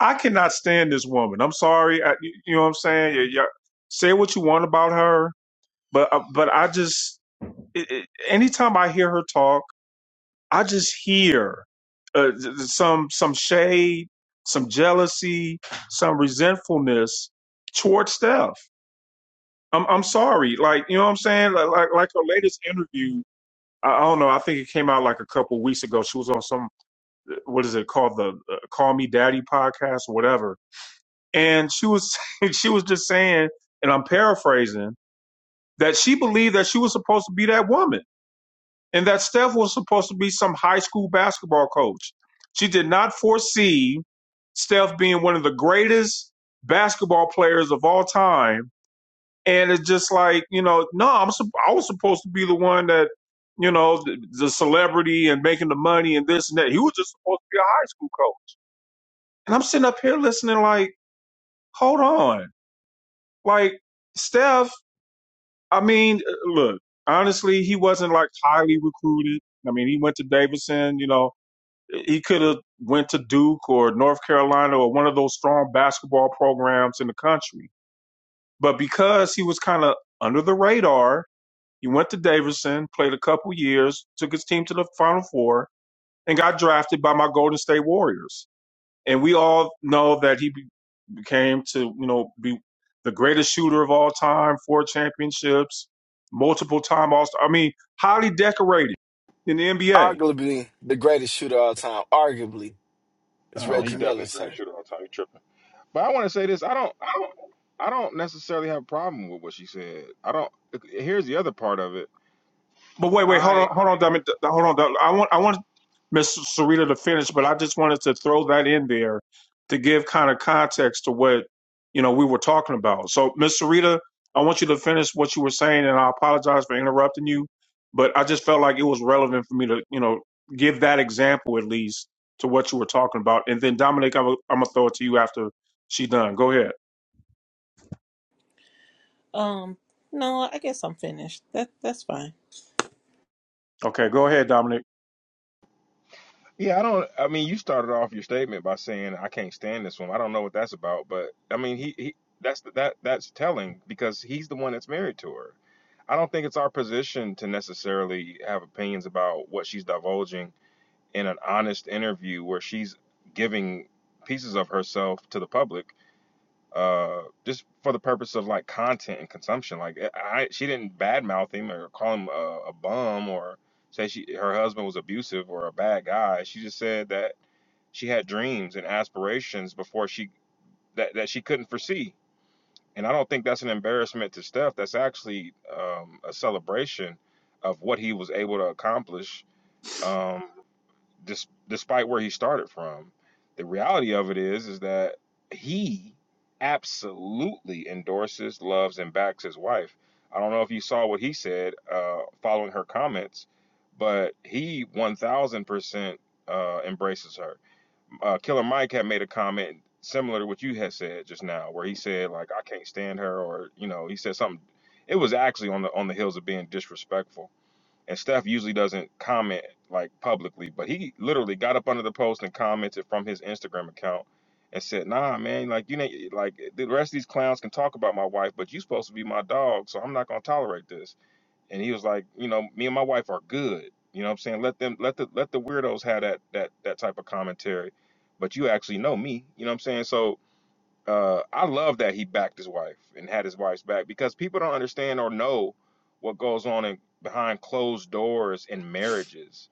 Speaker 2: I cannot stand this woman. I'm sorry. I, you you know what I'm saying? Yeah, yeah. Say what you want about her But uh, but I just it, it, anytime I hear her talk, I just hear uh, th- th- some some shade, some jealousy, some resentfulness toward Steph. I'm I'm sorry, like you know what I'm saying. Like like, like her latest interview, I, I don't know. I think it came out like a couple weeks ago. She was on some what is it called the uh, Call Me Daddy podcast or whatever, and she was [LAUGHS] she was just saying, and I'm paraphrasing that she believed that she was supposed to be that woman and that Steph was supposed to be some high school basketball coach. She did not foresee Steph being one of the greatest basketball players of all time. And it's just like, you know, no, I'm sup- I was supposed to be the one that, you know, the, the celebrity and making the money and this and that. He was just supposed to be a high school coach. And I'm sitting up here listening like, hold on. Like, Steph, I mean, uh, look, honestly, he wasn't like highly recruited. I mean, he went to Davidson, you know, He could have went to Duke or North Carolina or one of those strong basketball programs in the country. But because he was kind of under the radar, he went to Davidson, played a couple years, took his team to the Final Four, and got drafted by my Golden State Warriors. And we all know that he be- became to you know be the greatest shooter of all time, four championships, multiple time All Star. I mean, highly decorated in the NBA.
Speaker 5: Arguably the greatest shooter of all time. Arguably. It's
Speaker 8: Oh, he
Speaker 2: Okay.
Speaker 5: Reggie
Speaker 8: definitely
Speaker 5: Miller,
Speaker 8: a great
Speaker 5: sir.
Speaker 8: shooter on time. He tripping. But I want to say this. I don't. I don't. I don't necessarily have a problem with what she said. I don't. Here's the other part of it.
Speaker 2: But wait, wait, hold
Speaker 8: I.
Speaker 2: on, hold on, Dominic, th- hold on. Dominic. I want, I want Miss Sarita to finish, but I just wanted to throw that in there to give kind of context to what you know we were talking about. So, Miss Sarita, I want you to finish what you were saying, and I apologize for interrupting you, but I just felt like it was relevant for me to you know give that example at least to what you were talking about. And then Dominic, I'm, gonna- I'm gonna throw it to you after she's done. Go ahead.
Speaker 17: Um no, I guess I'm finished. That that's fine.
Speaker 2: Okay, go ahead, Dominic.
Speaker 8: Yeah. I don't. I mean, you started off your statement by saying I can't stand this one. I don't know what that's about. But I mean, he. he that's that. That's telling because he's the one that's married to her. I don't think it's our position to necessarily have opinions about what she's divulging in an honest interview where she's giving pieces of herself to the public uh just for the purpose of like content and consumption like eh, i she didn't badmouth him or call him a, a bum or say she her husband was abusive or a bad guy she just said that she had dreams and aspirations before she that, that she couldn't foresee and i don't think that's an embarrassment to steph that's actually um a celebration of what he was able to accomplish um dis- despite where he started from, the reality of it is is that he absolutely endorses, loves, and backs his wife. I don't know if you saw what he said uh, following her comments, but he 1,000% uh, embraces her. Uh, Killer Mike had made a comment similar to what you had said just now, where he said like I can't stand her, or you know, he said something. It was actually on the on the heels of being disrespectful and Steph usually doesn't comment like publicly, but he literally got up under the post and commented from his Instagram account and said, "Nah, man, like you know, like the rest of these clowns can talk about my wife, but you supposed to be my dog, so I'm not gonna tolerate this." And he was like, "You know, me and my wife are good. You know what I'm saying? Let them, let the, let the weirdos have that that that type of commentary, but you actually know me. You know what I'm saying? So." uh, I love that he backed his wife and had his wife's back because people don't understand or know what goes on in, behind closed doors in marriages.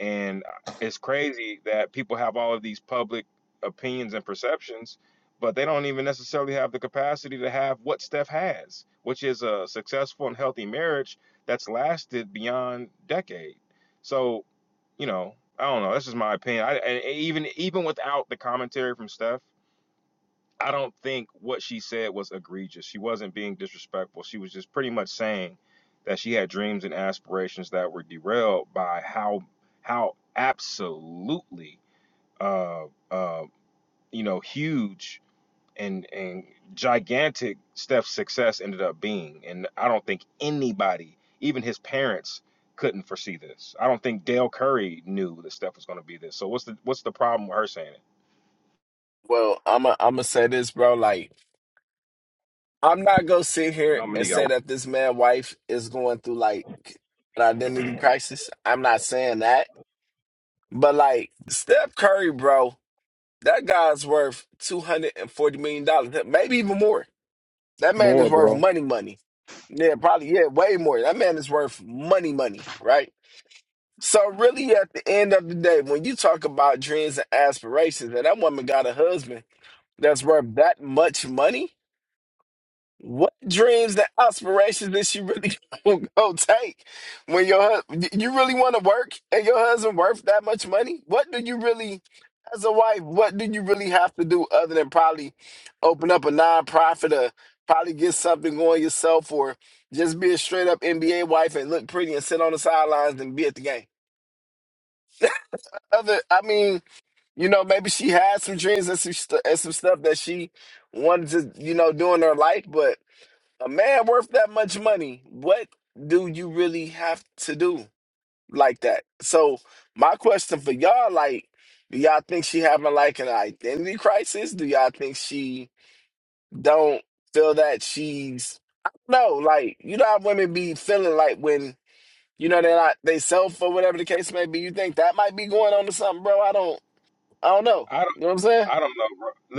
Speaker 8: And it's crazy that people have all of these public opinions and perceptions, but they don't even necessarily have the capacity to have what Steph has, which is a successful and healthy marriage that's lasted beyond decade. So, you know, I don't know. That's just my opinion. I, and even even without the commentary from Steph, I don't think what she said was egregious. She wasn't being disrespectful. She was just pretty much saying that she had dreams and aspirations that were derailed by how how absolutely uh uh you know huge and and gigantic Steph's success ended up being. And I don't think anybody, even his parents, couldn't foresee this. I don't think Dale Curry knew that Steph was going to be this. So what's the what's the problem with her saying it?
Speaker 5: Well, I'm i am a, I'm gonna say this, bro. Like, I'm not gonna sit here and
Speaker 4: Dominique, I,
Speaker 5: say that this man' wife is going through like an identity crisis. I'm not saying that, but like Steph Curry, bro, that guy's worth two hundred and forty million dollars, maybe even more. That man
Speaker 2: More,
Speaker 5: is worth
Speaker 2: bro.
Speaker 5: money, money. Yeah, probably yeah, way more. That man is worth money, money, right? So really, at the end of the day, when you talk about dreams and aspirations, and that woman got a husband that's worth that much money? What dreams and aspirations that you really [LAUGHS] gonna go take when your hus- you really want to work and your husband worth that much money? What do you really, as a wife, what do you really have to do other than probably open up a nonprofit or probably get something going yourself or just be a straight up NBA wife and look pretty and sit on the sidelines and be at the game? Other, I mean, You know, maybe she had some dreams and some, stu and some stuff that she wanted to, you know, do in her life. But a man worth that much money, what do you really have to do like that? So my question for y'all, like, do y'all think she having like an identity crisis? Do y'all think she don't feel that she's, I don't know, like, you know how women be feeling like when, you know, they're not, they self or whatever the case may be. You think that might be going on to something, bro? I don't, I don't know.
Speaker 8: I don't
Speaker 5: You know what I'm saying?
Speaker 8: I don't know.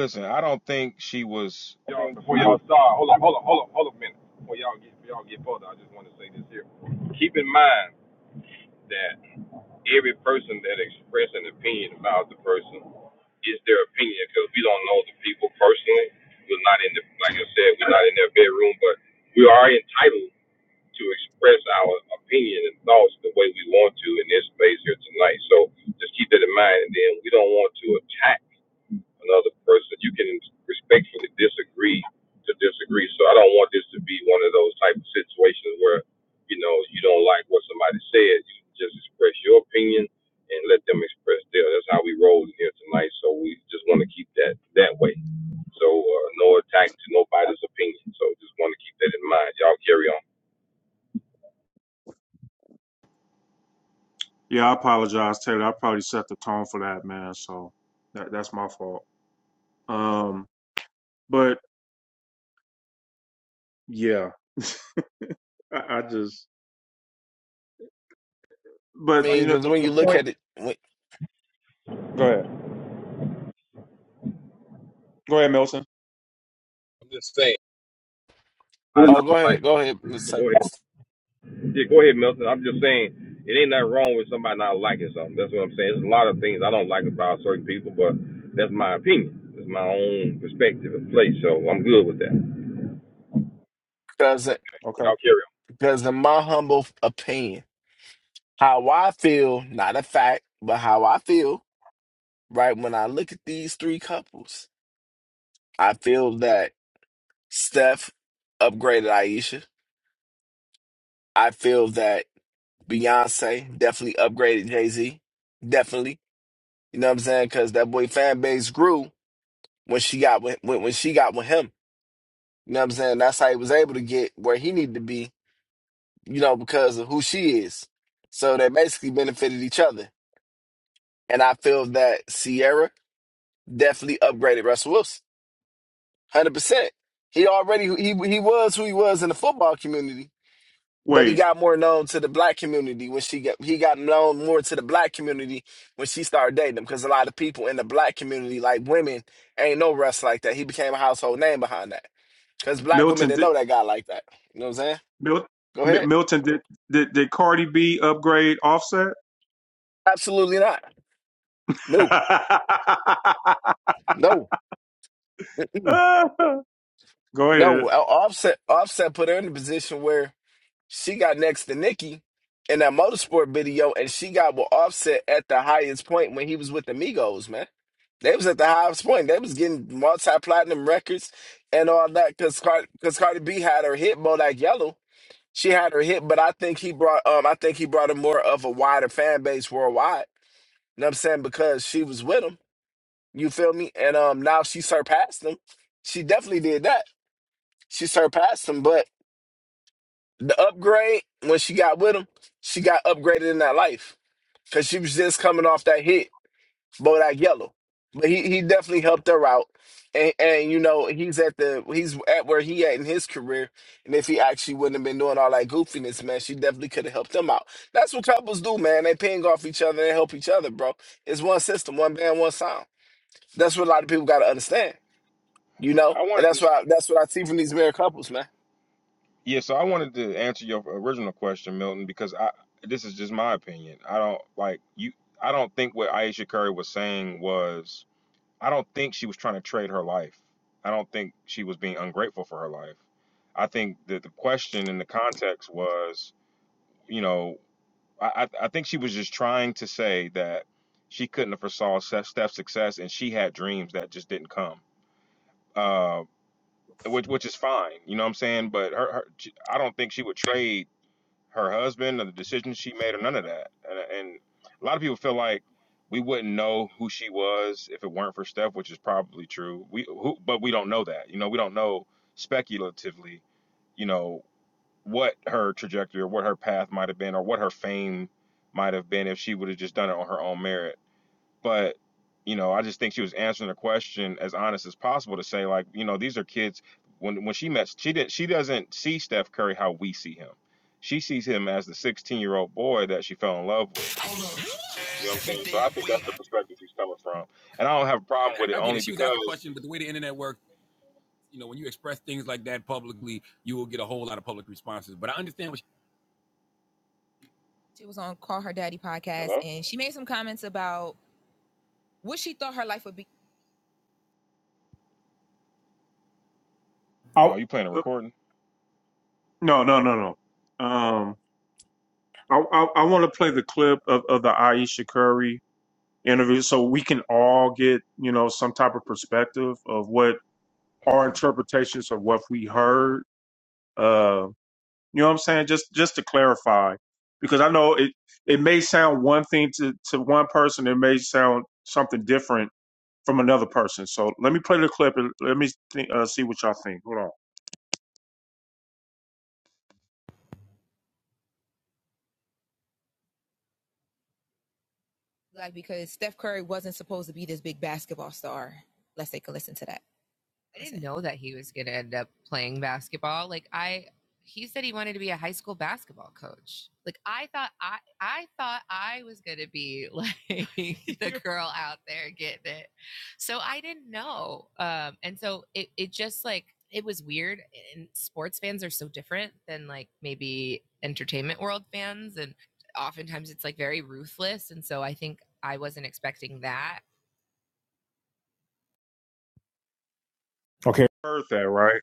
Speaker 8: Listen, I don't think she was
Speaker 4: y'all, before y'all start, hold on, hold on, hold on, hold on a minute. Before y'all get, before y'all get further, I just want to say this here. Keep in mind that every person that express an opinion about the person is their opinion because we don't know the people personally. We're not in the, like I said, we're not in their bedroom, but we are entitled to express our opinion and thoughts the way we want to in this space here tonight. So just keep that in mind. And then we don't want to attack another person. You can respectfully disagree to disagree. So I don't want this to be one of those type of situations where, you know, you don't like what somebody said. You just express your opinion and let them express theirs. That's how we roll in here tonight. So we just want to keep that that way. So uh, no attack to nobody's opinion. So just want to keep that in mind. Y'all carry on.
Speaker 2: Yeah, I apologize, Taylor. I probably set the tone for that, man. So that, that's my fault. Um, but yeah, [LAUGHS] I, I just,
Speaker 5: I
Speaker 2: but you
Speaker 5: mean,
Speaker 2: know,
Speaker 5: because
Speaker 2: the,
Speaker 5: when
Speaker 2: the
Speaker 5: you look
Speaker 2: point.
Speaker 5: at it, when,
Speaker 2: Go ahead. Go ahead, Milton.
Speaker 4: I'm just saying. I did
Speaker 5: oh, go
Speaker 4: not like
Speaker 5: ahead, go ahead, Miss
Speaker 4: it. Go ahead.
Speaker 5: Evans.
Speaker 4: Yeah, go ahead, Milton. I'm just saying it ain't nothing wrong with somebody not liking something. That's what I'm saying. There's a lot of things I don't like about certain people, but that's my opinion. It's my own perspective and place, so I'm good with that.
Speaker 5: because
Speaker 2: Okay.
Speaker 4: Y'all carry.
Speaker 5: because in my humble opinion, how I feel, not a fact, but how I feel, right? When I look at these three couples, I feel that Steph upgraded Aisha. I feel that Beyonce definitely upgraded Jay Z. Definitely, you know what I'm saying? Because that boy fan base grew when she got with, when when she got with him. You know what I'm saying? That's how he was able to get where he needed to be you know, because of who she is. So they basically benefited each other. And I feel that Sierra definitely upgraded Russell Wilson. 100%. He already, he, he was who he was in the football community, but he
Speaker 2: Wait,
Speaker 5: got more known to the black community when she got, he got known more to the black community when she started dating him. Cause a lot of people in the black community, like women, ain't no Russ like that. He became a household name behind that. Cause black women
Speaker 2: Milton
Speaker 5: didn't
Speaker 2: did,
Speaker 5: know that guy like that. You know what I'm saying?
Speaker 2: Mil,
Speaker 5: Go
Speaker 2: Mi-
Speaker 5: ahead.
Speaker 2: Milton did, did, did Cardi B upgrade Offset?
Speaker 5: Absolutely not.
Speaker 2: [LAUGHS] Go
Speaker 5: No, no. [LAUGHS]
Speaker 2: ahead.
Speaker 5: No, Offset Offset put her in a position where she got next to Nikki in that motorsport video, and she got with Offset at the highest point when he was with the Migos, man. They was at the highest point. They was getting multi-platinum records and all that because Cardi, cause Cardi B had her hit Bodak Yellow. She had her hit, but I think he brought um I think he brought her more of a wider fan base worldwide. You know what I'm saying? Because she was with him. You feel me? And um now she surpassed him. She definitely did that. She surpassed him, but The upgrade when she got with him, she got upgraded in that life because she was just coming off that hit, Bodak Yellow. But he, he definitely helped her out, and and you know he's at the he's at where he at in his career, and if he actually wouldn't have been doing all that goofiness, man, she definitely could have helped him out. That's what couples do, man. They ping off each other, they help each other, bro. It's one system, one band, one sound. That's what a lot of people got to understand, you know,
Speaker 8: I
Speaker 5: and
Speaker 8: wanted
Speaker 5: that's
Speaker 8: to,
Speaker 5: why that's what I see from these married couples, man.
Speaker 8: yeah, so I wanted to answer your original question, Milton, because I this is just my opinion. I don't like you. I don't think what Aisha Curry was saying was. I don't think she was trying to trade her life. I don't think she was being ungrateful for her life. I think that the question in the context was, you know, I I I think she was just trying to say that she couldn't have foresaw Steph- Steph's success and she had dreams that just didn't come. Uh, which which is fine, you know what I'm saying. But her, her she- I don't think she would trade her husband or the decisions she made or none of that. And, and a lot of people feel like we wouldn't know who she was if it weren't for Steph, which is probably true. We who, but we don't know that. You know, we don't know speculatively. You know what her trajectory or what her path might have been or what her fame might have been if she would have just done it on her own merit but you know i just think she was answering the question as honest as possible to say like you know these are kids when when she met she did not she doesn't see steph curry how we see him she sees him as the 16 year old boy that she fell in love with you know what i'm saying so i think that's the perspective she's coming from and i don't have a problem with it only because hello
Speaker 2: I,
Speaker 8: oh you playing a recording
Speaker 2: no, no, no, no. Um, I I, I want to play the clip of, of the Ayesha Curry interview so we can all get you know some type of perspective of what our
Speaker 8: okay
Speaker 2: interpretations of what we heard. Uh, you know what I'm saying? Just just to clarify, because I know it it may sound one thing to to one person, it may sound something different from another person. So let me play the clip and let me think, uh, see what y'all think. Hold on. heard that, right?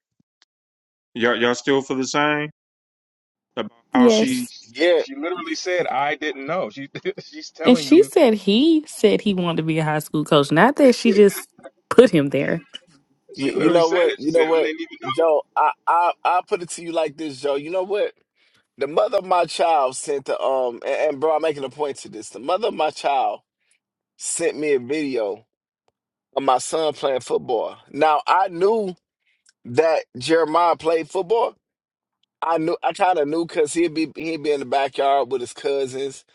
Speaker 2: Y'all, y'all still feel the same about how she
Speaker 9: Yes.
Speaker 8: she's
Speaker 5: Yeah,
Speaker 8: she literally said i didn't know she [LAUGHS] she's
Speaker 9: And
Speaker 8: telling
Speaker 9: she
Speaker 8: you
Speaker 9: said he said he wanted to be a high school coach, not that she just put him there.
Speaker 5: You,
Speaker 8: she
Speaker 5: you
Speaker 8: literally
Speaker 5: know
Speaker 8: said it
Speaker 5: what?
Speaker 8: she
Speaker 5: You
Speaker 8: said
Speaker 5: know
Speaker 8: i
Speaker 5: what,
Speaker 8: didn't even know
Speaker 5: Joe? I I I'll put it to you like this, Joe. You know what? The mother of my child sent the um and, and bro, I'm making a point to this. The mother of my child sent me a video of my son playing football. Now I knew that Jeremiah played football. I knew I kind of knew because he'd be he'd be in the backyard with his cousins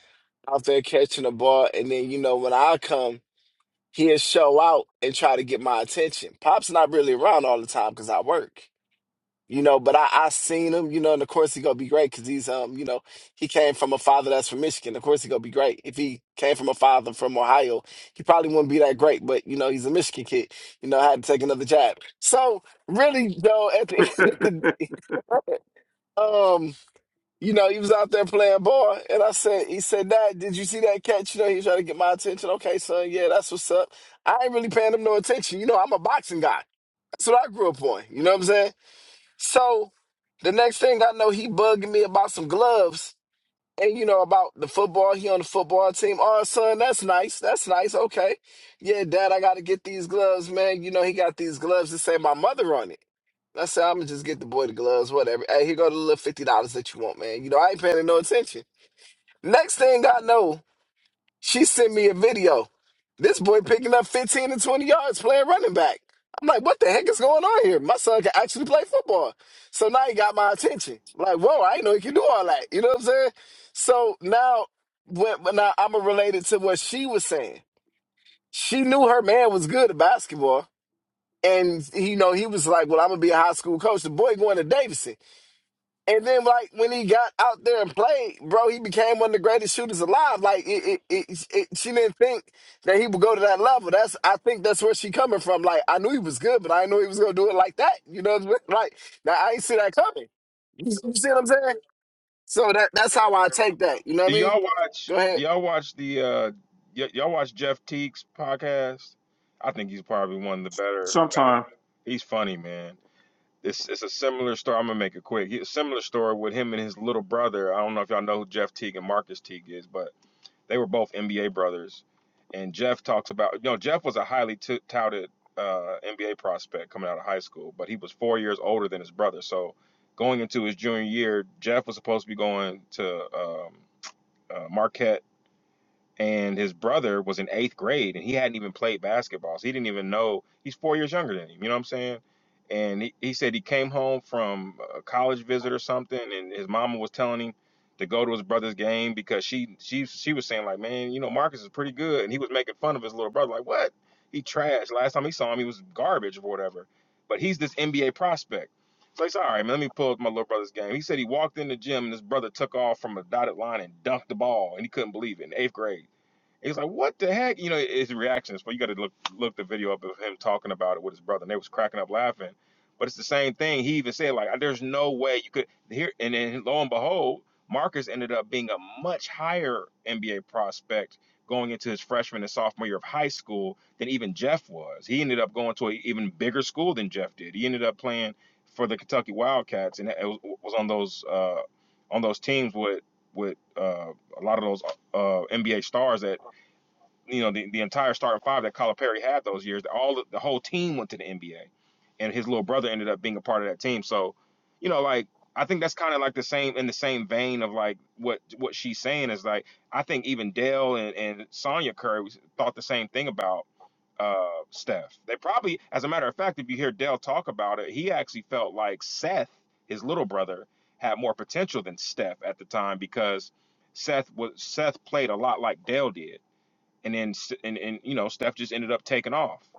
Speaker 5: out there catching the ball, and then you know when I come, he'll show out and try to get my attention. Pop's not really around all the time because I work. you know. But I, I seen him, you know, and of course he gonna be great because he's um, you know, he came from a father that's from Michigan. Of course he gonna be great. If he came from a father from Ohio, he probably wouldn't be that great. But you know, he's a Michigan kid. You know, had to take another jab. So really, though, at the [LAUGHS]
Speaker 2: [LAUGHS]
Speaker 5: end of the day, um, you know, he was out there playing ball, and I said, he said, Dad, did you see that catch? You know, he was trying to get my attention. Okay, son, yeah, that's what's up. I ain't really paying him no attention. You know, I'm a boxing guy. That's what I grew up on. You know what I'm saying? So the next thing I know, he bugging me about some gloves and you know about the football. He on the football team. Oh, son, that's nice. That's nice. Okay, yeah, Dad, I got to get these gloves, man. You know he got these gloves that say my mother on it. I said I'm gonna just get the boy the gloves, whatever. Hey, here go the little fifty dollars that you want, man. You know I ain't paying no attention. Next thing I know. She sent me a video. This boy picking up 15 and 20 yards playing running back. I'm like, what the heck is going on here? My son can actually play football. So now he got my attention. Like, whoa, I didn't know he could do all that. You know what I'm saying? So now, when, when now I'm related to what she was saying. She knew her man was good at basketball. And, you know, he was like, well, I'm going to be a high school coach. The boy going to Davidson. And then, like when he got out there and played, bro, he became one of the greatest shooters alive. Like it, it, it, it, she didn't think that he would go to that level. That's I think that's where she coming from. Like I knew he was good, but I didn't know he was gonna do it like that. You know, what I mean? like now I ain't see that coming. You see you see what I'm saying? So that that's how I take that. You know
Speaker 8: Do
Speaker 5: what I mean?
Speaker 8: y'all watch?
Speaker 5: Go
Speaker 8: Do
Speaker 5: ahead.
Speaker 8: y'all watch the? uh y- Y'all watch Jeff Teague's podcast? I think he's probably one of the better.
Speaker 2: sometime.
Speaker 8: He's funny, man. It's it's a similar story. I'm gonna make it quick. He- a similar story with him and his little brother. I don't know if y'all know who Jeff Teague and Marcus Teague is, but they were both NBA brothers. And Jeff talks about, you know, Jeff was a highly t- touted uh, NBA prospect coming out of high school, but he was four years older than his brother. So going into his junior year, Jeff was supposed to be going to um, uh, Marquette and his brother was in eighth grade and he hadn't even played basketball. So he didn't even know he's four years younger than him. You know what I'm saying? And he, he said he came home from a college visit or something, and his mama was telling him to go to his brother's game because she she she was saying like, man, you know Marcus is pretty good, and he was making fun of his little brother like, what? He trashed Last time he saw him, he was garbage or whatever. But he's this NBA prospect. So he's all right, man. Let me pull up my little brother's game. He said he walked in the gym and his brother took off from a dotted line and dunked the ball, and he couldn't believe it in eighth grade. It like, what the heck? You know, his reactions. But you got to look look the video up of him talking about it with his brother, and they was cracking up laughing. But it's the same thing. He even said like, there's no way you could here. And then lo and behold, Marcus ended up being a much higher NBA prospect going into his freshman and sophomore year of high school than even Jeff was. He ended up going to an even bigger school than Jeff did. He ended up playing for the Kentucky Wildcats and it was was on those uh, on those teams with with uh, a lot of those uh, NBA stars that you know the, the entire starting five that Calipari had those years. All the, the whole team went to the NBA, and his little brother ended up being a part of that team. So, you know, like I think that's kind of like the same in the same vein of like what what she's saying is like I think even Dale and and Sonya Curry thought the same thing about uh Steph. They probably, as a matter of fact, if you hear Dale talk about it, he actually felt like Seth, his little brother, had more potential than Steph at the time because Seth was Seth played a lot like Dale did and then S- and and you know Steph just ended up taking off.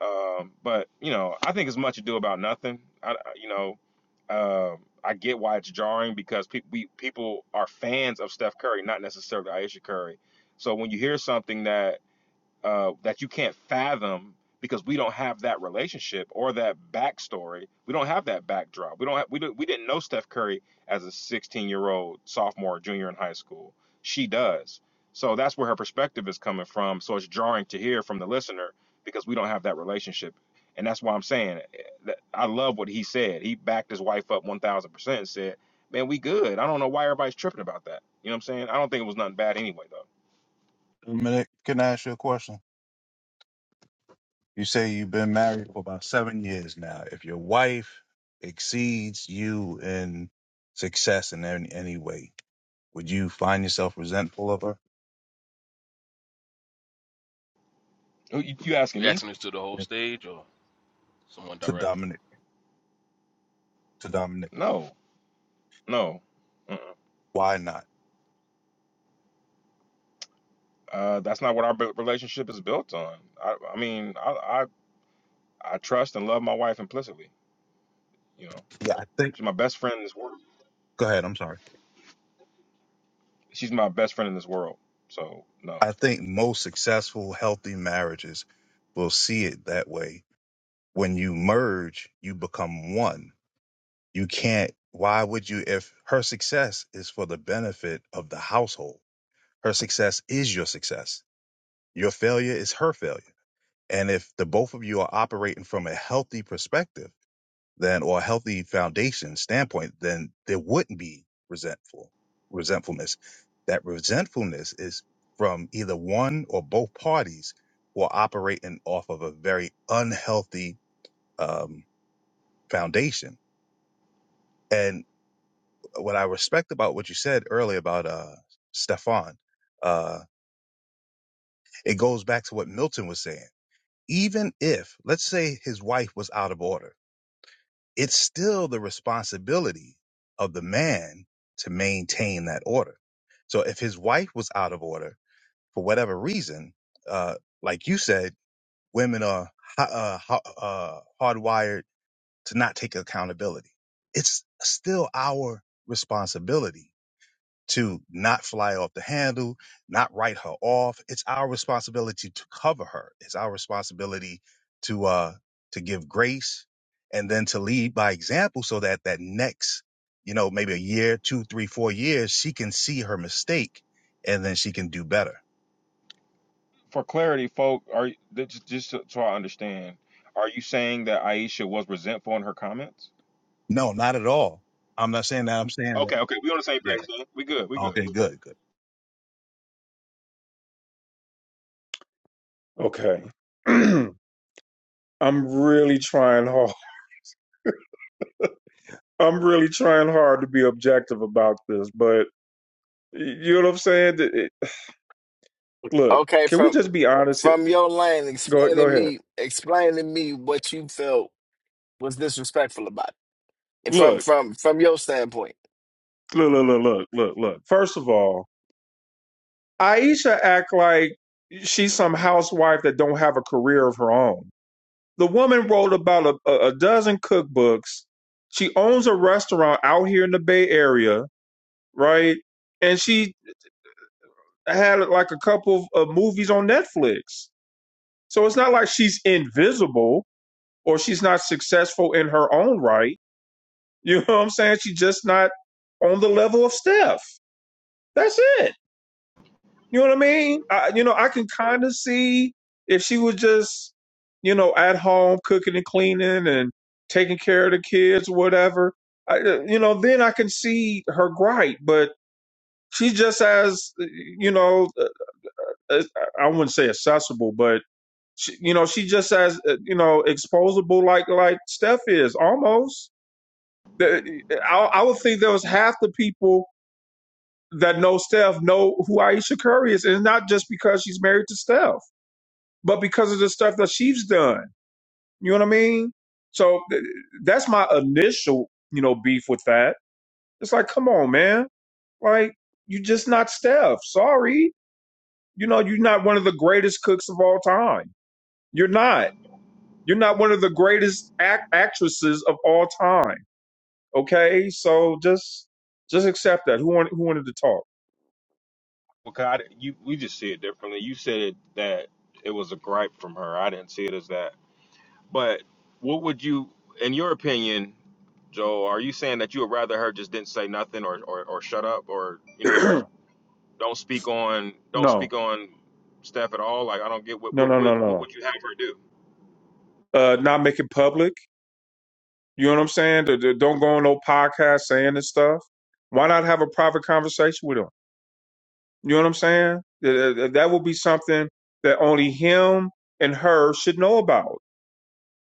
Speaker 8: Um, but you know, I think it's much ado about nothing. I, I- you know, um I get why it's jarring because people we people are fans of Steph Curry, not necessarily Aisha Curry. So when you hear something that uh, that you can't fathom because we don't have that relationship or that backstory. We don't have that backdrop. We don't have, we do, we didn't know Steph Curry as a 16 year old sophomore junior in high school. She does. So that's where her perspective is coming from. So it's jarring to hear from the listener because we don't have that relationship. And that's why I'm saying eh, that I love what he said. He backed his wife up 1000% and said, man, we good. I don't know why everybody's tripping about that. You know what I'm saying? I don't think it was nothing bad anyway, though.
Speaker 3: Dominic, can I ask you a question? You say you've been married for about seven years now. If your wife exceeds you in success in any, any way, would you find yourself resentful of her?
Speaker 8: You, you asking
Speaker 11: You
Speaker 8: me?
Speaker 11: asking this to the whole stage or someone
Speaker 3: To
Speaker 11: directly?
Speaker 3: Dominic, to Dominic,
Speaker 8: No. No, Mm-mm.
Speaker 3: why not?
Speaker 8: uh, that's not what our bu- relationship is built on. I, I mean, I, I, I trust and love my wife implicitly. You know,
Speaker 3: Yeah, I think.
Speaker 8: she's my best friend in this world.
Speaker 3: Go ahead. I'm sorry.
Speaker 8: She's my best friend in this world. So no.
Speaker 3: I think most successful, healthy marriages will see it that way. When you merge, you become one. You can't, why would you, if her success is for the benefit of the household, her success is your success. Your failure is her failure. And if the both of you are operating from a healthy perspective, then or a healthy foundation standpoint, then there wouldn't be resentful resentfulness. That resentfulness is from either one or both parties who are operating off of a very unhealthy um, foundation. And what I respect about what you said earlier about uh, Stefan, uh, it goes back to what Milton was saying. Even if, let's say, his wife was out of order it's still the responsibility of the man to maintain that order. So if his wife was out of order for whatever reason, uh, like you said, women are ha- uh, ha- uh, hardwired to not take accountability. It's still our responsibility to not fly off the handle, not write her off. It's our responsibility to cover her. It's our responsibility to uh to give grace and then to lead by example so that that next, you know, maybe a year, two, three, four years, she can see her mistake and then she can do better.
Speaker 8: For clarity, folk, are you- just just so so I understand, are you saying that Aisha was resentful in her comments?
Speaker 3: No, not at all. I'm not saying that. I'm saying that.
Speaker 8: Okay, okay, we on the same page
Speaker 3: Yeah.
Speaker 8: then. We good, we good.
Speaker 3: Okay. Good. Good.
Speaker 2: Okay, [CLEARS THROAT] I'm really trying hard. I'm really trying hard to be objective about this, but you know what I'm saying? Th- it- Look,
Speaker 5: Okay,
Speaker 2: can we
Speaker 5: from
Speaker 2: just be honest here?
Speaker 5: from your lane,
Speaker 2: Go
Speaker 5: explain
Speaker 2: go
Speaker 5: to
Speaker 2: ahead.
Speaker 5: me, explain to me what you felt was disrespectful about it. From
Speaker 2: Look,
Speaker 5: from from your standpoint.
Speaker 2: look, look, look, look, look. look. First of all, Aisha act like she's some housewife that don't have a career of her own. The woman wrote about a, a dozen cookbooks. She owns a restaurant out here in the Bay Area, right? And she had like a couple of movies on Netflix. So it's not like she's invisible or she's not successful in her own right. You know what I'm saying? She's just not on the level of Steph. That's it. You know what I mean? I, you know, I can kind of see if she was just, you know, at home cooking and cleaning and taking care of the kids, or whatever. I, uh, you know, then I can see her gripe. But she just as, uh, you know, uh, uh, I wouldn't say accessible, but she, you know, she just as, uh, you know, exposable like like Steph is almost. The- I, I would think there was half the people that know Steph know who Aisha Curry is, and not just because she's married to Steph. but because of the stuff that she's done. You know what I mean? So th- that's my initial, you know, beef with that. It's like, come on, man. Like, you're just not Steph. Sorry. You know, you're not one of the greatest cooks of all time. You're not. You're not one of the greatest act- actresses of all time. Okay? So just just accept that. Who wanted who wanted to talk?
Speaker 8: Okay, I, di- you we just see it differently. You said that it was a gripe from her. I didn't see it as that. But what would you, in your opinion, Joe? Are you saying that you would rather her just didn't say nothing or, or, or shut up or you know just
Speaker 2: [CLEARS THROAT]
Speaker 8: don't speak on don't
Speaker 2: no.
Speaker 8: speak on Steph at all? Like I don't get what
Speaker 2: No,
Speaker 8: what
Speaker 2: no, no,
Speaker 8: what,
Speaker 2: no,
Speaker 8: what
Speaker 2: no.
Speaker 8: would you have her do?
Speaker 2: Uh not make it public. You know what I'm saying? Th- th- Don't go on no podcast saying this stuff. Why not have a private conversation with him? You know what I'm saying? That th- That would be something that only him and her should know about.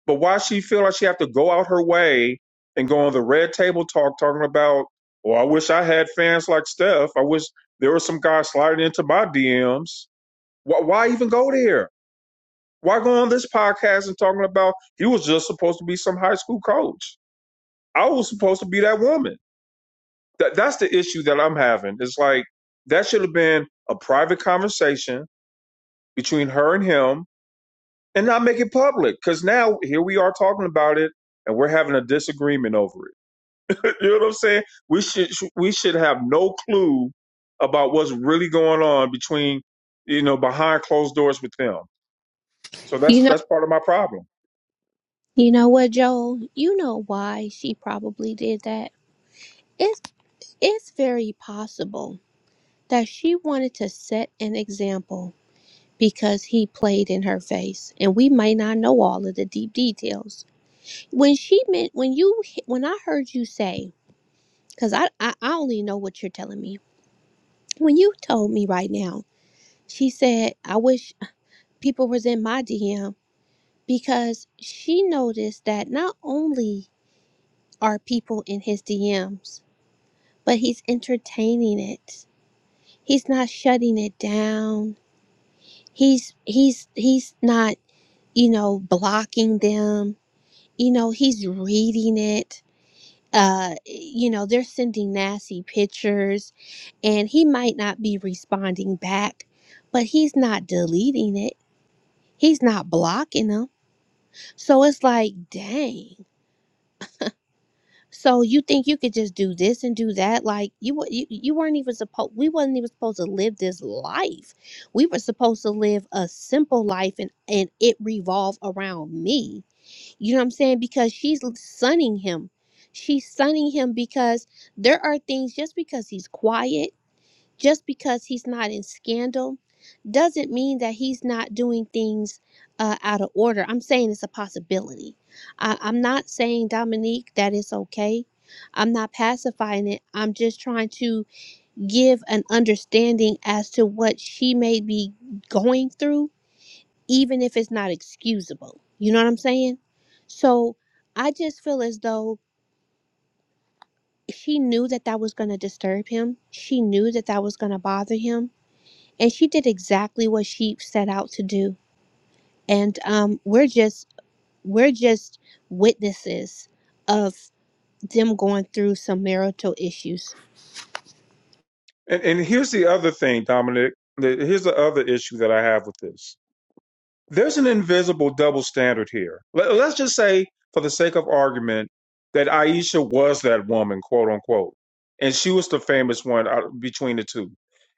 Speaker 2: But why she feel like she have to go out her way and go on the red table talk talking about, well, I wish I had fans like Steph. I wish there was some guy sliding into my DMs. Why, why even go there? Why go on this podcast and talking about he was just supposed to be some high school coach? I was supposed to be that woman. That that's the issue that I'm having. It's like that should have been a private conversation between her and him, and not make it public. Because now here we are talking about it, and we're having a disagreement over it. [LAUGHS] you know what I'm saying? We should we should have no clue about what's really going on between you know behind closed doors with them. So that's
Speaker 1: you know,
Speaker 2: that's part of my problem.
Speaker 1: you know what, Joel? You know why she probably did that. It's it's very possible that she wanted to set an example because he played in her face, and we may not know all of the deep details. When she meant when you when I heard you say, because I, I I only know what you're telling me. When you told me right now she said, I wish people was in my DM because she noticed that not only are people in his DMs, but he's entertaining it. He's not shutting it down. He's he's he's not, you know, blocking them. You know, he's reading it. Uh, you know, they're sending nasty pictures and he might not be responding back, but he's not deleting it. He's not blocking them. So it's like, dang. So you think you could just do this and do that? Like you wa- you, you weren't even supposed we wasn't even supposed to live this life. We were supposed to live a simple life and and it revolved around me. You know what I'm saying? Because she's l- sunning him. She's sunning him because there are things just because he's quiet just because he's not in scandal doesn't mean that he's not doing things uh, out of order. I'm saying it's a possibility. I, I'm not saying, Dominique, that it's okay. I'm not pacifying it. I'm just trying to give an understanding as to what she may be going through, even if it's not excusable. You know what I'm saying? So I just feel as though she knew that that was going to disturb him. She knew that that was going to bother him and she did exactly what she set out to do and um we're just we're just witnesses of them going through some marital issues
Speaker 2: And and here's the other thing, Dominic. The- Here's the other issue that I have with this there's an invisible double standard here. Let- Let's just say, for the sake of argument, that Aisha was that woman, quote unquote, and she was the famous one out between the two.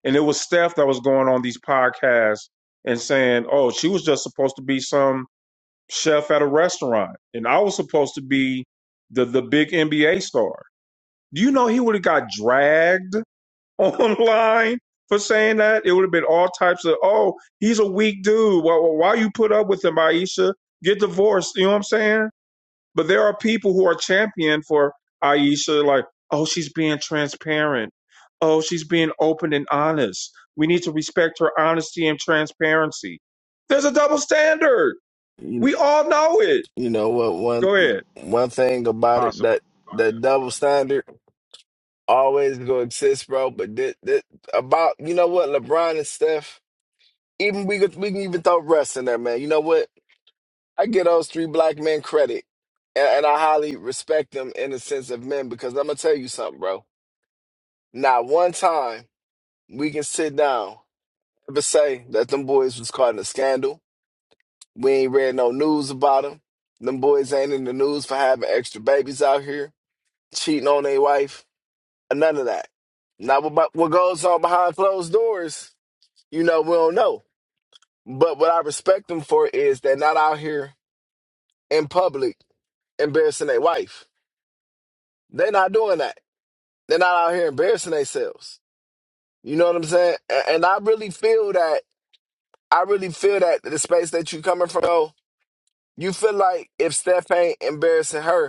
Speaker 2: And it was Steph that was going on these podcasts and saying, "Oh, she was just supposed to be some chef at a restaurant, and I was supposed to be the the big NBA star." Do you know he would have got dragged? [LAUGHS] online for saying that. It would have been all types of, oh, he's a weak dude. Why, why you put up with him, Aisha? Get divorced. You know what I'm saying? But there are people who are champion for Aisha, like, oh, she's being transparent. Oh, she's being open and honest. We need to respect her honesty and transparency. There's a double standard. We all know it.
Speaker 5: You know what? One
Speaker 2: Go ahead.
Speaker 5: one thing about it
Speaker 8: Possible.
Speaker 5: that that double standard always gonna exist, bro. But this, this, about you know what LeBron and Steph, even we could we can even throw Russ in there, man. You know what? I get those three black men credit, and, and I highly respect them in the sense of men because I'm gonna tell you something, bro. Not one time we can sit down ever say that them boys was caught in a scandal. We ain't read no news about them. Them boys ain't in the news for having extra babies out here cheating on their wife, or none of that. Now, what, bu- what goes on behind closed doors, you know, we don't know. But what I respect them for is they're not out here in public embarrassing their wife. They're not doing that. They're not out here embarrassing themselves. You know what I'm saying? A- And I really feel that. I really feel that the space that you coming from, though, you feel like if Steph ain't embarrassing her,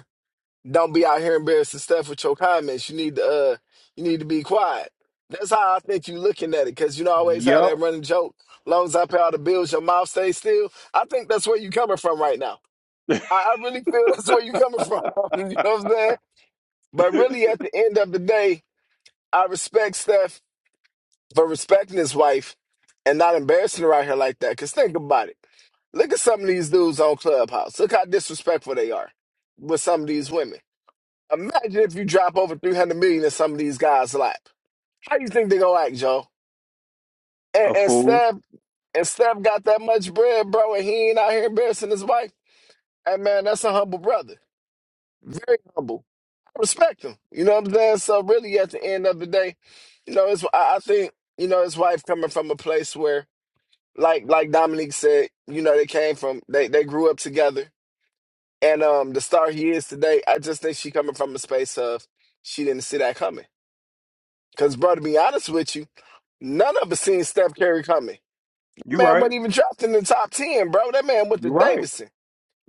Speaker 5: Don't be out here embarrassing Steph with your comments. You need to uh you need to be quiet. That's how I think you looking at it, because you know I always have
Speaker 2: Yep,
Speaker 5: that running joke. Long as I pay all the bills, your mouth stays still. I think that's where you coming from right now. I, I really feel [LAUGHS] that's where you coming from. [LAUGHS] you know what I'm saying? But really at the end of the day, I respect Steph for respecting his wife and not embarrassing her out here like that. Cause think about it. Look at some of these dudes on Clubhouse. Look how disrespectful they are with some of these women. Imagine if you drop over 300 million in some of these guys' lap. How do you think they gonna act, Joe? And,
Speaker 2: a
Speaker 5: and
Speaker 2: fool.
Speaker 5: Steph and Steph got that much bread, bro, and he ain't out here embarrassing his wife. Hey man, that's a humble brother. Very humble. I respect him. You know what I'm saying? So really at the end of the day, you know, it's I, I think, you know, his wife coming from a place where like like Dominique said, you know, they came from they they grew up together. And um the star he is today, I just think she coming from a space of she didn't see that coming. Because, bro, to be honest with you, none of us seen Steph Curry coming. That
Speaker 2: You're
Speaker 5: man
Speaker 2: right.
Speaker 5: wasn't even dropped in the top ten, bro. That man went to
Speaker 2: You're right.
Speaker 5: Davidson,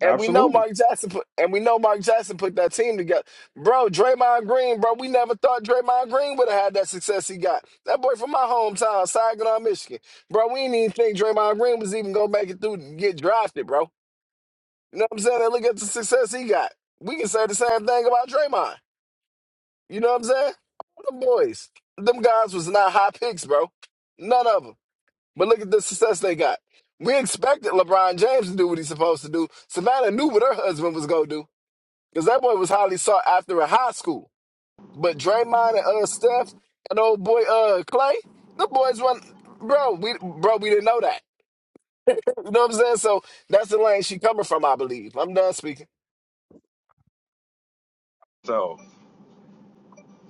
Speaker 5: and we know
Speaker 2: Absolutely.
Speaker 5: Mark Jackson put, and we know Mark Jackson put that team together, bro. Draymond Green, bro. We never thought Draymond Green would have had that success he got. That boy from my hometown, Saginaw, Michigan, bro. We didn't even think Draymond Green was even gonna make it through and get drafted, bro. You know what I'm saying? And look at the success he got. We can say the same thing about Draymond. You know what I'm saying? All Them boys, them guys was not high picks, bro. None of them. But look at the success they got. We expected LeBron James to do what he's supposed to do. Savannah knew what her husband was gonna do because that boy was highly sought after in high school. But Draymond and uh Steph and old boy uh Clay, the boys won, bro. We bro, we didn't know that. [LAUGHS] You know what I'm saying? So that's the lane she coming from, I believe. I'm done speaking.
Speaker 8: So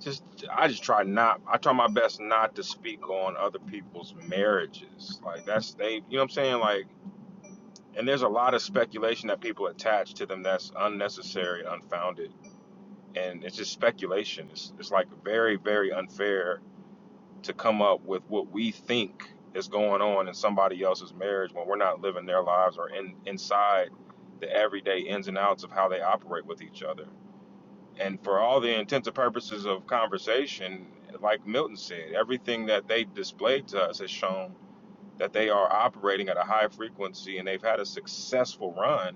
Speaker 8: just I just try not I try my best not to speak on other people's marriages. Like that's they you know what I'm saying like and there's a lot of speculation that people attach to them that's unnecessary, unfounded and it's just speculation. It's it's like very very unfair to come up with what we think is going on in somebody else's marriage when we're not living their lives or in inside the everyday ins and outs of how they operate with each other. And for all the intents and purposes of conversation, like Milton said, everything that they displayed to us has shown that they are operating at a high frequency and they've had a successful run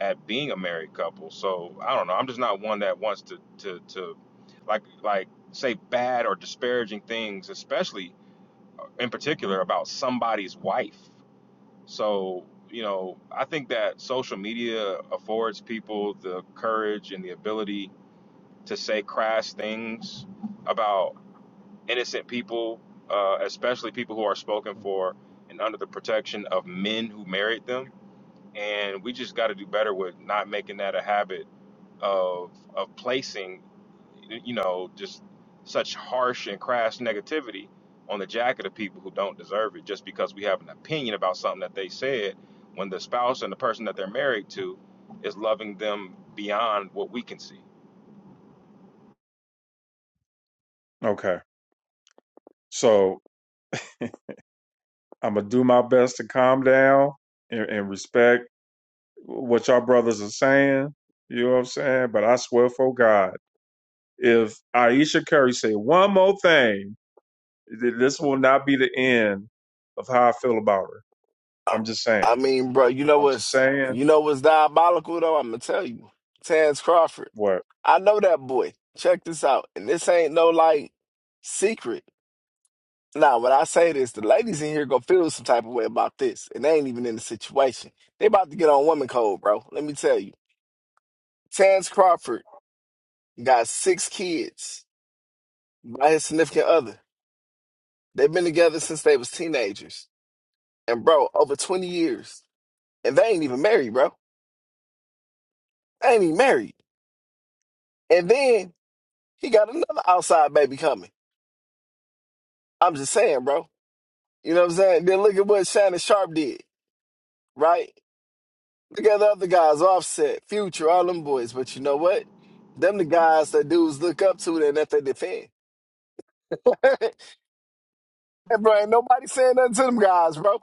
Speaker 8: at being a married couple. So I don't know. I'm just not one that wants to to to like like say bad or disparaging things, especially uh, in particular about somebody's wife. So you know, I think that social media affords people the courage and the ability to say crass things about innocent people, uh, especially people who are spoken for and under the protection of men who married them. And we just got to do better with not making that a habit of of placing you know just such harsh and crass negativity on the jacket of people who don't deserve it just because we have an opinion about something that they said when the spouse and the person that they're married to is loving them beyond what we can see
Speaker 2: Okay. So I'm gonna do my best to calm down and, and respect what y'all brothers are saying. You know what I'm saying? But I swear for God, if Aisha Curry say one more thing, th- this will not be the end of how I feel about her. I'm just saying.
Speaker 5: I mean, bro, you know
Speaker 2: I'm just
Speaker 5: what's
Speaker 2: saying
Speaker 5: you know what's diabolical though? I'm gonna tell you, Tans Crawford.
Speaker 2: what.
Speaker 5: I know that boy. Check this out, and this ain't no like secret. Now, when I say this, the ladies in here gonna feel some type of way about this, and they ain't even in the situation. They about to get on woman code, bro. Let me tell you, Tans Crawford got six kids by his significant other. They've been together since they was teenagers, and bro, over twenty years, and they ain't even married, bro. They ain't even married. And then He got another outside baby coming. I'm just saying, bro. You know what I'm saying? Then look at what Shannon Sharp did, right? Look at the other guys, Offset, Future, all them boys. But you know what? Them the guys that dudes look up to and that they defend. [LAUGHS] and bro, ain't nobody saying nothing to them guys, bro.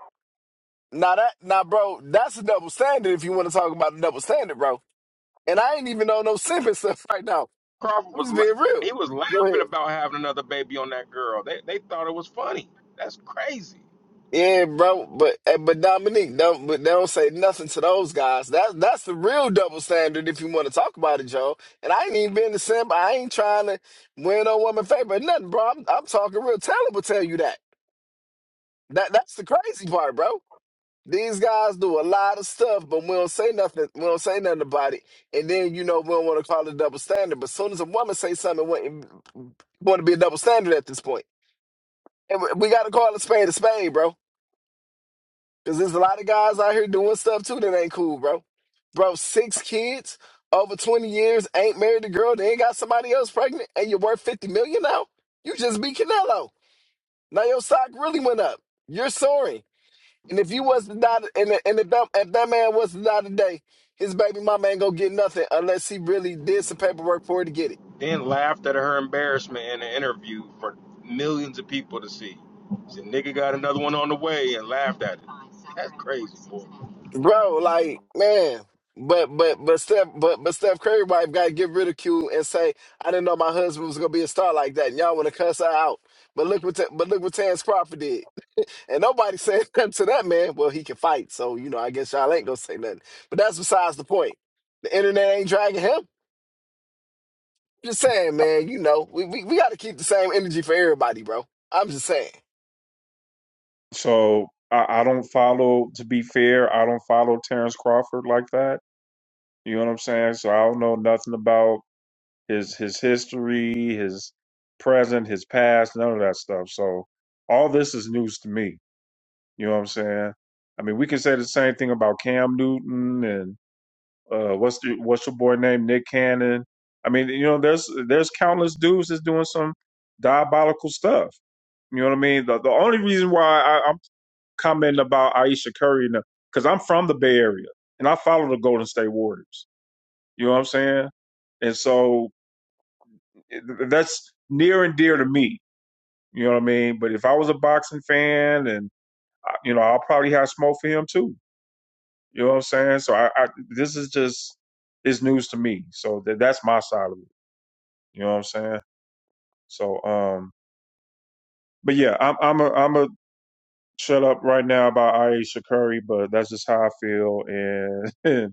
Speaker 5: Now that, now bro, that's a double standard. If you want to talk about a double standard, bro. And I ain't even on no [LAUGHS] simping stuff right now.
Speaker 8: crawford
Speaker 5: I'm
Speaker 8: was
Speaker 5: just
Speaker 8: la-
Speaker 5: being real.
Speaker 8: he was
Speaker 5: Go ahead.
Speaker 8: laughing about having another baby on that girl they, they thought it was funny that's crazy
Speaker 5: Yeah, bro, but eh, but Dominique, don't but they don't say nothing to those guys. That's that's the real double standard if you want to talk about it, Joe. And I ain't even been the simp. I ain't trying to win on woman favor or nothing, bro. I'm, I'm talking real. Taylor will tell you that. That that's the crazy part, bro. These guys do a lot of stuff, but we don't say nothing. We don't say nothing about it. And then you know we don't want to call it double standard. But soon as a woman say something, it want to be a double standard at this point. And we got to call a spade a spade, bro. Cause there's a lot of guys out here doing stuff too that ain't cool, bro. Bro, six kids over 20 years, ain't married a girl, they ain't got somebody else pregnant, and you're worth 50 million now? You just be Canelo. Now your stock really went up. You're soaring. And if you was to die, and, and if, that, if that man was to die today, his baby mama ain't gonna get nothing unless he really did some paperwork for her to get it.
Speaker 8: then laughed at her embarrassment in an interview for millions of people to see said nigga got another one on the way and laughed at it
Speaker 5: bro. Like, man, but but but Steph, but but Steph Curry wife got to get ridiculed and say, "I didn't know my husband was gonna be a star like that." And y'all want to cuss her out, but look what Ta- but look what Terrence Crawford did, and nobody said [LAUGHS] nothing to that man. Well, he can fight, so you know, I guess y'all ain't gonna say nothing. But that's besides the point. The internet ain't dragging him. Just saying, man. You know, we we, we got to keep the same energy for everybody, bro. I'm just saying.
Speaker 2: So I, I don't follow. To be fair, I don't follow Terrence Crawford like that. You know what I'm saying? So I don't know nothing about his his history, his present, his past, none of that stuff. So all this is news to me. You know what I'm saying? I mean, we can say the same thing about Cam Newton and uh, what's the, what's your boy name, Nick Cannon. I mean, you know, there's there's countless dudes that's doing some diabolical stuff. You know what I mean? The, the only reason why I, I'm commenting about Aisha Curry because I'm from the Bay Area and I follow the Golden State Warriors. You know what I'm saying? And so that's near and dear to me. You know what I mean? But if I was a boxing fan, and uh, you know, I'll probably have smoke for him too. You know what I'm saying? So I, I this is just it's news to me. So that that's my side of it. You know what I'm saying? So um, but yeah, I'm I'm a I'm a shut up right now about Aisha Curry, but that's just how I feel, and [LAUGHS] it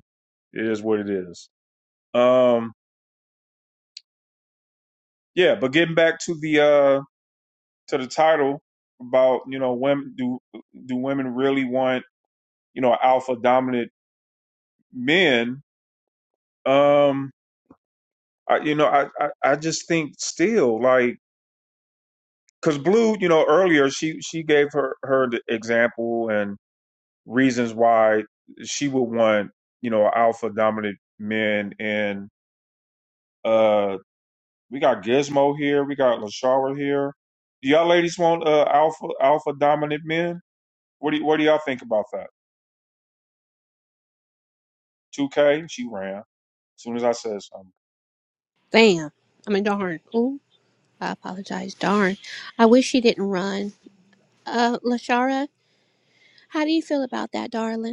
Speaker 2: is what it is. Um, yeah, but getting back to the uh to the title about you know women do do women really want you know, alpha dominant men. Um, I, you know, I, I, I just think still like, cause Blue, you know, earlier she, she gave her, her the example and reasons why she would want, you know, alpha dominant men. And, uh, we got Gizmo here. We got LaShara here. Do y'all ladies want, uh, alpha, alpha dominant men? What do, y- what do y'all think about that? 2K? She ran as soon as I said something.
Speaker 1: damn i mean darn ooh i apologize darn i wish she didn't run uh lashara how do you feel about that darling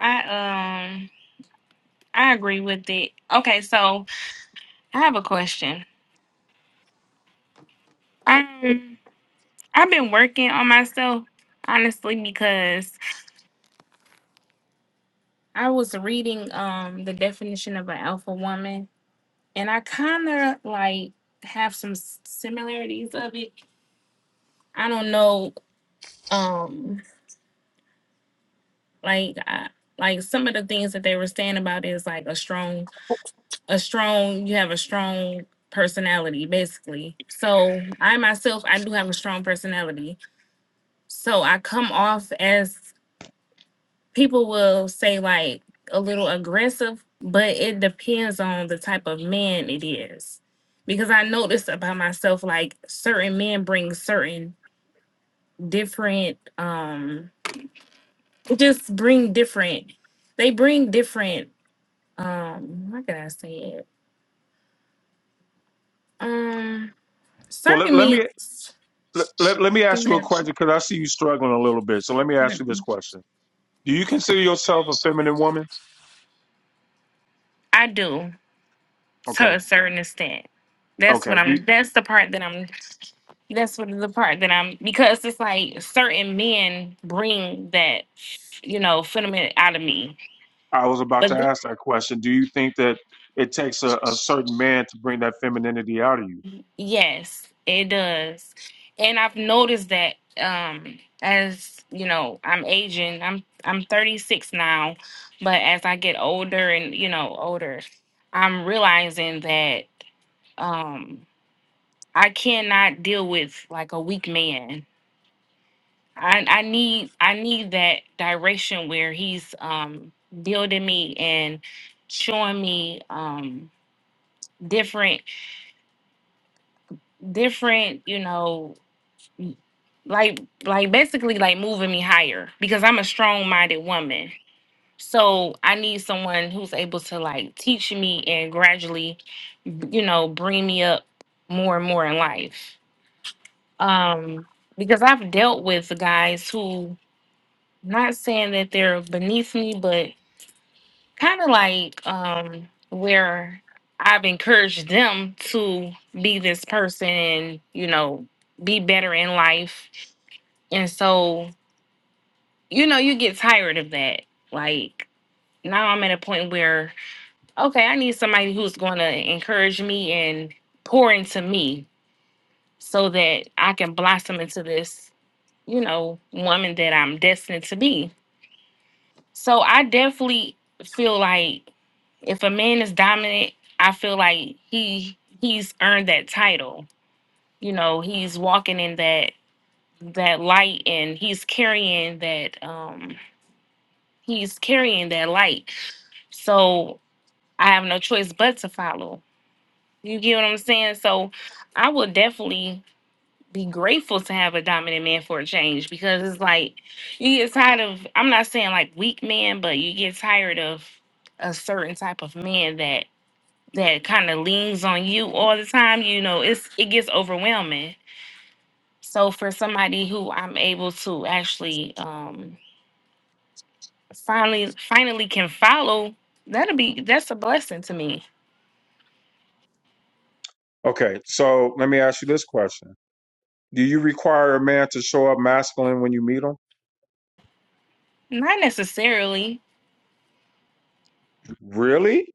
Speaker 15: I um I agree with it. Okay, so I have a question. Um I've been working on myself honestly because I was reading um the definition of an alpha woman, and I kind of like have some s- similarities of it. I don't know, um, like I, like some of the things that they were saying about is like a strong, a strong. You have a strong personality, basically. So I myself, I do have a strong personality. So I come off as people will say like a little aggressive, but it depends on the type of man it is. Because I noticed about myself, like certain men bring certain different, um, just bring different, they bring different, um, how can I say it? Um,
Speaker 2: Well, let,
Speaker 15: certain
Speaker 2: let
Speaker 15: men,
Speaker 2: me let, let, let me ask
Speaker 15: go
Speaker 2: you a
Speaker 15: ahead.
Speaker 2: question because I see you struggling a little bit. So let me ask you this
Speaker 15: Mhm.
Speaker 2: question: Do you consider yourself a feminine woman?
Speaker 15: I do
Speaker 2: Okay,
Speaker 15: to a certain extent. That's what
Speaker 2: okay.
Speaker 15: I'm,
Speaker 2: Do
Speaker 15: that's the part that I'm That's what the part that I'm because it's like certain men bring that, you know, phenomenon out of me.
Speaker 2: I was about
Speaker 15: But
Speaker 2: to
Speaker 15: th-
Speaker 2: ask that question. Do you think that it takes a, a certain man to bring that femininity out of you?
Speaker 15: yes, it does. And I've noticed that um as, you know, I'm aging. I'm I'm 36 now, but as I get older and, you know, older, I'm realizing that um I cannot deal with like a weak man I I need I need that direction where he's um building me and showing me um different different you know like like basically like moving me higher because I'm a strong-minded woman. So I need someone who's able to like teach me and gradually you know bring me up more and more in life. Um because I've dealt with guys who not saying that they're beneath me but kind of like um where I've encouraged them to be this person and you know be better in life. And so, you know, you get tired of that. Like now I'm at a point where okay, I need somebody who's going to encourage me and pour into me so that I can blossom into this, you know, woman that I'm destined to be. So I definitely feel like if a man is dominant, I feel like he he's earned that title. You know, he's walking in that that light and he's carrying that um he's carrying that light. So I have no choice but to follow. You get what I'm saying? So I would definitely be grateful to have a dominant man for a change because it's like you get tired of I'm not saying like weak men, but you get tired of a certain type of man that that kind of leans on you all the time, you know, it's it gets overwhelming. So for somebody who I'm able to actually um finally finally can follow, that'll be that's a blessing to me.
Speaker 2: Okay, so let me ask you this question: Do you require a man to show up masculine when you meet him?
Speaker 15: Not necessarily.
Speaker 2: Really?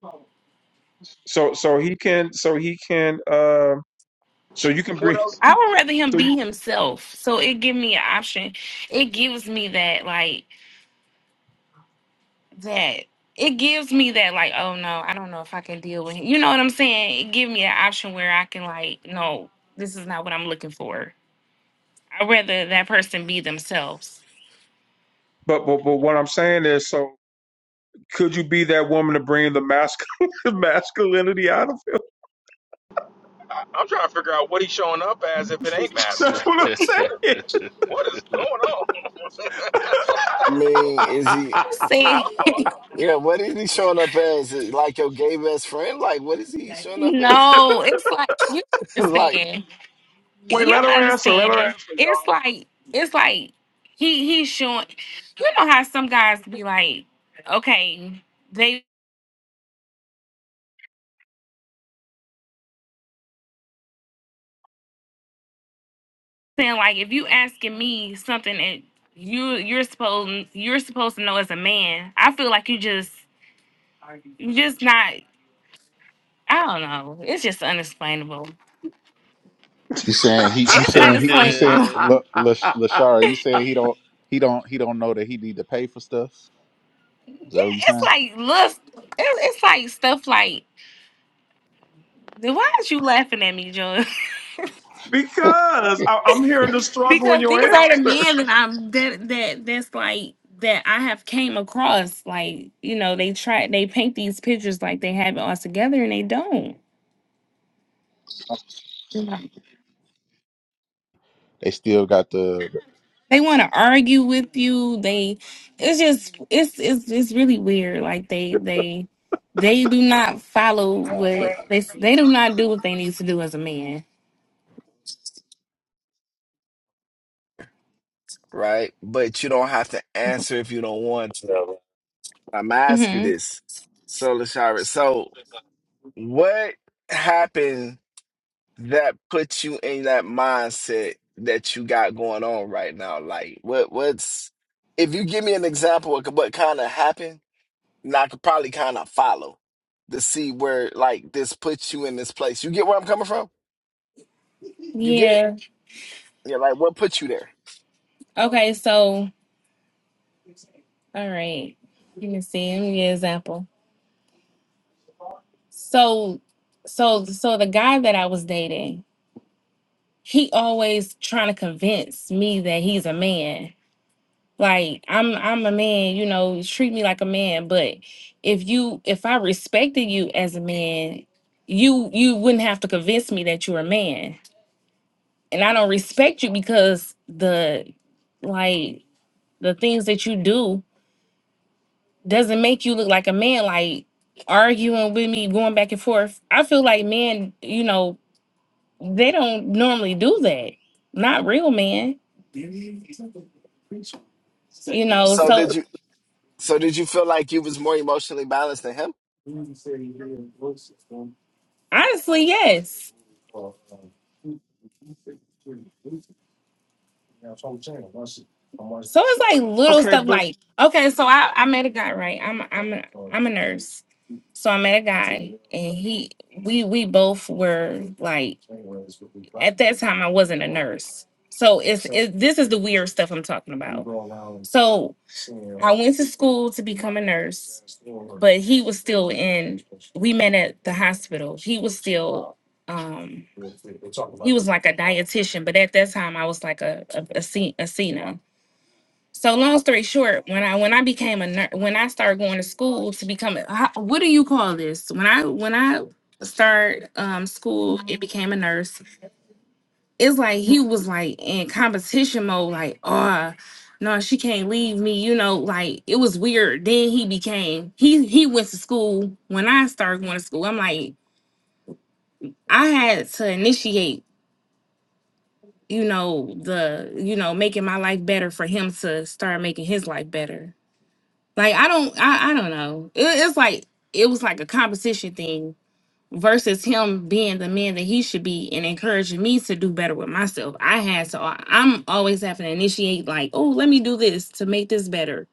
Speaker 2: So so he can so he can uh so you can
Speaker 8: What
Speaker 2: bring
Speaker 8: else?
Speaker 15: I would rather him
Speaker 2: so you,
Speaker 15: be himself. So it give me an option. It gives me that like that it gives me that like oh no i don't know if i can deal with him. you know what i'm saying it give me an option where i can like no this is not what i'm looking for i'd rather that person be themselves
Speaker 2: but but but what I'm saying is so. Could you be that woman to bring the masculine [LAUGHS] masculinity out of him?
Speaker 8: I- I'm trying to figure out what he's showing up as if it ain't
Speaker 2: That's
Speaker 8: masculine.
Speaker 2: what I'm
Speaker 8: What what
Speaker 2: saying.
Speaker 8: what is going on?
Speaker 5: I mean, is
Speaker 2: [LAUGHS]
Speaker 5: he?
Speaker 15: i'm
Speaker 8: [LAUGHS]
Speaker 15: saying
Speaker 8: Lord,
Speaker 5: Yeah, what is he showing up as? Like your gay best friend? Like, what is he
Speaker 15: [LAUGHS]
Speaker 5: showing up as?
Speaker 15: no it's like you
Speaker 5: to life,
Speaker 15: understand
Speaker 2: Wait,
Speaker 15: you
Speaker 2: let her answer. Let her
Speaker 15: understand
Speaker 2: answer,
Speaker 15: it's
Speaker 2: y'all.
Speaker 15: like it's like he he's showing you know how some guys be like okay they saying like if you asking me something that you you're supposed you're supposed to know as a man, I feel like you just you just not. I don't know. It's just unexplainable.
Speaker 18: You saying he? You
Speaker 15: It's
Speaker 11: [LAUGHS]
Speaker 18: saying he? You saying
Speaker 15: unexplainable. [LAUGHS]
Speaker 11: yeah.
Speaker 2: [LAUGHS]
Speaker 18: look, La- Lashara? You saying he don't? He don't? He don't know that he need to pay for stuff. Is
Speaker 15: Yeah,
Speaker 18: that what you
Speaker 15: it's
Speaker 18: saying?
Speaker 15: like look, it, it's like stuff like. then Why is you laughing at me, Joy?
Speaker 2: because I, I'm hearing the
Speaker 15: [LAUGHS]
Speaker 2: struggle in
Speaker 15: because
Speaker 2: your
Speaker 15: these are the
Speaker 2: answer.
Speaker 15: men that I'm that that that's like that I have came across. Like you know, they try they paint these pictures like they have it all together and they don't.
Speaker 18: They still got the.
Speaker 15: They want to argue with you. They, it's just, it's, it's, it's really weird. Like they, they, they do not follow what they, they do not do what they need to do as a man.
Speaker 5: right? But you don't have to answer if you don't want to. I'm gonna ask you
Speaker 15: hmm
Speaker 5: this, so Lashara. So, what happened that put you in that mindset that you got going on right now? Like, what what's if you give me an example of what kind of happened, then I could probably kind of follow to see where like this puts you in this place. You get where I'm coming from? You get it?
Speaker 15: Yeah.
Speaker 5: Yeah, like what put you there?
Speaker 15: Okay. So, all right. Let me see. Let me give you an example. So, so, so the guy that I was dating, he always trying to convince me that he's a man. Like I'm I'm a man, you know, treat me like a man. But if you if I respected you as a man, you you wouldn't have to convince me that you're a man. And I don't respect you because the like the things that you do doesn't make you look like a man, like arguing with me, going back and forth. I feel like men, you know, they don't normally do that. Not real men. You know,
Speaker 5: So did
Speaker 15: so
Speaker 5: you? So did you feel like you was more emotionally balanced than him?
Speaker 15: honestly, yes. So it's like little
Speaker 2: Okay,
Speaker 15: stuff
Speaker 2: but
Speaker 15: like okay, so I, I met a guy, right? I'm I'm a, I'm a nurse. So I met a guy and he we we both were like at that time I wasn't a nurse. So it's it, this is the weird stuff I'm talking about. So I went to school to become a nurse, but he was still in we met at the hospital. He was still um he was like a dietitian, but at that time I was like a a, a, sen- so long story short, when I when I became a nur when I started going to school to become a, how, what do you call this? When I when I started um school and became a nurse, it's like he was like in competition mode, like oh no, she can't leave me, you know, like it was weird. Then he became he he went to school when I started going to school. I'm like I had to initiate, you know, the you know making my life better for him to start making his life better. Like I don't, I, I don't know. It, it's like it was like a competition thing versus him being the man that he should be and encouraging me to do better with myself. I had to. I- I'm always having to initiate. Like, oh, let me do this to make this better.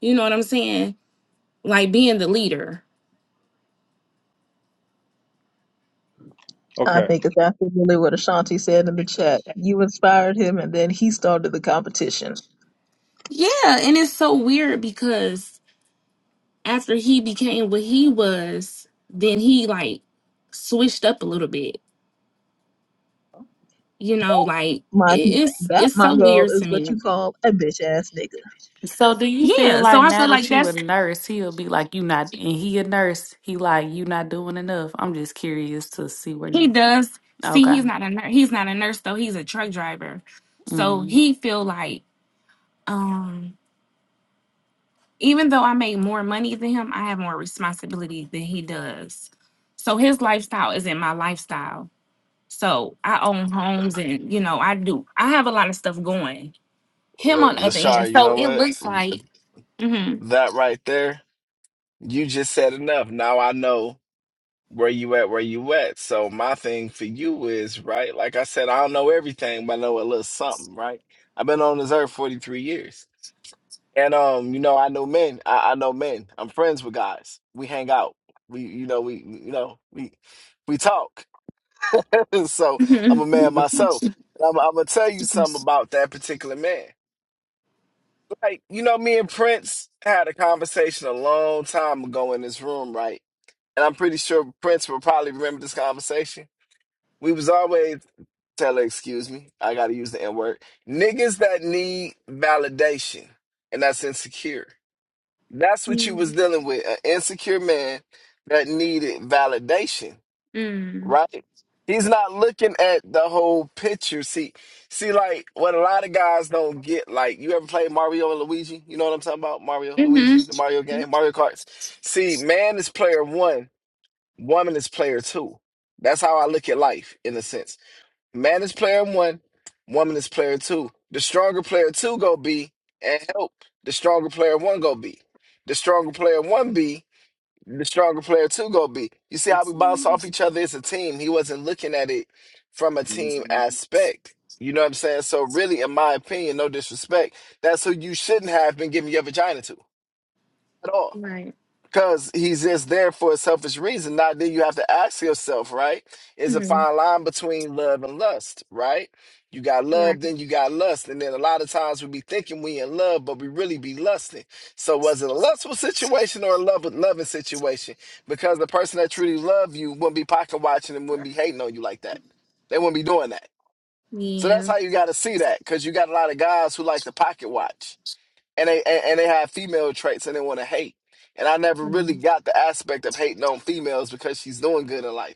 Speaker 15: You know what I'm saying? Like being the leader.
Speaker 2: okay.
Speaker 15: Yeah, and it's so weird because after he became what he was, then he like switched up a little bit. You know, like it, it's it's so weird to me.
Speaker 9: So do you feel
Speaker 15: Yeah, so
Speaker 9: like
Speaker 15: I
Speaker 9: now
Speaker 15: feel like
Speaker 9: that you a
Speaker 15: that's
Speaker 9: nurse, he'll be like you not, and he a nurse, he like you not doing enough. I'm just curious to see where
Speaker 15: He
Speaker 9: you.
Speaker 15: does. See,
Speaker 9: Okay.
Speaker 15: he's not a nurse. He's not a nurse though. He's a truck driver. So
Speaker 9: Mm.
Speaker 15: he feel like um even though I make more money than him, I have more responsibility than he does. So his lifestyle isn't my lifestyle. So I own homes and you know, I do I have a lot of stuff going. Him
Speaker 5: La-
Speaker 15: on the other hand.
Speaker 5: Lashar, you
Speaker 15: So
Speaker 5: know
Speaker 15: it
Speaker 5: what?
Speaker 15: looks like mhm.
Speaker 5: That right there, you just said enough. Now I know where you at, where you at. So my thing for you is right. Like I said, I don't know everything, but I know a little something. Right? I've been on this earth forty three years. And um, you know, I know men. I, I know men. I'm friends with guys. We hang out. We, you know, we, you know, we, we talk. [LAUGHS] so I'm
Speaker 15: Mhm.
Speaker 5: a man myself. And I'm, I'm gonna tell you something about that particular man. Like, you know, me and Prince had a conversation a long time ago in this room, right? And I'm pretty sure Prince will probably remember this conversation. We was always telling, excuse me, I gotta use the N word, niggas that need validation, and that's insecure. That's what you was
Speaker 15: Mhm.
Speaker 5: dealing with, an insecure man that needed validation,
Speaker 15: Mhm.
Speaker 5: right? He's not looking at the whole picture. See, see, like what a lot of guys don't get, like you ever played Mario and Luigi? You know what I'm talking about? Mario, Luigi,
Speaker 15: Mhm.
Speaker 5: the Mario game, Mario Karts. See, man is player one, woman is player two. That's how I look at life in a sense. Man is player one, woman is player two. The stronger player two go be and help. The stronger player one go be. The stronger player one be. The stronger player two go be. You see how we bounce off each other as a team. He wasn't looking at it from a team aspect. You know what I'm saying? So really, in my opinion, no disrespect, that's who you shouldn't have been giving your vagina to at all
Speaker 15: Right.
Speaker 5: because he's just there for a selfish reason. Now, then you have to ask yourself, right? Is a
Speaker 15: Mhm.
Speaker 5: fine line between love and lust, right? You got
Speaker 15: Right.
Speaker 5: love, then you got lust, and then a lot of times we be thinking we in love, but we really be lusting. So, was it a lustful situation or a love loving situation? Because the person that truly love you wouldn't be pocket watching and wouldn't be hating on you like that. They wouldn't be doing that. So
Speaker 15: Yeah.
Speaker 5: that's how you got to see that, because you got a lot of guys who like to pocket watch and they and, and they have female traits and they want to hate. And I never really
Speaker 15: Mhm.
Speaker 5: got the aspect of hating on females because she's doing good in life.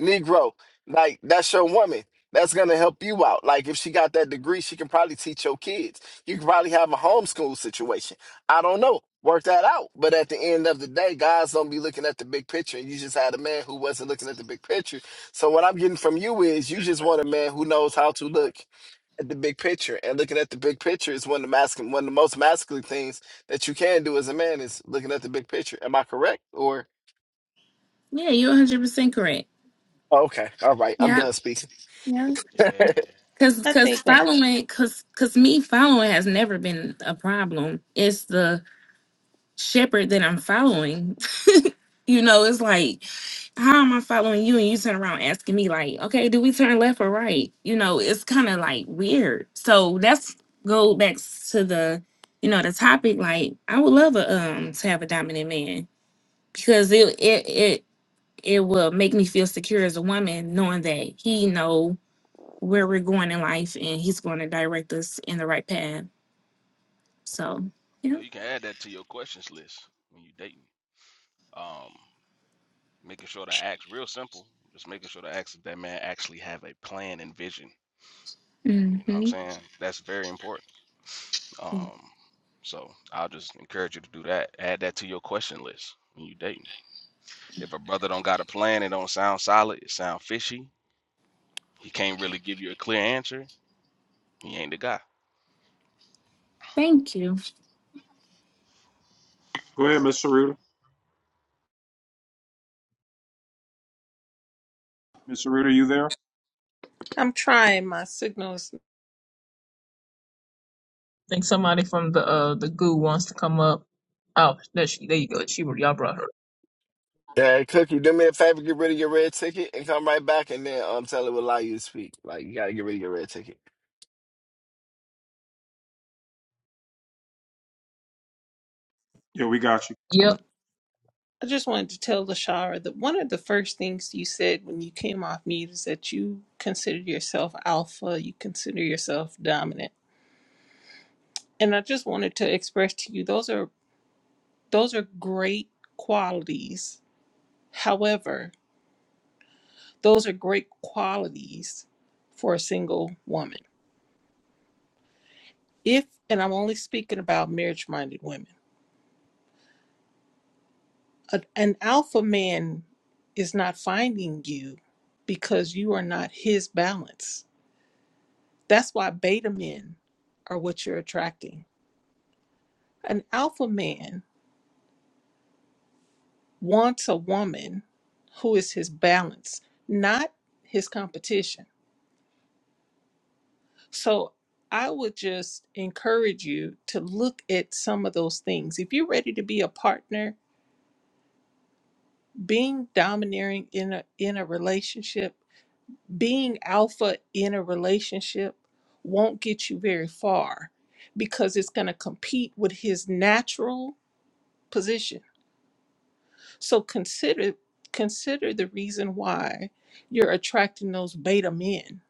Speaker 5: Negro, like that's your woman. That's gonna help you out. Like if she got that degree, she can probably teach your kids. You can probably have a homeschool situation. I don't know. Work that out. But at the end of the day, guys don't be looking at the big picture. And you just had a man who wasn't looking at the big picture. So what I'm getting from you is you just want a man who knows how to look at the big picture. And looking at the big picture is one of the masculine, one of the most masculine things that you can do as a man is looking at the big picture. Am I correct? Or
Speaker 15: Yeah, you're 100% correct.
Speaker 5: oh, okay, all right, I'm
Speaker 15: Yeah,
Speaker 5: done speaking.
Speaker 15: yeah. Cause,
Speaker 17: I
Speaker 15: cause
Speaker 17: think uh,
Speaker 15: following, cause, cause me following has never been a problem. It's the shepherd that I'm following. [LAUGHS] You know, it's like, how am I following you? And you turn around asking me, like, okay, do we turn left or right? You know, it's kind of like weird. So that's go back to the, you know, the topic. Like, I would love a, um to have a dominant man because it it it it will make me feel secure as a woman knowing that he know where we're going in life and he's going to direct us in the right path so
Speaker 11: You
Speaker 15: yeah
Speaker 11: know, you can add that to your questions list when you dating. Um, making sure the acts real simple just making sure the acts of that man actually have a plan and vision you know what i'm
Speaker 15: hmm
Speaker 11: saying that's very important um so i'll just encourage you to do that add that to your question list when you dating if a brother don't got a plan it don't sound solid it sound fishy he can't really give you a clear answer he ain't the guy
Speaker 15: thank you
Speaker 2: Go ahead, Miss Saruta. Miss Saruta, you there?
Speaker 17: I'm trying my signals.
Speaker 13: I think somebody from the uh the goo wants to come up. Oh, there she there you go. She y'all brought her.
Speaker 5: Yeah, Cookie, do me a favor, get rid of your red ticket and come right back, and then um, Taylor will allow you to speak. Like you gotta get rid of your red ticket.
Speaker 2: Yeah, we got you.
Speaker 13: Yep.
Speaker 17: I just wanted to tell Lashara that one of the first things you said when you came off mute is that you consider yourself alpha, you consider yourself dominant. And I just wanted to express to you those are those are great qualities. However, those are great qualities for a single woman. If and I'm only speaking about marriage-minded women. a- an alpha man is not finding you because you are not his balance That's why beta men are what you're attracting. An alpha man wants a woman who is his balance, not his competition. So I would just encourage you to look at some of those things. If you're ready to be a partner, being domineering in a in a relationship, being alpha in a relationship won't get you very far because it's going to compete with his natural position So consider consider the reason why you're attracting those beta men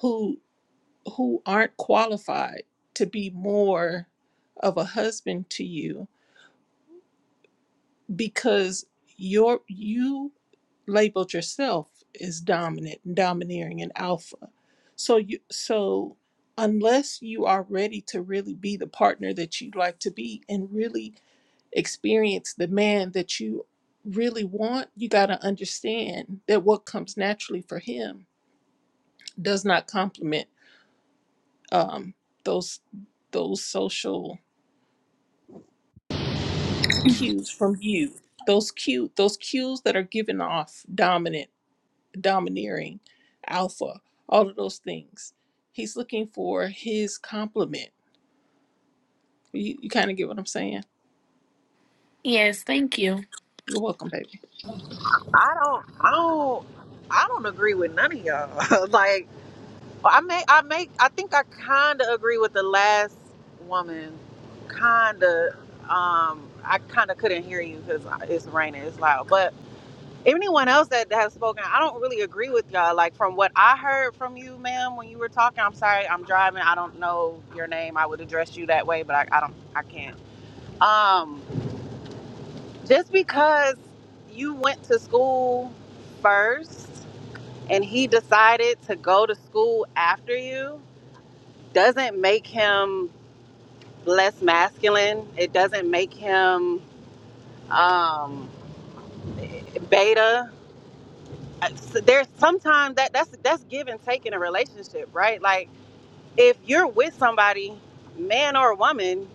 Speaker 17: who who aren't qualified to be more of a husband to you because your you labeled yourself as dominant and domineering and alpha. So you so unless you are ready to really be the partner that you'd like to be and really experience the man that you really want, you got to understand that what comes naturally for him does not complement um, those those social cues from you. Those cue those cues that are given off dominant, domineering, alpha, all of those things. He's looking for his complement. You, you kind of get what I'm saying.
Speaker 15: yes thank you
Speaker 17: You're welcome, baby.
Speaker 19: I don't, I don't, I don't agree with none of y'all. [LAUGHS] like, I may, I make, I think I kind of agree with the last woman. Kind of, um, I kind of couldn't hear you because it's raining, it's loud. But anyone else that has spoken, I don't really agree with y'all. Like from what I heard from you, ma'am, when you were talking. I'm sorry, I'm driving. I don't know your name. I would address you that way, but I, I don't, I can't. Um, just because you went to school first and he decided to go to school after you doesn't make him less masculine. It doesn't make him um, beta. So There's sometimes that that's that's give and take in a relationship, right? Like if you're with somebody, man or woman,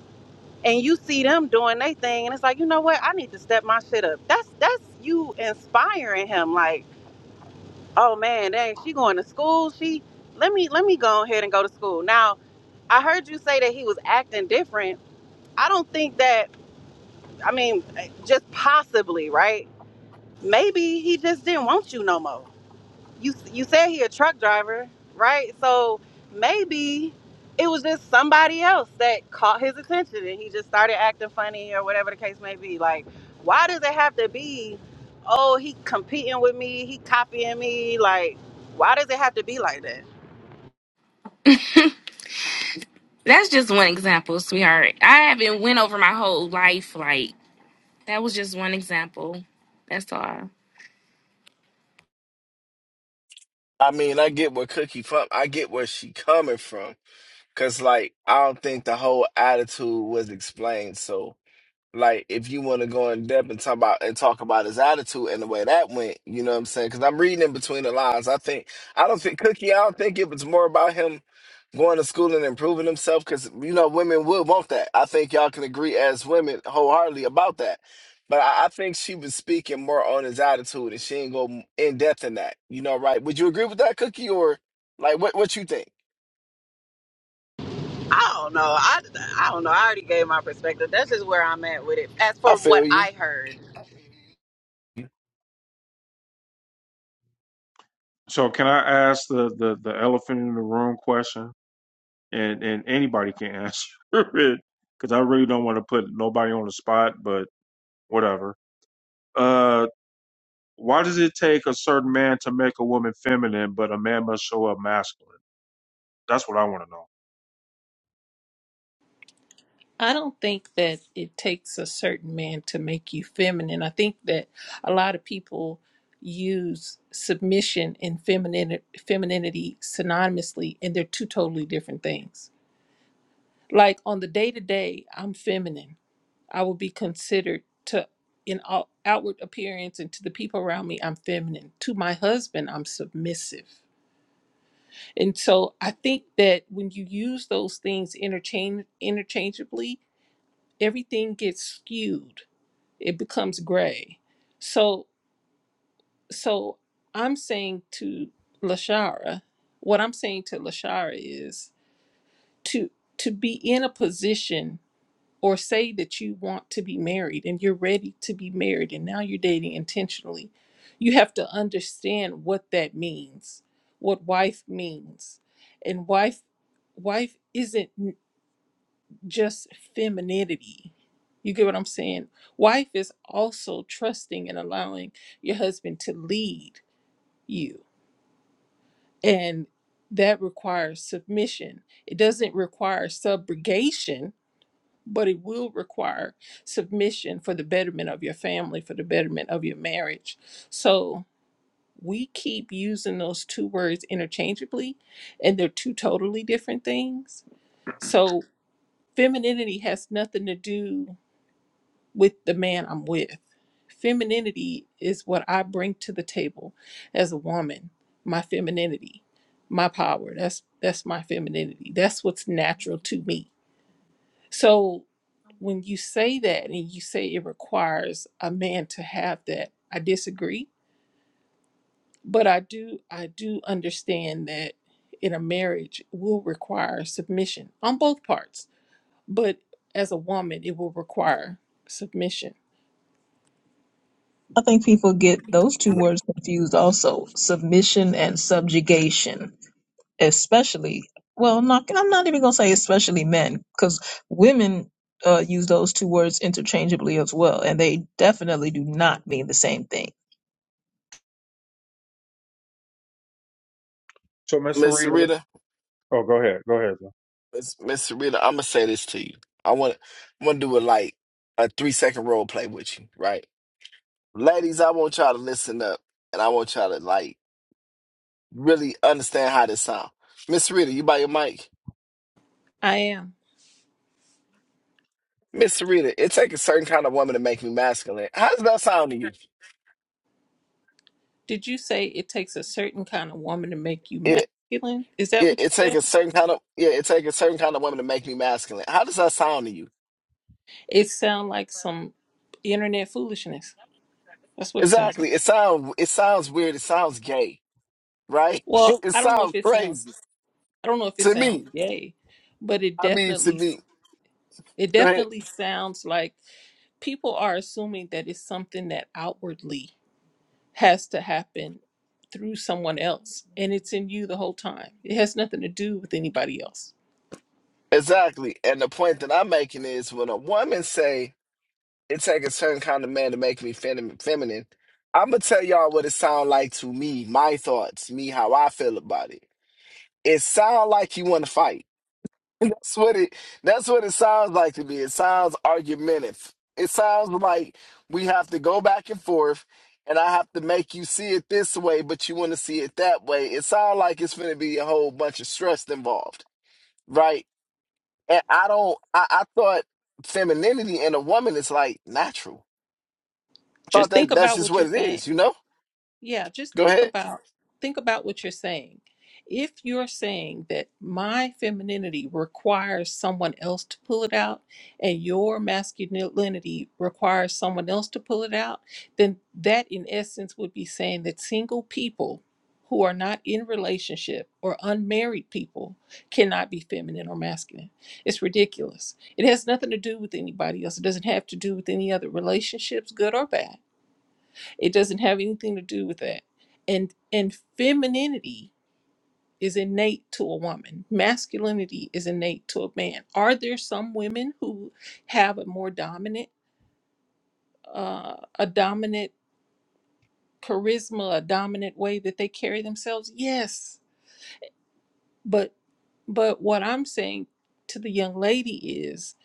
Speaker 19: and you see them doing their thing, and it's like, you know what? I need to step my shit up. That's that's you inspiring him. Like, oh man, dang, she going to school. She let me let me go ahead and go to school now I heard you say that he was acting different. I don't think that, I mean, just possibly, right? Maybe he just didn't want you no more. You you said he a truck driver, right? So maybe it was just somebody else that caught his attention and he just started acting funny or whatever the case may be. Like, why does it have to be, oh, he competing with me, he copying me? Like, why does it have to be like that?
Speaker 15: that's just one example sweetheart i haven't went over my whole life like that was just one example that's all
Speaker 5: I mean, I get where Cookie from. I get where she coming from, cause like I don't think the whole attitude was explained. So like if you want to go in depth and talk about and talk about his attitude and the way that went, you know what I'm saying? Because I'm reading in between the lines. I think I don't think Cookie. I don't think it was more about him going to school and improving himself. Because you know women would want that. I think y'all can agree as women wholeheartedly about that. But I, I think she was speaking more on his attitude, and she ain't go in depth in that. You know, right? Would you agree with that, Cookie, or like what? What you think?
Speaker 19: I don't know. I, I don't know. I already gave my perspective. That's just where I'm at with it. As
Speaker 5: I
Speaker 19: for what
Speaker 5: feel you,
Speaker 19: I heard,
Speaker 2: So, can I ask the the, the elephant in the room question? And and anybody can answer [LAUGHS] it because I really don't want to put nobody on the spot, but. whatever. Uh, why does it take a certain man to make a woman feminine, but a man must show up masculine? That's what I want to know.
Speaker 17: I don't think that it takes a certain man to make you feminine. I think that a lot of people use submission and feminine, femininity synonymously, and they're two totally different things. Like on the day to day, I'm feminine. I will be considered to, in all outward appearance and to the people around me, I'm feminine. To my husband, I'm submissive. And so I think that when you use those things interchange interchangeably, everything gets skewed it becomes gray. So so I'm saying to Lashara, what I'm saying to Lashara is to to be in a position or say that you want to be married and you're ready to be married and now you're dating intentionally, you have to understand what that means, what wife means. And wife wife isn't just femininity. You get what I'm saying? Wife is also trusting and allowing your husband to lead you. And that requires submission. It doesn't require subrogation, but it will require submission for the betterment of your family, for the betterment of your marriage. So we keep using those two words interchangeably, and they're two totally different things. So femininity has nothing to do with the man I'm with. Femininity is what I bring to the table as a woman. My femininity, my power. That's that's my femininity. That's what's natural to me. So when you say that and you say it requires a man to have that, I disagree, but I do I do understand that in a marriage it will require submission on both parts. But as a woman, it will require submission.
Speaker 13: I think people get those two words confused also. Submission and subjugation. especially well not i'm not even going to say especially men because women uh, use those two words interchangeably as well and they definitely do not mean the same thing
Speaker 2: So, Miss
Speaker 5: Miss
Speaker 2: Sarita,
Speaker 5: Sarita.
Speaker 2: oh, go ahead, go ahead. John.
Speaker 5: Miss Miss Serena, I'm gonna say this to you. I want I want to do a like a three second role play with you, right? Ladies, I want y'all to listen up, and I want y'all to like really understand how this sound. Miss Serena, you by your mic.
Speaker 17: I am.
Speaker 5: Miss Serena, it take a certain kind of woman to make me masculine. How does that sound to you?
Speaker 17: Did you say it takes a certain kind of woman to make you
Speaker 5: It
Speaker 17: masculine? Is that
Speaker 5: it,
Speaker 17: what you
Speaker 5: it take
Speaker 17: said?
Speaker 5: a certain kind of yeah, it take a certain kind of woman to make me masculine. How does that sound to you?
Speaker 17: It sounds like some internet foolishness. That's what it sounds like.
Speaker 5: Exactly. It sound it sounds weird. It sounds gay, right?
Speaker 17: Well,
Speaker 5: [LAUGHS] It
Speaker 17: I don't know if
Speaker 5: sounds
Speaker 17: it sounds
Speaker 5: crazy
Speaker 17: I don't know if it
Speaker 5: to me.
Speaker 17: sounds gay, but it
Speaker 5: I mean, to
Speaker 17: definitely
Speaker 5: me.
Speaker 17: it
Speaker 5: Go ahead.
Speaker 17: definitely sounds like people are assuming that it's something that outwardly has to happen through someone else and it's in you the whole time. It has nothing to do with anybody else.
Speaker 5: Exactly. And the point that I'm making is when a woman say it take a certain kind of man to make me fem- feminine, I'm gonna tell y'all what it sound like to me, my thoughts, me how I feel about it. It sound like you want to fight. [LAUGHS] That's what it that's what it sounds like to me. It sounds argumentative. It sounds like we have to go back and forth and I have to make you see it this way, but you want to see it that way. It sounds like it's going to be a whole bunch of stress involved, right? And I don't. I, I thought femininity in a woman is like natural. I thought
Speaker 17: Just think
Speaker 5: that that's
Speaker 17: about
Speaker 5: just
Speaker 17: what you're
Speaker 5: what it
Speaker 17: saying.
Speaker 5: is. You know.
Speaker 17: Yeah, just
Speaker 5: Go
Speaker 17: think
Speaker 5: ahead.
Speaker 17: about think about what you're saying. If you're saying that my femininity requires someone else to pull it out and your masculinity requires someone else to pull it out, then that in essence would be saying that single people who are not in relationship or unmarried people cannot be feminine or masculine. It's ridiculous. It has nothing to do with anybody else. It doesn't have to do with any other relationships, good or bad it doesn't have anything to do with that. And and femininity is innate to a woman. Masculinity is innate to a man. Are there some women who have a more dominant uh, a dominant charisma, a dominant way that they carry themselves? Yes. But but what I'm saying to the young lady is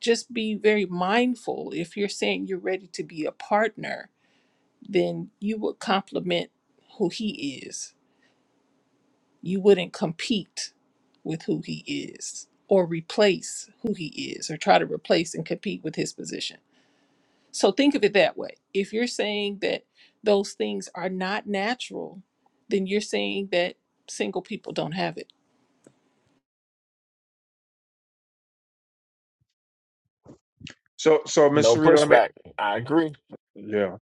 Speaker 17: just be very mindful if you're saying you're ready to be a partner, then you would compliment who he is you wouldn't compete with who he is or replace who he is or try to replace and compete with his position. So think of it that way. If you're saying that those things are not natural, then you're saying that single people don't have it.
Speaker 2: So, so Miss
Speaker 5: No
Speaker 2: Sarita, let me,
Speaker 5: pushback. I agree.
Speaker 2: yeah,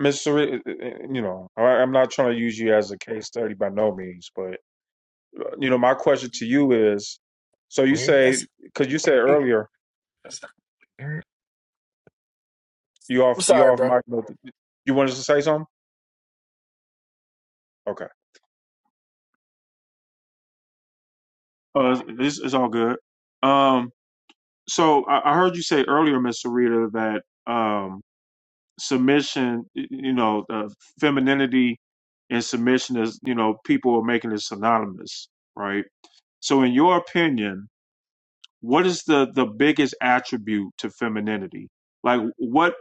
Speaker 2: Miss Sarita, eh, eh, eh, you know, I, I'm not trying to use you as a case study by no means, but uh, you know, my question to you is, so you
Speaker 5: Weird.
Speaker 2: say,
Speaker 5: That's,
Speaker 2: because you said
Speaker 5: that's
Speaker 2: earlier,
Speaker 5: not weird.
Speaker 2: you off,
Speaker 5: I'm
Speaker 2: you
Speaker 5: sorry,
Speaker 2: off
Speaker 5: bro.
Speaker 2: mic, you wanted to say something? Okay. Uh, it's, it's all good. Um, So I, I heard you say earlier, Miss Sarita, that um, submission, y- you know, uh, femininity and submission is, you know, people are making it synonymous, right? So, in your opinion, what is the the biggest attribute to femininity? Like, what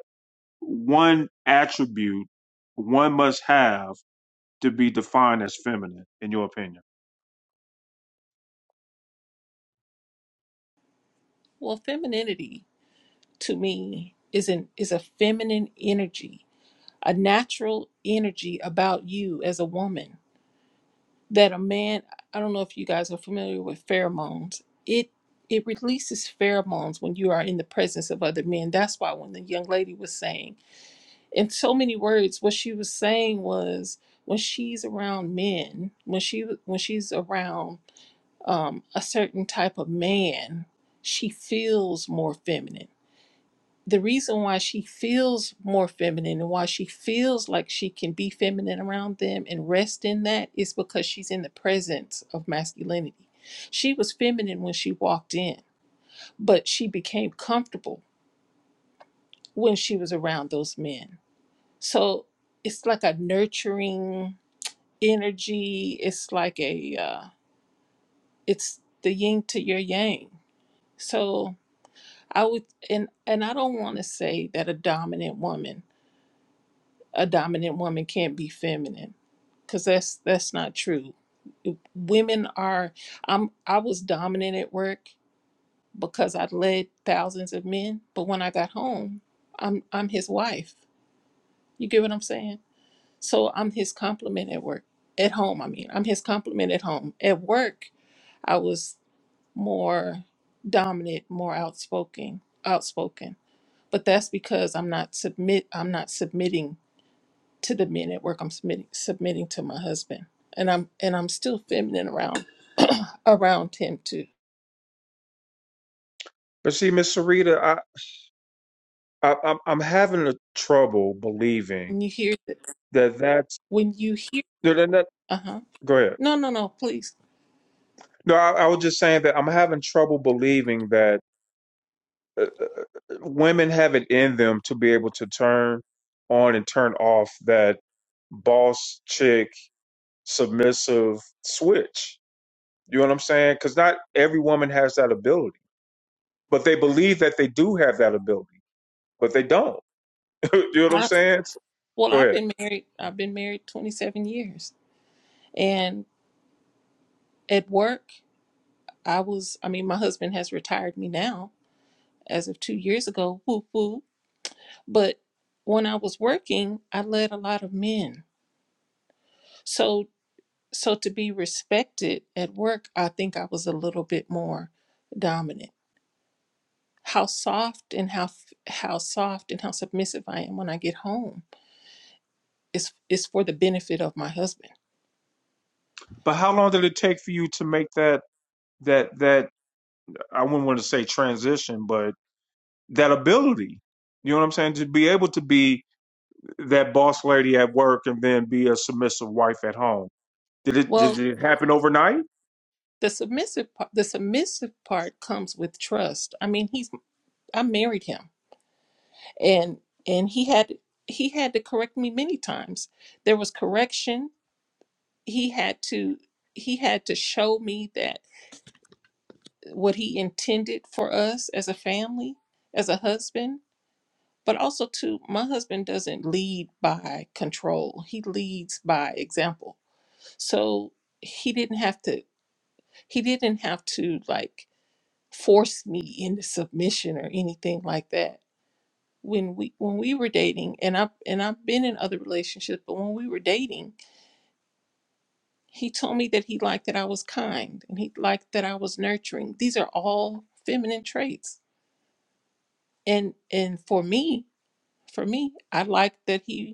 Speaker 2: one attribute one must have to be defined as feminine, in your opinion?
Speaker 17: Well, femininity to me is an is a feminine energy, a natural energy about you as a woman that a man i don't know if you guys are familiar with pheromones it it releases pheromones when you are in the presence of other men that's why when the young lady was saying in so many words what she was saying was when she's around men when she when she's around um, a certain type of man she feels more feminine the reason why she feels more feminine and why she feels like she can be feminine around them and rest in that is because she's in the presence of masculinity. She was feminine when she walked in, but she became comfortable when she was around those men. So it's like a nurturing energy. It's like a uh, it's the yin to your yang. So I would and and I don't want to say that a dominant woman a dominant woman can't be feminine because that's that's not true women are i'm i was dominant at work because i led thousands of men but when i got home i'm i'm his wife you get what i'm saying so i'm his complement at work at home i mean i'm his complement at home at work i was more dominant more outspoken outspoken but that's because i'm not submit i'm not submitting to the men at work I'm submitting submitting to my husband. And I'm and I'm still feminine around around him too.
Speaker 2: But see, Miss Sarita, I, I I'm I'm having a trouble believing
Speaker 17: When you hear
Speaker 2: that that's
Speaker 17: when you hear
Speaker 2: that, that, that-
Speaker 17: uh-huh.
Speaker 2: Go ahead.
Speaker 17: No, no, no, please.
Speaker 2: No, I, I was just saying that I'm having trouble believing that uh, uh, uh, women have it in them to be able to turn on and turn off that boss chick submissive switch. You know what I'm saying? Because not every woman has that ability, but they believe that they do have that ability, but they don't. [LAUGHS] you know what I'm
Speaker 17: I,
Speaker 2: saying? So,
Speaker 17: well
Speaker 2: Go
Speaker 17: I've
Speaker 2: ahead.
Speaker 17: been married I've been married twenty seven years. And at work I was I mean my husband has retired me now as of two years ago, woo woo. But when I was working, I led a lot of men. So so to be respected at work, I think I was a little bit more dominant how soft and how how soft and how submissive I am when I get home is is for the benefit of my husband.
Speaker 2: But how long did it take for you to make that that that I wouldn't want to say transition, but that ability? You know what I'm saying? To be able to be that boss lady at work and then be a submissive wife at home? Did it did
Speaker 17: Well,
Speaker 2: it happen overnight?
Speaker 17: the submissive part, the submissive part comes with trust. I mean, he's I married him, and and he had he had to correct me many times. There was correction. He had to he had to show me that what he intended for us as a family, as a husband But also, too, my husband doesn't lead by control. He leads by example. So he didn't have to, he didn't have to like force me into submission or anything like that. When we when we were dating, and I and I've been in other relationships, but when we were dating, he told me that he liked that I was kind and he liked that I was nurturing. These are all feminine traits. And and for me, for me, I liked that he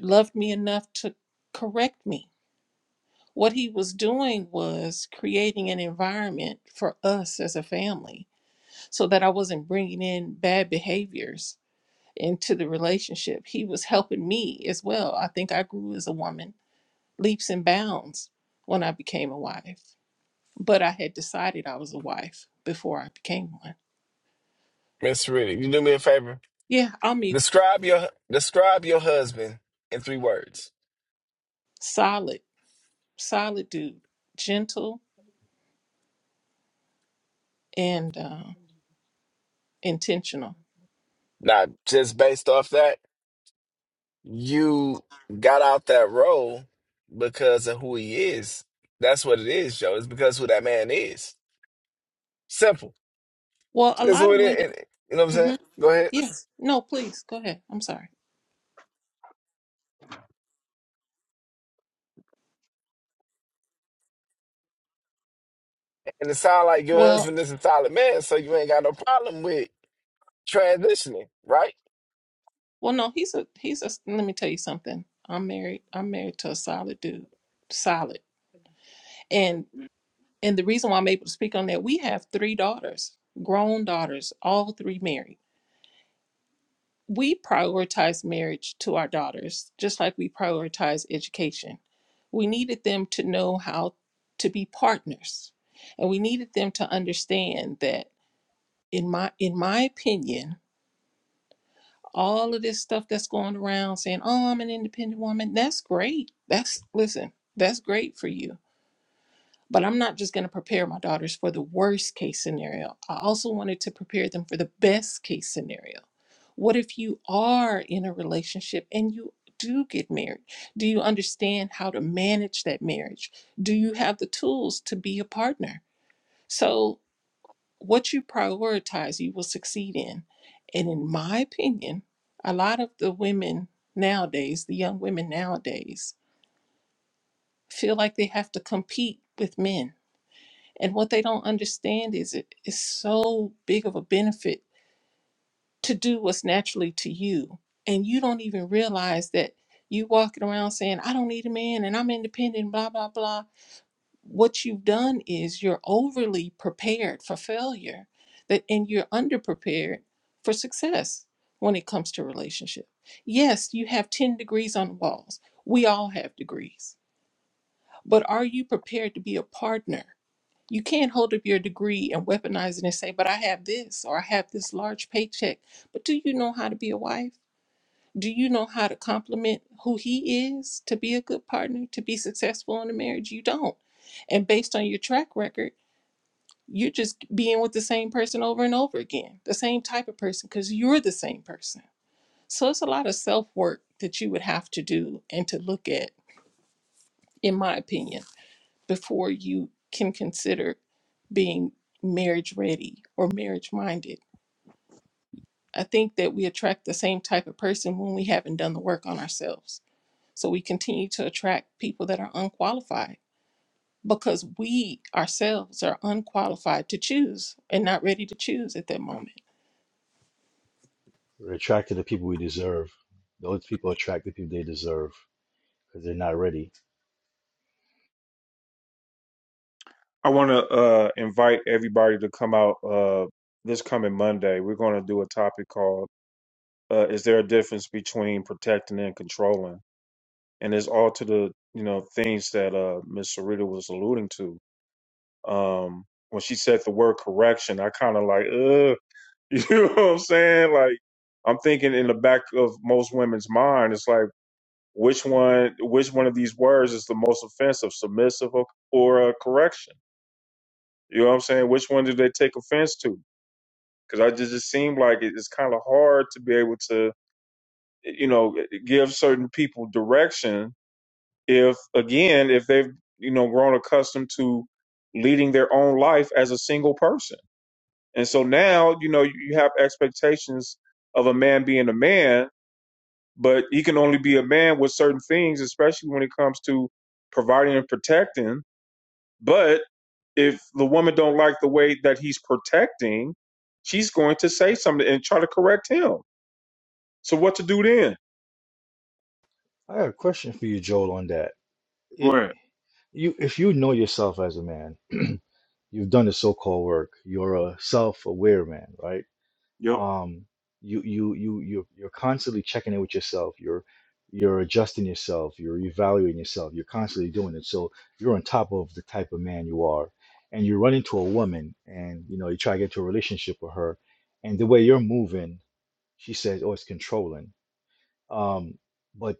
Speaker 17: loved me enough to correct me. What he was doing was creating an environment for us as a family so that I wasn't bringing in bad behaviors into the relationship. He was helping me as well. I think I grew as a woman leaps and bounds when I became a wife, but I had decided I was a wife before I became one.
Speaker 5: Miss Riddick, you do me a favor.
Speaker 17: Yeah, I mean,
Speaker 5: Describe your describe your husband in three words.
Speaker 17: solid, solid dude, gentle and uh, intentional.
Speaker 5: Now, just based off that, you got out that role because of who he is. That's what it is, Joe. It's because who that man is. Simple.
Speaker 17: Well, a
Speaker 5: Because
Speaker 17: lot
Speaker 5: who
Speaker 17: of
Speaker 5: it is,
Speaker 17: women.
Speaker 5: it- you know what I'm
Speaker 17: mhm.
Speaker 5: saying? Go ahead.
Speaker 17: Yes. No, please go ahead. I'm sorry.
Speaker 5: And it sound like your
Speaker 17: Well,
Speaker 5: husband is a solid man, so you ain't got no problem with transitioning, right?
Speaker 17: well, no, he's a he's a. Let me tell you something. I'm married. I'm married to a solid dude, solid. And and the reason why I'm able to speak on that, we have three daughters, grown daughters, all three married. We prioritize marriage to our daughters, just like we prioritize education. We needed them to know how to be partners, and we needed them to understand that, in my in my opinion, all of this stuff that's going around saying, "Oh, I'm an independent woman." That's great. That's listen, that's great for you. But I'm not just going to prepare my daughters for the worst case scenario. I also wanted to prepare them for the best case scenario. What if you are in a relationship and you do get married? Do you understand how to manage that marriage? Do you have the tools to be a partner? So what you prioritize, you will succeed in. And in my opinion, a lot of the women nowadays, the young women nowadays, feel like they have to compete with men. And what they don't understand is it is so big of a benefit to do what's naturally to you. And you don't even realize that you walking around saying, I don't need a man and I'm independent, blah, blah, blah what you've done is you're overly prepared for failure that and you're underprepared for success when it comes to relationship yes you have 10 degrees on walls we all have degrees but are you prepared to be a partner you can't hold up your degree and weaponize it and say but i have this or i have this large paycheck but do you know how to be a wife do you know how to compliment who he is to be a good partner to be successful in a marriage you don't and based on your track record you're just being with the same person over and over again the same type of person because you're the same person so it's a lot of self work that you would have to do and to look at in my opinion before you can consider being marriage ready or marriage minded i think that we attract the same type of person when we haven't done the work on ourselves So we continue to attract people that are unqualified because we ourselves are unqualified to choose and not ready to choose at that moment.
Speaker 7: We're attracted to people we deserve. Those people attract the people they deserve because they're not ready.
Speaker 2: I want to uh, invite everybody to come out uh, this coming Monday. We're going to do a topic called uh, "Is there a difference between protecting and controlling?" and it's all to the you know things that uh Miss Sarita was alluding to. Um, when she said the word correction, I kind of like, uh, [LAUGHS] you know what I'm saying? Like, I'm thinking in the back of most women's mind, it's like which one, which one of these words is the most offensive, submissive or, or a correction? You know what I'm saying? Which one do they take offense to? Because I just it seemed like it- it's kind of hard to be able to, you know, give certain people direction if again if they've you know grown accustomed to leading their own life as a single person and so now you know you you have expectations of a man being a man but he can only be a man with certain things especially when it comes to providing and protecting but if the woman don't like the way that he's protecting she's going to say something and try to correct him so what to do then
Speaker 7: I got a question for you, Joel, on that.
Speaker 2: go
Speaker 7: It,
Speaker 2: ahead
Speaker 7: you, if you know yourself as a man, [CLEARS THROAT] you've done the so-called work. You're a self-aware man, right?
Speaker 2: yep
Speaker 7: um you you you you you're constantly checking in with yourself you're you're adjusting yourself you're evaluating yourself you're constantly doing it so you're on top of the type of man you are and you run into a woman and you know you try to get into a relationship with her and the way you're moving she says oh it's controlling um but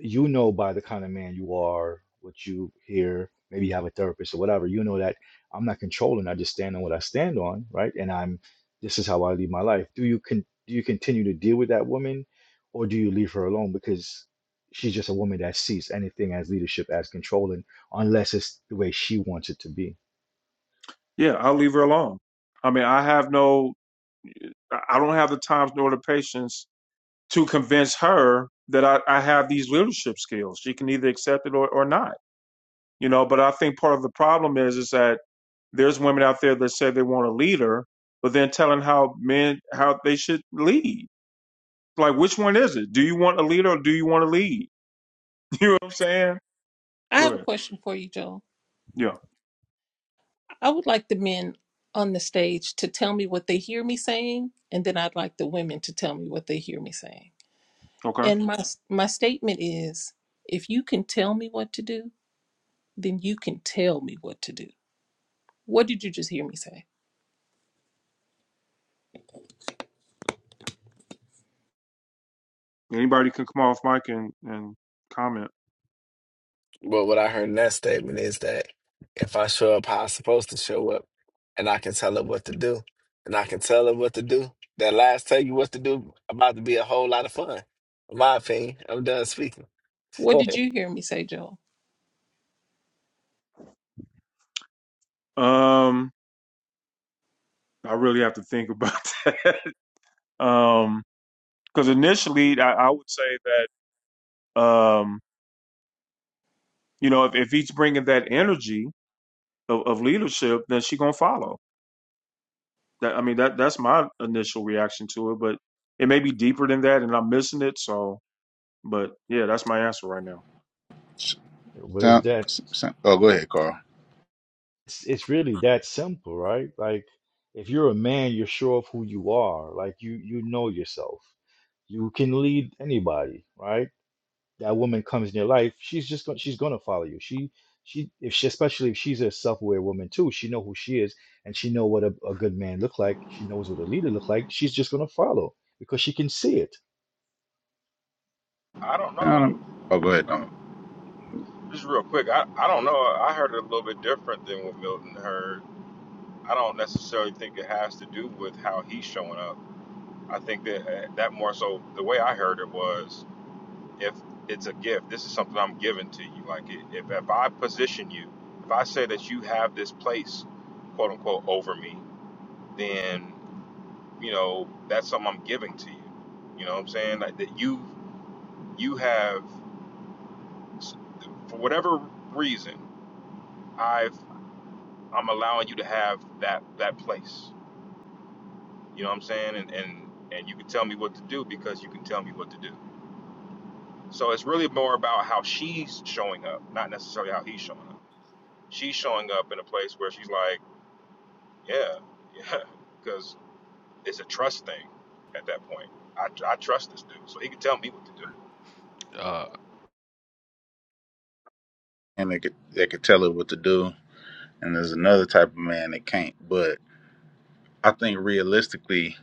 Speaker 7: you know by the kind of man you are, what you hear, maybe you have a therapist or whatever, you know that I'm not controlling, I just stand on what I stand on, right? And I'm this is how I live my life. Do you con do you continue to deal with that woman or do you leave her alone because she's just a woman that sees anything as leadership as controlling unless it's the way she wants it to be.
Speaker 2: yeah i'll leave her alone i mean i have no I don't have the time nor the patience to convince her that I, I have these leadership skills. She can either accept it or, or not, you know. But I think part of the problem is is that there's women out there that say they want a leader, but then telling how men how they should lead. Like, which one is it? Do you want a leader or do you want to lead? [LAUGHS] You know what I'm saying?
Speaker 17: I
Speaker 2: Go
Speaker 17: have a
Speaker 2: ahead.
Speaker 17: question for you, Joel.
Speaker 2: Yeah.
Speaker 17: I would like the men on the stage to tell me what they hear me saying, and then I'd like the women to tell me what they hear me saying.
Speaker 2: Okay.
Speaker 17: And my my statement is if you can tell me what to do, then you can tell me what to do. What did you just hear me say?
Speaker 2: Anybody can come off mic and and comment.
Speaker 5: But what I heard in that statement is that if I show up how I'm supposed to show up, and I can tell her what to do, and I can tell her what to do, that last tell you what to do about to be a whole lot of fun. In my opinion, I'm done speaking.
Speaker 17: What
Speaker 5: [LAUGHS]
Speaker 17: did you hear me say, Joel?
Speaker 2: Um, I really have to think about [LAUGHS] that. Um, because initially I, I would say that um, you know if, if he's bringing that energy of, of leadership, then she gonna follow. That I mean that that's my initial reaction to it, but it may be deeper than that, and I'm missing it. So, but yeah, that's my answer right now.
Speaker 18: the
Speaker 7: But it's
Speaker 18: Sound,
Speaker 7: that
Speaker 18: sound, oh, go ahead, Carl.
Speaker 7: it's, it's really that simple, right? Like if you're a man, you're sure of who you are. Like you you know yourself you can lead anybody right that woman comes in your life she's just going she's going to follow you she she if she especially if she's a self-aware woman too she know who she is and she know what a, a good man look like she knows what a leader look like she's just going to follow because she can see it
Speaker 8: I don't know.
Speaker 18: Sound- Oh, go ahead, Dom.
Speaker 8: Um, just real quick, I, I don't know. I heard it a little bit different than what Milton heard. I don't necessarily think it has to do with how he's showing up. I think that uh, that more so the way I heard it was if it's a gift, this is something I'm giving to you. Like i- if if I position you, if I say that you have this place, quote unquote, over me, then. you know that's something i'm giving to you you know what i'm saying like that you you have for whatever reason i've i'm allowing you to have that that place you know what i'm saying and and and you can tell me what to do because you can tell me what to do so it's really more about how she's showing up not necessarily how he's showing up she's showing up in a place where she's like yeah yeah [LAUGHS] because it's a trust thing at that point I, I trust this dude so he can tell me what to do
Speaker 11: uh
Speaker 18: And they could they could tell it what to do. And there's another type of man that can't. But I think realistically,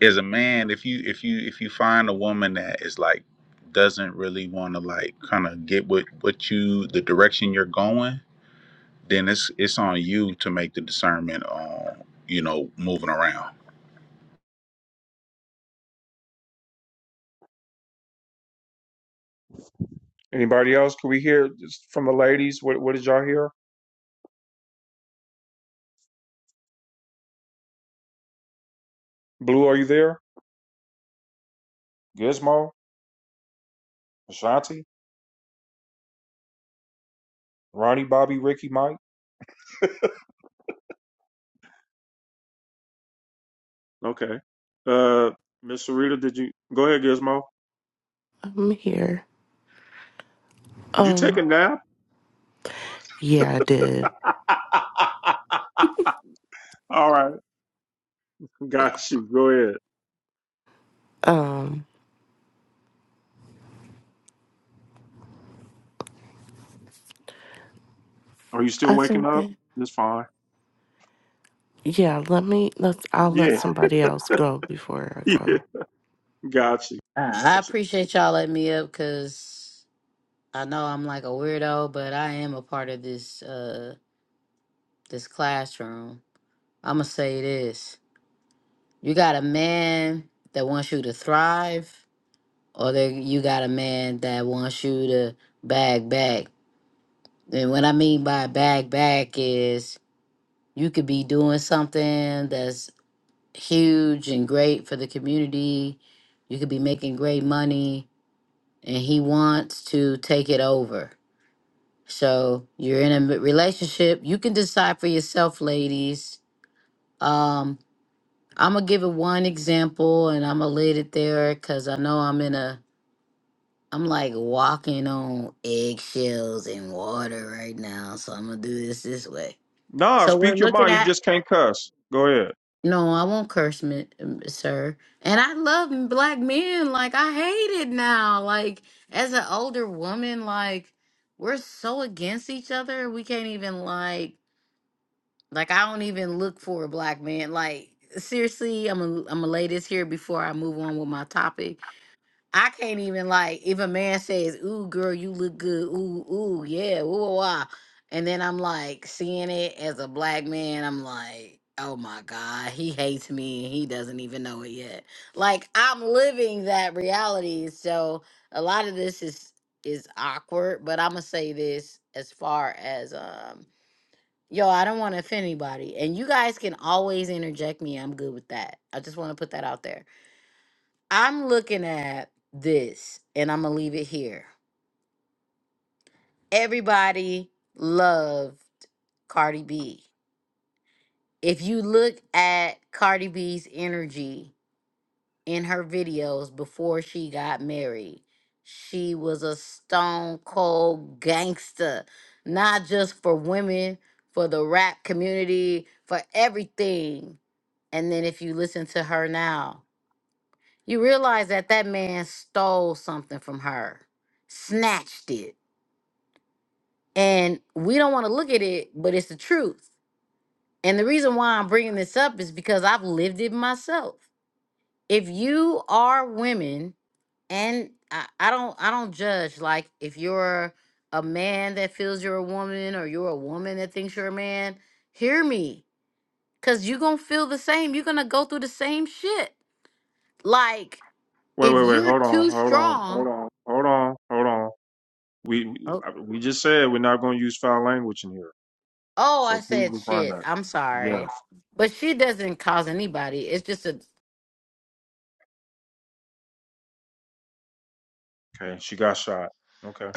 Speaker 18: as a man, if you if you if you find a woman that is like doesn't really want to like kind of get what what you the direction you're going then it's it's on you to make the discernment on you know moving around.
Speaker 2: Anybody else? Can we hear just from the ladies? What what did y'all hear? Blue, are you there? Gizmo, Ashanti, Ronnie, Bobby, Ricky, Mike. Okay. Uh, Miss Sarita, did you go ahead, Gizmo?
Speaker 12: I'm here.
Speaker 2: Did you take
Speaker 12: Um.
Speaker 2: a nap?
Speaker 12: Yeah, I did.
Speaker 2: [LAUGHS] All right. Got you. Go ahead.
Speaker 12: Um.
Speaker 2: Are you still
Speaker 12: I
Speaker 2: waking
Speaker 12: think
Speaker 2: up?
Speaker 12: that.
Speaker 2: It's fine.
Speaker 12: Yeah. Let me. Let's. I'll let
Speaker 2: Yeah. [LAUGHS]
Speaker 12: somebody else go before I
Speaker 2: Yeah.
Speaker 12: go.
Speaker 2: Got you.
Speaker 20: Uh, I
Speaker 2: Got
Speaker 20: appreciate y'all letting me up because I know I'm like a weirdo, but I am a part of this uh this classroom. I'ma say this: you got a man that wants you to thrive, or that you got a man that wants you to bag back. And what I mean by bag back is you could be doing something that's huge and great for the community. You could be making great money, and he wants to take it over So you're in a relationship. You can decide for yourself, ladies. Um, I'm gonna give it one example, and I'm gonna leave it there because I know I'm in a. I'm like walking on eggshells and water right now, so I'm gonna do this this way.
Speaker 2: Nah,
Speaker 20: So we're
Speaker 2: speak your
Speaker 20: looking
Speaker 2: mind. You
Speaker 20: at.
Speaker 2: just can't cuss. Go ahead.
Speaker 20: No, I won't curse, mi- um, sir. And I love black men. Like I hate it now. Like as an older woman, like we're so against each other. We can't even like Like I don't even look for a black man. Like seriously, I'm a I'm a lay this here before I move on with my topic. I can't even like if a man says, "Ooh, girl, you look good." Ooh, ooh, yeah, ooh, wah, wah," and then I'm like seeing it as a black man. I'm like, oh my god, he hates me and he doesn't even know it yet. Like I'm living that reality. So a lot of this is is awkward. But I'm gonna say this as far as um Yo, I don't want to offend anybody. And you guys can always interject me. I'm good with that. I just want to put that out there. I'm looking at this and I'm going to leave it here. Everybody loved Cardi B. If you look at Cardi B's energy in her videos before she got married, she was a stone cold gangster, not just for women, for the rap community, for everything And then if you listen to her now, you realize that that man stole something from her, snatched it. And we don't want to look at it, but it's the truth. And the reason why I'm bringing this up is because I've lived it myself. If you are women, and I, I don't, I don't judge. Like if you're a man that feels you're a woman, or you're a woman that thinks you're a man, hear me, cause you're gonna feel the same. You're gonna go through the same shit. Like
Speaker 2: Wait,
Speaker 20: If
Speaker 2: wait, wait.
Speaker 20: you're
Speaker 2: Hold on.
Speaker 20: too
Speaker 2: Hold on.
Speaker 20: strong,
Speaker 2: Hold on. Hold on. Hold on. We we
Speaker 20: oh,
Speaker 2: we just said we're not going to use foul language in here.
Speaker 20: oh, I
Speaker 2: So please
Speaker 20: said
Speaker 2: refrain
Speaker 20: shit.
Speaker 2: that.
Speaker 20: I'm
Speaker 2: Yes.
Speaker 20: sorry, but she doesn't cause anybody. It's just a
Speaker 2: Okay. She got shot. Okay. Is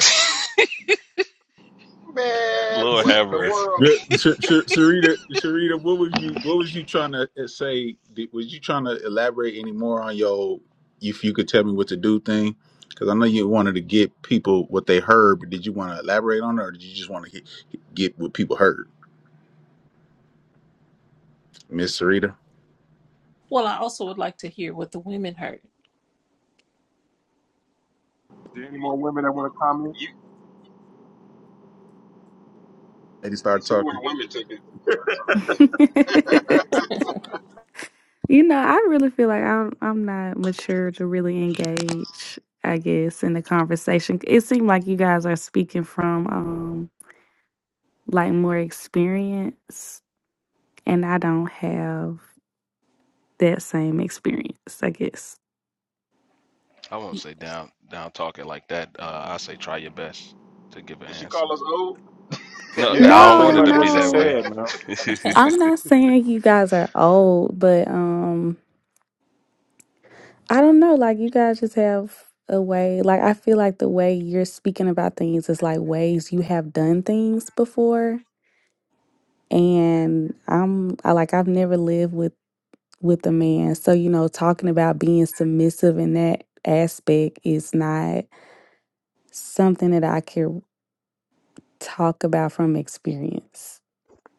Speaker 8: Man,
Speaker 11: lord
Speaker 8: what
Speaker 11: have
Speaker 8: in the
Speaker 11: mercy
Speaker 8: world?
Speaker 18: Yeah, Sh- Sh- Sharita, Sharita, what was you what was you trying to uh, say? Did- Was you trying to elaborate any more on your if you could tell me what to do thing? Because I know you wanted to get people what they heard, but did you want to elaborate on it, or did you just want to get, get what people heard, Miss Sarita?
Speaker 17: Well, I also would like to hear what the women heard.
Speaker 2: there any
Speaker 8: You
Speaker 2: more women that want to comment?
Speaker 8: you
Speaker 18: Lady,
Speaker 8: you
Speaker 18: start
Speaker 8: see
Speaker 18: talking.
Speaker 8: where women took it.
Speaker 9: [LAUGHS] You know, I really feel like I'm I'm not mature to really engage, I guess, in the conversation. It seemed like you guys are speaking from um like more experience and I don't have that same experience, I guess.
Speaker 11: i won't say down down talking like that uh i say try your best to give an
Speaker 8: Did she
Speaker 11: answer
Speaker 8: call us old?
Speaker 11: no
Speaker 2: Yeah,
Speaker 11: i
Speaker 2: that's
Speaker 11: don't
Speaker 2: pretty
Speaker 11: want
Speaker 9: No,
Speaker 11: it
Speaker 2: much
Speaker 11: to
Speaker 2: what
Speaker 11: be
Speaker 2: she
Speaker 11: that
Speaker 9: no.
Speaker 11: way
Speaker 2: said, man.
Speaker 17: [LAUGHS]
Speaker 11: [LAUGHS]
Speaker 9: I'm not saying you guys are old, but um I don't know, like you guys just have a way like I feel like the way you're speaking about things is like ways you have done things before and I'm I like I've never lived with with a man. So, you know, talking about being submissive in that aspect is not something that I can talk about from experience.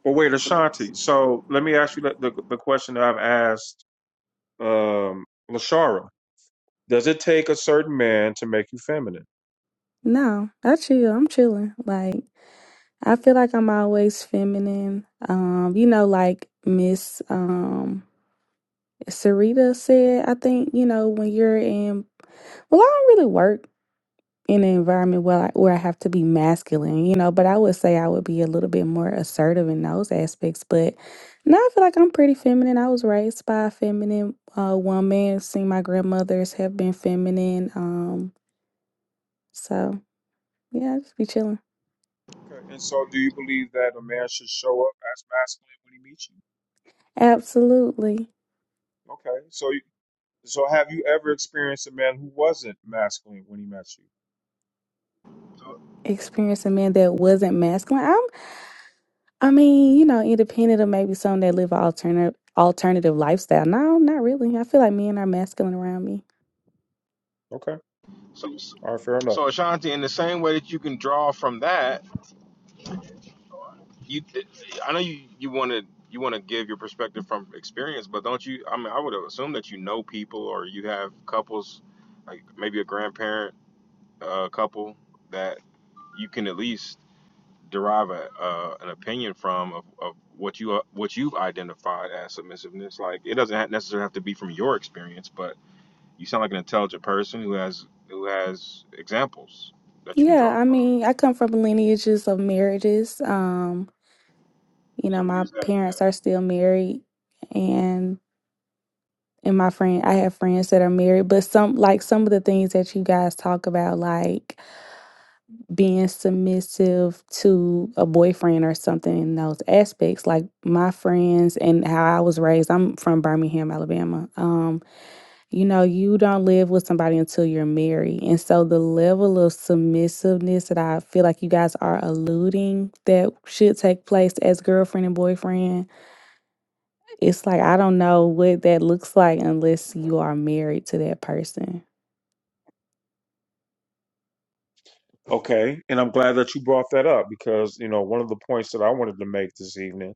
Speaker 2: Well, wait, Ashanti. So let me ask you the, the, the question that I've asked um, Lashara. Does it take a certain man to make you feminine?
Speaker 9: No, I chill. I'm chilling. Like I feel like I'm always feminine. Um, you know, like Miss um Sarita said, I think, you know, when you're in well, I don't really work in an environment where I, where I have to be masculine, you know, but I would say I would be a little bit more assertive in those aspects. But now I feel like I'm pretty feminine. I was raised by a feminine uh, woman, seeing my grandmothers have been feminine. Um, so yeah, I just be chilling.
Speaker 2: Okay, and so do you believe that a man should show up as masculine when he meets you?
Speaker 9: Absolutely.
Speaker 2: Okay, so you- so have you ever experienced a man who wasn't masculine when he met you?
Speaker 8: So
Speaker 9: Experience a man that wasn't masculine. I'm, I mean, you know, independent of maybe some that live an alternative alternative lifestyle. No, not really. I feel like men are masculine around me.
Speaker 2: Okay,
Speaker 8: so,
Speaker 2: all right, fair enough.
Speaker 8: so Ashanti, in the same way that you can draw from that, you I know you you want to you want to give your perspective from experience, but don't you? I mean, I would assume that you know people or you have couples, like maybe a grandparent uh, couple that you can at least derive a, uh, an opinion from of, of what you uh, what you've identified as submissiveness. Like it doesn't necessarily have to be from your experience, but You sound like an intelligent person who has who has examples that you can
Speaker 9: Yeah,
Speaker 8: draw
Speaker 9: I
Speaker 8: from.
Speaker 9: mean, I come from lineages of marriages. Um, you know,
Speaker 8: So
Speaker 9: my
Speaker 8: use that. Yeah.
Speaker 9: parents are still married and and my friend I have friends that are married, but some like some of the things that you guys talk about, like being submissive to a boyfriend or something in those aspects, like my friends and how I was raised, I'm from Birmingham, Alabama. Um, You know, you don't live with somebody until you're married. And so the level of submissiveness that I feel like you guys are alluding that should take place as girlfriend and boyfriend, it's like I don't know what that looks like unless you are married to that person.
Speaker 2: Okay, and I'm glad that you brought that up because you know one of the points that I wanted to make this evening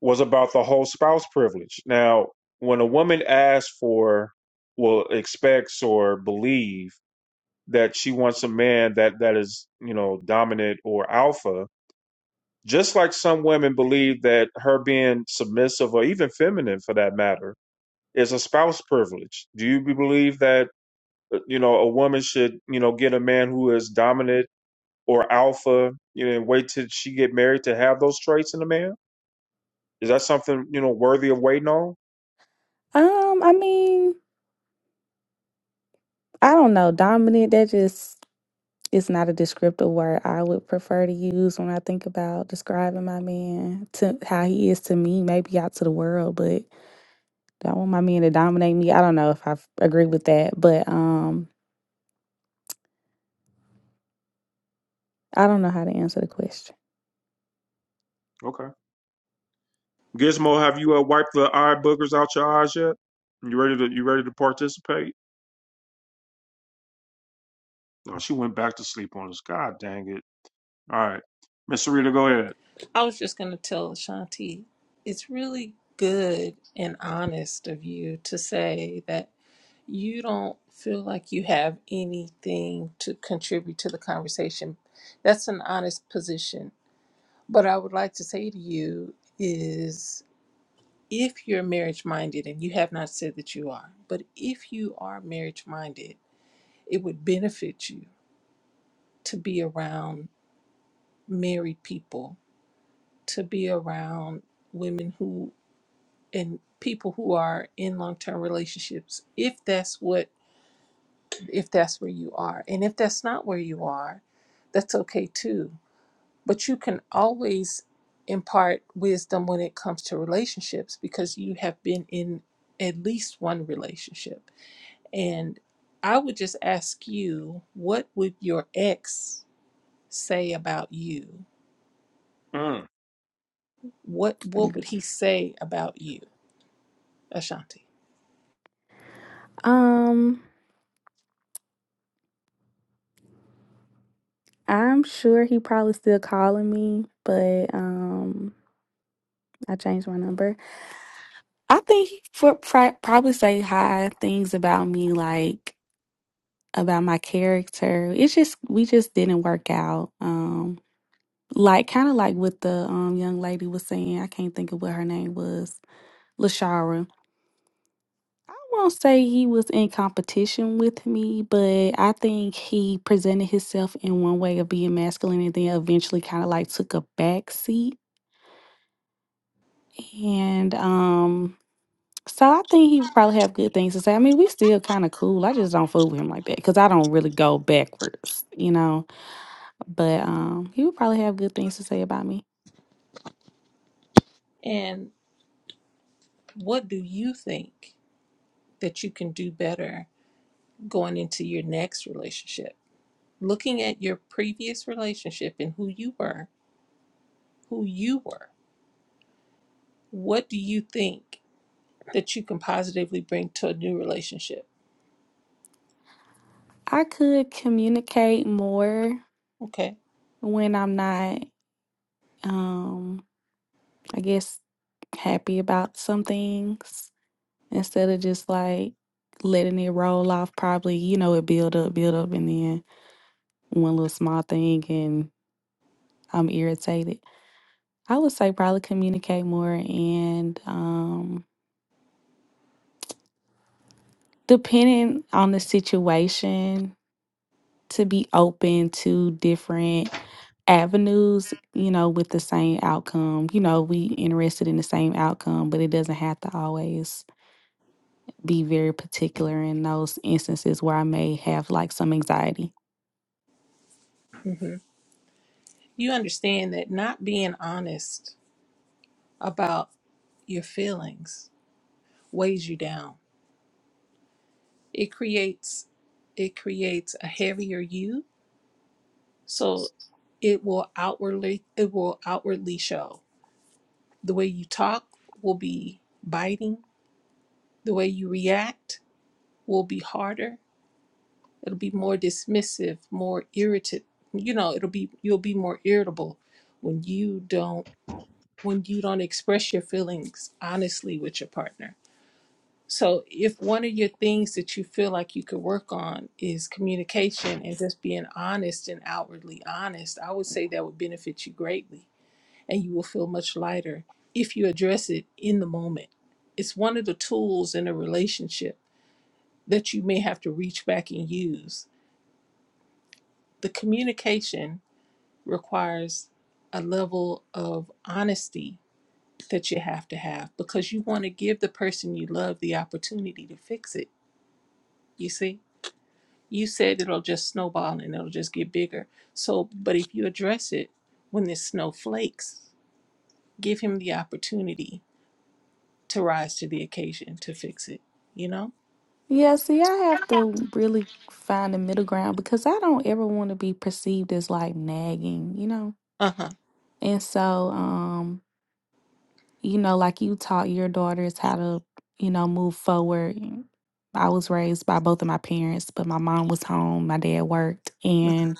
Speaker 2: was about the whole spouse privilege. Now, when a woman asks for, well, expects or believe that she wants a man that that is you know dominant or alpha, Just like some women believe that her being submissive or even feminine for that matter is a spouse privilege. Do you believe that uh, you know a woman should, you know, get a man who is dominant or alpha, you know, and wait till she get married to have those traits in a man? Is that something you know worthy of waiting on?
Speaker 9: Um, I mean, I don't know. Dominant, that just is not a descriptive word I would prefer to use when I think about describing my man to how he is to me, maybe out to the world, but Do I want my men to dominate me? I don't know if I f- agree with that, but um, I don't know how to answer the question.
Speaker 2: Okay. Gizmo, have you uh, wiped the eye boogers out your eyes yet? You ready to you ready to participate? No, she went back to sleep on us. God dang it! All right, Miss Sarita, go ahead.
Speaker 17: I was just going to tell Shanti, it's really good and honest of you to say that you don't feel like you have anything to contribute to the conversation. That's an honest position. But I would like to say to you is if you're marriage minded, and you have not said that you are, but if you are marriage minded, it would benefit you to be around married people, to be around women who. and people who are in long-term relationships if that's what if that's where you are and if that's not where you are that's okay too but you can always impart wisdom when it comes to relationships because you have been in at least one relationship and i would just ask you what would your ex say about you
Speaker 2: Mm.
Speaker 17: what what
Speaker 9: Okay.
Speaker 17: would he say about you ashanti
Speaker 9: Um, I'm sure he probably still calling me, but um, I changed my number. I think he for, pri- probably say hi things about me, like about my character. It's just we just didn't work out. Um, like kind of like what the um young lady was saying. I can't think of what her name was. Lashara won't say he was in competition with me, but I think he presented himself in one way of being masculine and then eventually kind of like took a back seat. And um so I think he would probably have good things to say. I mean, we still kind of cool. I just don't fool with him like that because I don't really go backwards, you know. But um he would probably have good things to say about me.
Speaker 17: and what do you think that you can do better going into your next relationship. Looking at your previous relationship and who you were, who you were, what do you think that you can positively bring to a new relationship?
Speaker 9: I could communicate more
Speaker 17: Okay.
Speaker 9: when I'm not um I guess happy about some things instead of just like letting it roll off probably you know it build up build up and then one little small thing and i'm irritated i would say probably communicate more and um depending on the situation to be open to different avenues you know with the same outcome you know we interested in the same outcome but it doesn't have to always be very particular in those instances where i may have like some anxiety
Speaker 17: hmm You understand that not being honest about your feelings weighs you down. It creates it creates a heavier you. So it will outwardly it will outwardly show The way you talk will be biting. The way you react will be harder. It'll be more dismissive, more irritated. You know, it'll be you'll be more irritable when you don't when you don't express your feelings honestly with your partner. So if one of your things that you feel like you could work on is communication and just being honest and outwardly honest, I would say that would benefit you greatly and you will feel much lighter if you address it in the moment. It's one of the tools in a relationship that you may have to reach back and use. The communication requires a level of honesty that you have to have because you want to give the person you love the opportunity to fix it. You see, you said it'll just snowball and it'll just get bigger. So, but if you address it when the snow flakes, give him the opportunity to rise to the occasion to fix it. You know?
Speaker 9: Yeah, see, I have to really find the middle ground because I don't ever want to be perceived as like nagging, you know?
Speaker 17: Uh-huh.
Speaker 9: And so, um, you know, like you taught your daughters how to, you know, move forward. I was raised by both of my parents, but my mom was home, my dad worked, and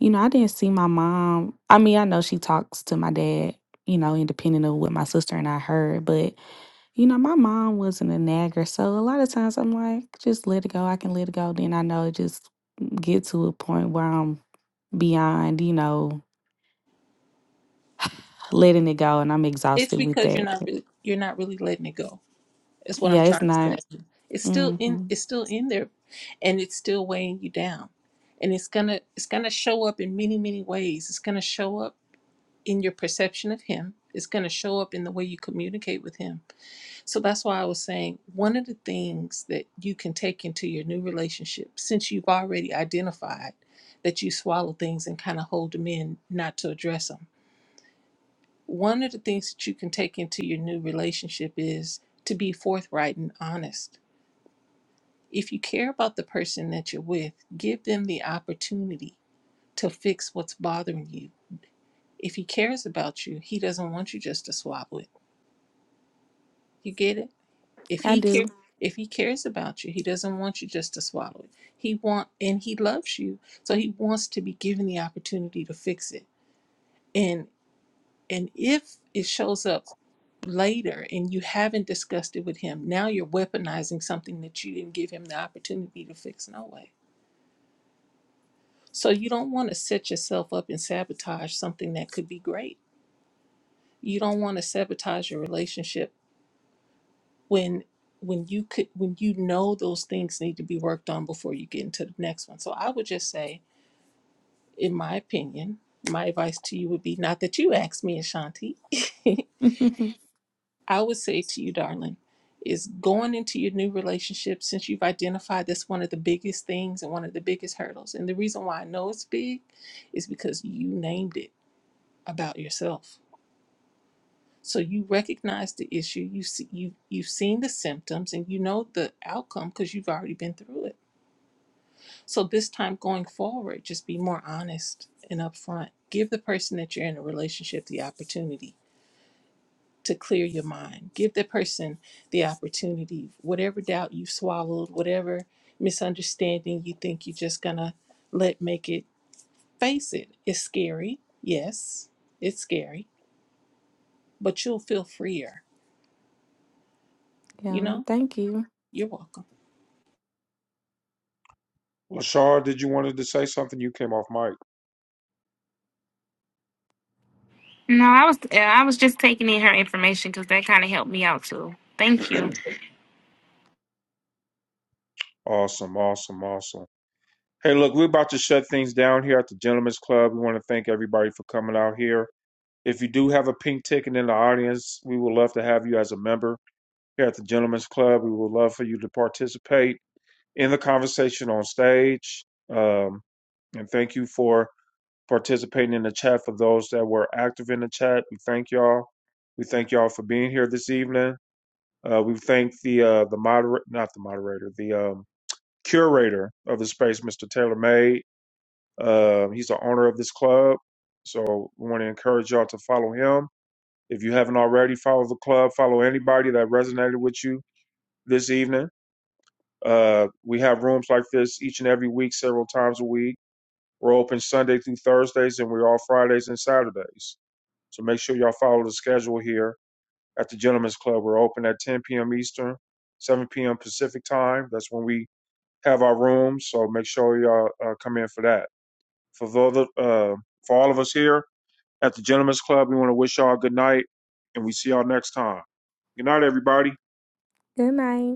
Speaker 9: you know, I didn't see my mom. I mean, I know she talks to my dad, you know, independent of what my sister and I heard, but you know, my mom wasn't a nagger, so a lot of times I'm like, just let it go. I can let it go. Then I know it just get to a point where I'm beyond, you know, letting it go, and I'm
Speaker 17: It's
Speaker 9: exhausted with
Speaker 17: because you're
Speaker 9: that.
Speaker 17: not
Speaker 9: But
Speaker 17: really you're not really letting it go. Is what I'm
Speaker 9: yeah, it's
Speaker 17: trying to say.
Speaker 9: not.
Speaker 17: It's still
Speaker 9: hmm
Speaker 17: in it's still in there and it's still weighing you down. And it's gonna it's gonna show up in many, many ways. It's gonna show up in your perception of him. It's gonna show up in the way you communicate with him. So that's why I was saying one of the things that you can take into your new relationship, since you've already identified that you swallow things and kind of hold them in not to address them One of the things that you can take into your new relationship is to be forthright and honest. If you care about the person that you're with, give them the opportunity to fix what's bothering you. If he cares about you, he doesn't want you just to swallow it. You get it? If
Speaker 9: I
Speaker 17: he
Speaker 9: do.
Speaker 17: care if he cares about you, he doesn't want you just to swallow it. He want and he loves you, so he wants to be given the opportunity to fix it. And and if it shows up later and you haven't discussed it with him, now you're weaponizing something that you didn't give him the opportunity to fix no way. So you don't want to set yourself up and sabotage something that could be great. You don't want to sabotage your relationship when when you could when you know those things need to be worked on before you get into the next one. So I would just say, in my opinion, my advice to you would be not that you asked me, Ashanti, [LAUGHS]
Speaker 9: [LAUGHS] yeah.
Speaker 17: I would say to you, darling, is going into your new relationship since you've identified that's one of the biggest things and one of the biggest hurdles. And the reason why I know it's big is because you named it about yourself. So you recognize the issue, you see, you you've seen the symptoms, and you know the outcome because you've already been through it. So this time going forward, just be more honest and upfront. Give the person that you're in a relationship the opportunity to clear your mind. Give that person the opportunity, whatever doubt you've swallowed, whatever misunderstanding you think you're just gonna let make it, face it. It's scary. Yes, it's scary, but you'll feel freer. You know,
Speaker 9: Thank you.
Speaker 17: you're welcome.
Speaker 2: Lashard, did you wanted to say something? You came off mic.
Speaker 15: no i was uh, i was just taking in her information because that kind of helped me out too thank you
Speaker 2: Awesome, awesome, awesome. Hey, look, we're about to shut things down here at the Gentlemen's Club. We want to thank everybody for coming out here. If you do have a pink ticket in the audience, we would love to have you as a member here at the Gentlemen's Club. We would love for you to participate in the conversation on stage. Um, and thank you for participating in the chat for those that were active in the chat. We thank y'all. We thank y'all for being here this evening. Uh, we thank the uh, the moderator, not the moderator, the um, curator of the space, Mr. Taylor May. Uh, he's the owner of this club, so we want to encourage y'all to follow him. If you haven't already, follow the club. Follow anybody that resonated with you this evening. Uh, we have rooms like this each and every week, several times a week. We're open Sunday through Thursdays, and we're all Fridays and Saturdays. So make sure y'all follow the schedule here at the Gentlemen's Club. We're open at 10 p.m. Eastern, 7 p.m. Pacific time. That's when we have our rooms. So make sure y'all uh, come in for that. For the other, uh, for all of us here at the Gentlemen's Club, we want to wish y'all a good night, and we see y'all next time. Good night, everybody.
Speaker 9: Good night.